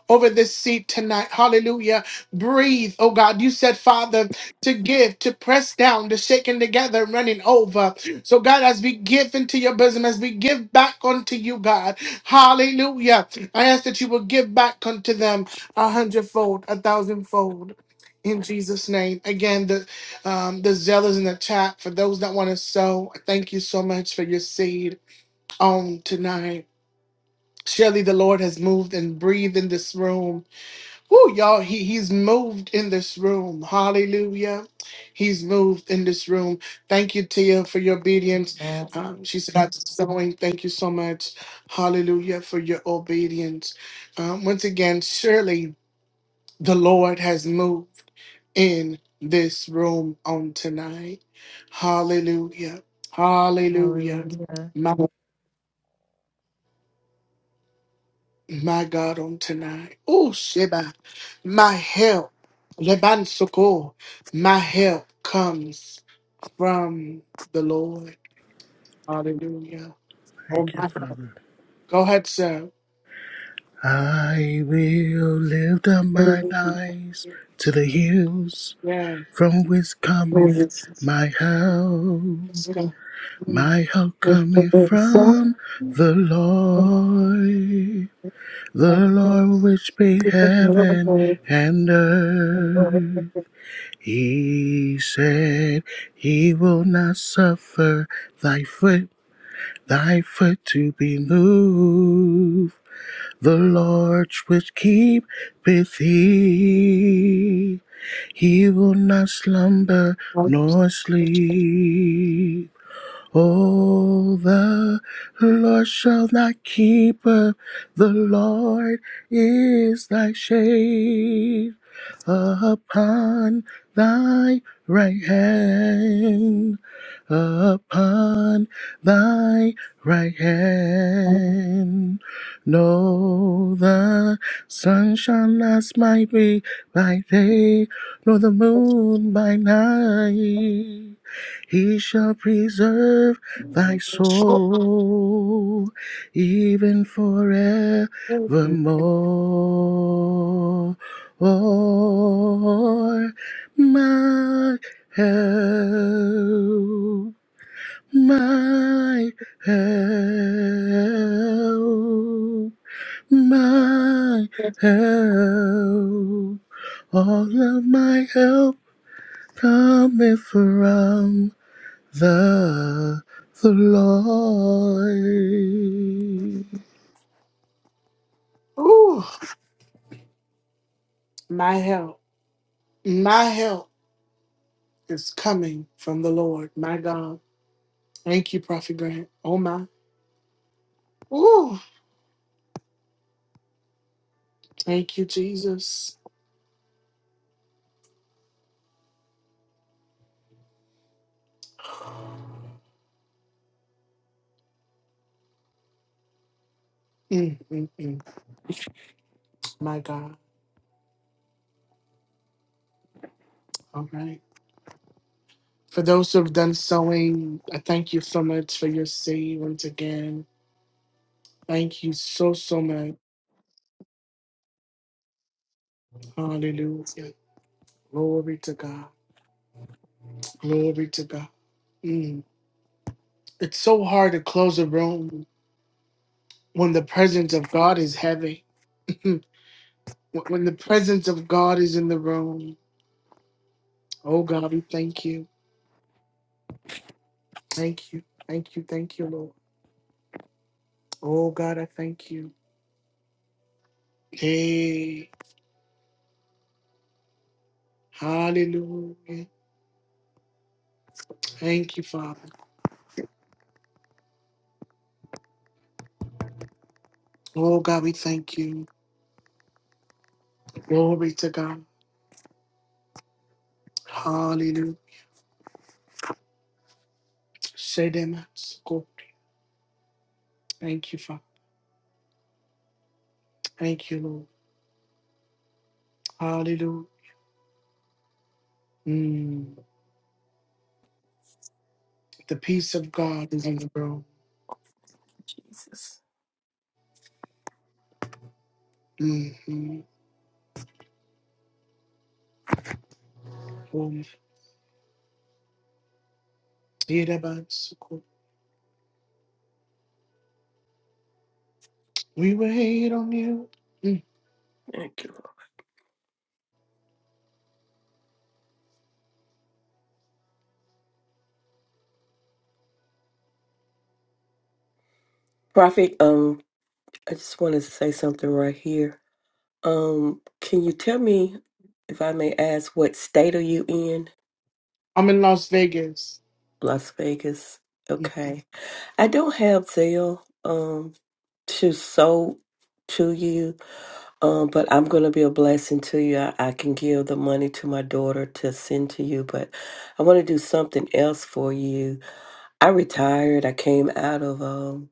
Speaker 1: over this seed tonight. Hallelujah. Breathe, oh God. You said, Father, to give, to press down, to shaking together, running over. So, God, as we give into your bosom, as we give back unto you, God, hallelujah. I ask that you will give back unto them a hundredfold, a thousandfold. In Jesus' name. Again, um, the zeal is in the chat. For those that want to sow, thank you so much for your seed on tonight. Surely the Lord has moved and breathed in this room. Woo, y'all, he, he's moved in this room. Hallelujah. He's moved in this room. Thank you, Tia, for your obedience. Um, she said, I'm sowing. Thank you so much. Hallelujah for your obedience. Um, once again, surely the Lord has moved in this room on tonight. Hallelujah. Hallelujah.
Speaker 9: Hallelujah.
Speaker 1: My, my God on tonight. Oh, Sheba. My help. Lebansoko. My help comes from the Lord. Hallelujah. Oh,
Speaker 8: Thank
Speaker 1: my
Speaker 8: you,
Speaker 1: God.
Speaker 8: Father.
Speaker 1: Go ahead, sir.
Speaker 8: I will lift up my eyes to the hills
Speaker 1: Yeah.
Speaker 8: from which cometh
Speaker 1: Let's
Speaker 8: my help.
Speaker 1: go.
Speaker 8: My help cometh from the Lord, the Lord which made heaven and earth. He said, He will not suffer thy foot, thy foot to be moved. The Lord which keepeth thee, he will not slumber nor sleep. Oh, the Lord shall not keep up. The Lord is thy shade upon thy right hand. Upon thy right hand. No, the sun shall not smite me by day, nor the moon by night. He shall preserve thy soul even forevermore. My help, my help, my help. All of my help cometh from the the Lord.
Speaker 1: Ooh, my help. My help. is coming from the Lord. My God. Thank you, Prophet Grant. Oh, my. Ooh. Thank you, Jesus. Mm, mm, mm. My God. All right. For those who have done sowing, I thank you so much for your seed once again. Thank you so, so much. Hallelujah. Glory to God. Glory to God. Mm. It's so hard to close a room when the presence of God is heavy. <laughs> when when the presence of God is in the room. Oh God, we thank you. Thank you. Thank you. Thank you, Lord. Oh, God, I thank you. Hey, hallelujah. Thank you, Father. Oh, God, we thank you. Glory to God. Hallelujah. Shedematsuko. Thank you, Father. Thank you, Lord. Hallelujah. Mm. The peace of God is in the room.
Speaker 3: Jesus.
Speaker 1: hmm Oh, Shedematsuko. We wait on you. Mm.
Speaker 3: Thank you, Lord. Prophet, um, I just wanted to say something right here. Um, can you tell me, if I may ask, what state are you in?
Speaker 1: I'm in Las Vegas.
Speaker 3: Las Vegas.
Speaker 1: Mm.
Speaker 3: Okay. I don't have Zelle, um, to sow to you, um, but I'm going to be a blessing to you. I, I can give the money to my daughter to send to you, but I want to do something else for you. I retired. I came out of, um.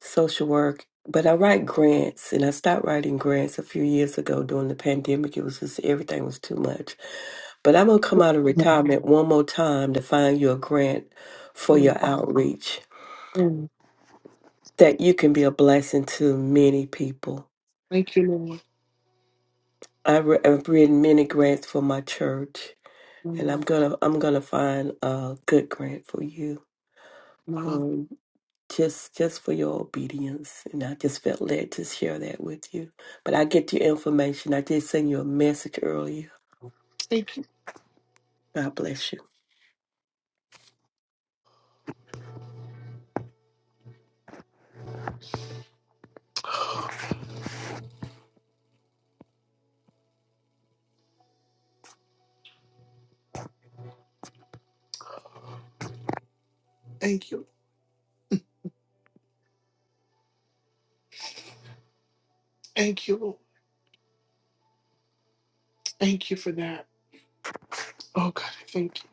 Speaker 3: social work, but I write grants and I stopped writing grants a few years ago during the pandemic. It was just everything was too much. But I'm gonna come out of retirement one more time to find you a grant for
Speaker 1: Mm.
Speaker 3: your outreach
Speaker 1: Mm.
Speaker 3: that you can be a blessing to many people.
Speaker 1: Thank you, Lord.
Speaker 3: I re- I've written many grants for my church, and
Speaker 1: Mm.
Speaker 3: I'm gonna I'm gonna find a good grant for you.
Speaker 1: Mom,
Speaker 3: Um, just just for your obedience. And I just felt led to share that with you. But I get your information. I did send you a message earlier.
Speaker 1: thank you,
Speaker 3: God bless you.
Speaker 1: thank you, thank you, Lord. Thank you for that. Oh God, I thank you.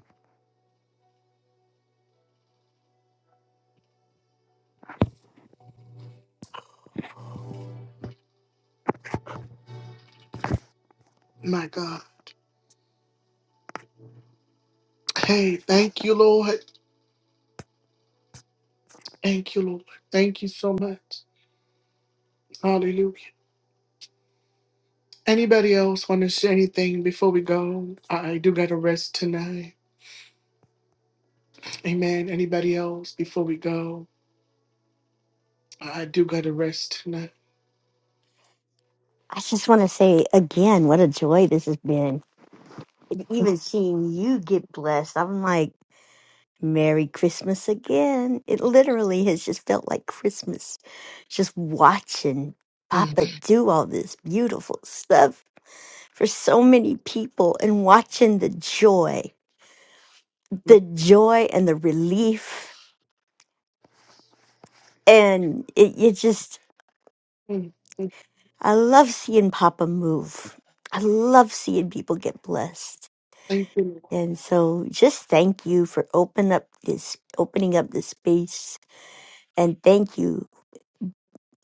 Speaker 1: My God. Hey, thank you, Lord. Thank you, Lord. Thank you so much. Hallelujah. Anybody else want to say anything before we go? I I do gotta rest tonight. Amen. Anybody else before we go? I I do gotta rest tonight.
Speaker 20: I just want to say again what a joy this has been. And even seeing you get blessed, I'm like, Merry Christmas again. It literally has just felt like Christmas. Just watching
Speaker 1: Mm,
Speaker 20: Papa do all this beautiful stuff for so many people and watching the joy.
Speaker 1: mm,
Speaker 20: the joy and the relief. And it, it just,
Speaker 1: mm, mm.
Speaker 20: I love seeing Papa move. I love seeing people get blessed.
Speaker 1: Thank you, Lord.
Speaker 20: And so just thank you for open up this, opening up this space. And thank you,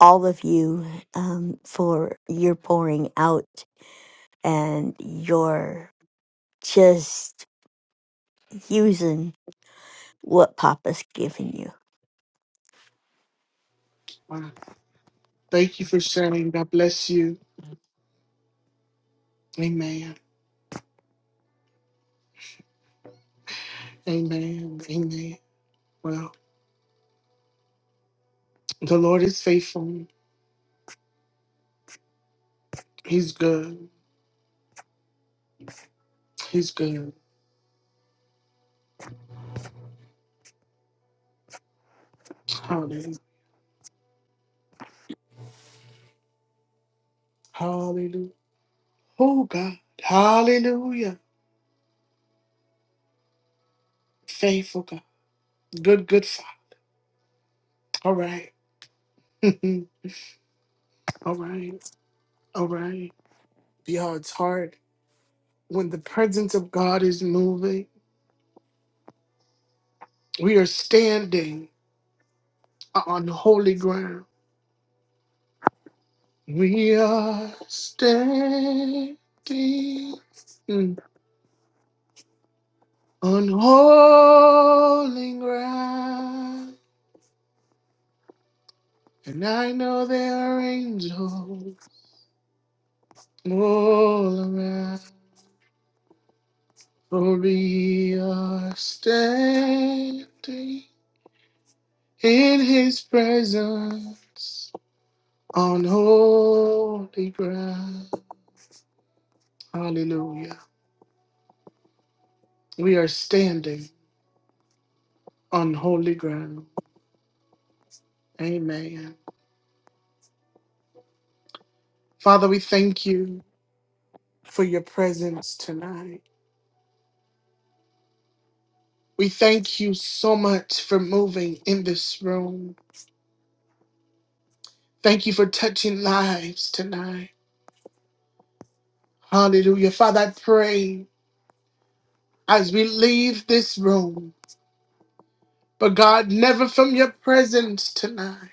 Speaker 20: all of you, um, for your pouring out and your just using what Papa's given you.
Speaker 1: Wow. Thank you for sharing. God bless you. Amen. Amen. Amen. Well, the Lord is faithful. He's good. He's good. Hallelujah. Hallelujah. Oh God. Hallelujah. Faithful God. Good, good Father. All right. <laughs> All right. All right. Y'all, it's hard. When the presence of God is moving, we are standing on holy ground. We are standing mm, on holy ground. And I know there are angels. All around for we are standing in his presence on holy ground. Hallelujah. We are standing on holy ground. Amen. Father, we thank you for your presence tonight. We thank you so much for moving in this room. Thank you for touching lives tonight. Hallelujah. Father, I pray. as we leave this room. But God, never from your presence tonight.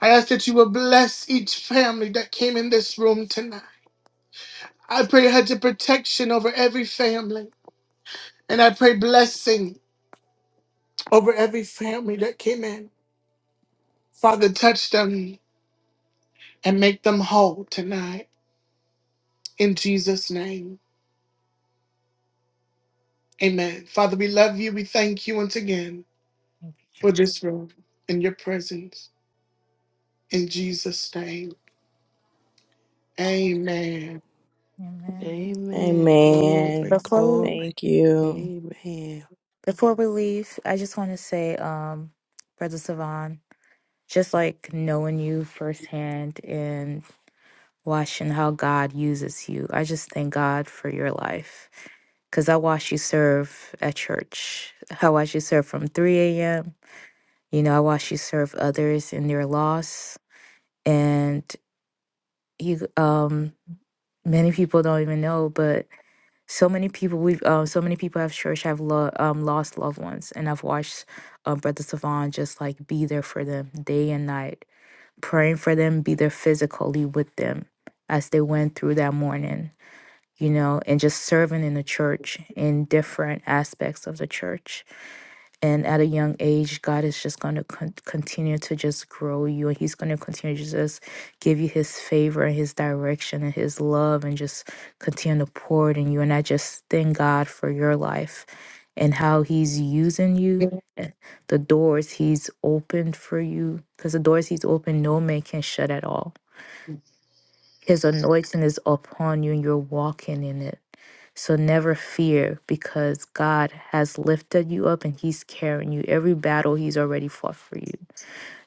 Speaker 1: I ask that you will bless each family that came in this room tonight. I pray a hedge of protection over every family. And I pray blessing over every family that came in. Father, touch them and make them whole tonight. In Jesus' name, amen. Father, we love you. We thank you once again
Speaker 9: Thank you,
Speaker 1: for
Speaker 9: Jesus.
Speaker 1: this room in your presence. In Jesus' name, amen.
Speaker 9: Amen.
Speaker 7: Amen. Glory,
Speaker 14: Amen.
Speaker 9: Before we,
Speaker 7: glory.
Speaker 14: Thank you.
Speaker 7: Amen.
Speaker 9: Before we leave, I just want to say, um, Brother Savon, just like knowing you firsthand and watching how God uses you, I just thank God for your life. Because I watched you serve at church. I watched you serve from 3 a.m. You know, I watched you serve others in their loss. and. you um many people don't even know but so many people we've um so many people at church have lo- um lost loved ones and i've watched um brother savon just like be there for them day and night praying for them be there physically with them as they went through that morning you know and just serving in the church in different aspects of the church and at a young age god is just going to con- continue to just grow you and he's going to continue to just give you his favor and his direction and his love and just continue to pour it in you and i just thank god for your life and how he's using you and the doors he's opened for you because the doors he's opened no man can shut at all his anointing is upon you and you're walking in it so never fear because God has lifted you up and He's carrying you. Every battle He's already fought for you.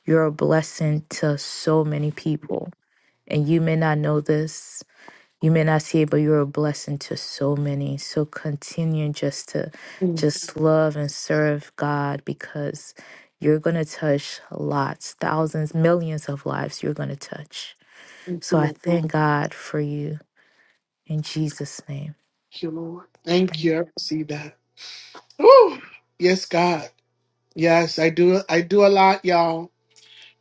Speaker 9: You're a blessing to so many people. And you may not know this, you may not see it, but you're a blessing to so many. So continue just to
Speaker 1: Thank
Speaker 9: just love and serve God because you're going to touch lots, thousands, millions of lives you're going to touch.
Speaker 1: you,
Speaker 9: So I
Speaker 1: Lord.
Speaker 9: thank God for you in Jesus' name.
Speaker 1: Thank you, Lord. Thank you. I see that. Ooh, yes, God. Yes, I do. I do a lot, y'all.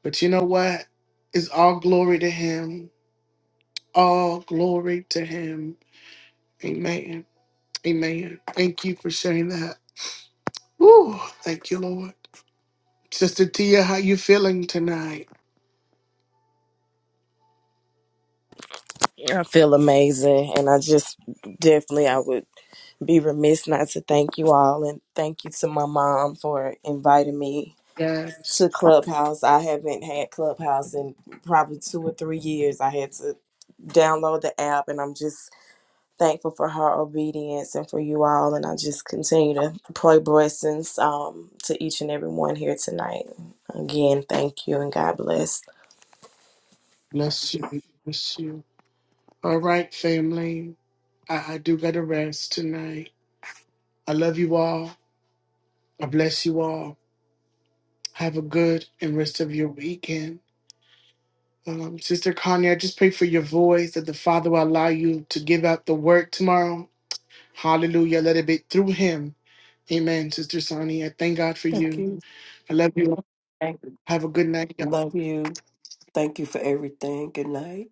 Speaker 1: But you know what? It's all glory to Him. All glory to Him. Amen. Amen. Thank you for sharing that. Ooh, thank you, Lord. Sister Tia, how you feeling tonight?
Speaker 14: I feel amazing. And I just definitely, I would be remiss not to thank you all. And thank you to my mom for inviting me
Speaker 1: Yes.
Speaker 14: to Clubhouse. I haven't had Clubhouse in probably two or three years. I had to download the app, and I'm just thankful for her obedience and for you all. And I just continue to pray blessings um, to each and every one here tonight. Again, thank you and God bless.
Speaker 1: Bless you. Bless you. All right, family. I, I do gotta rest tonight. I love you all. I bless you all. Have a good and rest of your weekend. Um, Sister Connie, I just pray for your voice that the Father will allow you to give out the word tomorrow. Hallelujah. Let it be through him. Amen, Sister Sonny. I thank God for
Speaker 3: Thank
Speaker 1: you.
Speaker 3: you.
Speaker 1: I love you. all.
Speaker 3: Thank you.
Speaker 1: Have a good night. y'all.
Speaker 3: Love you. Thank you for everything. Good night.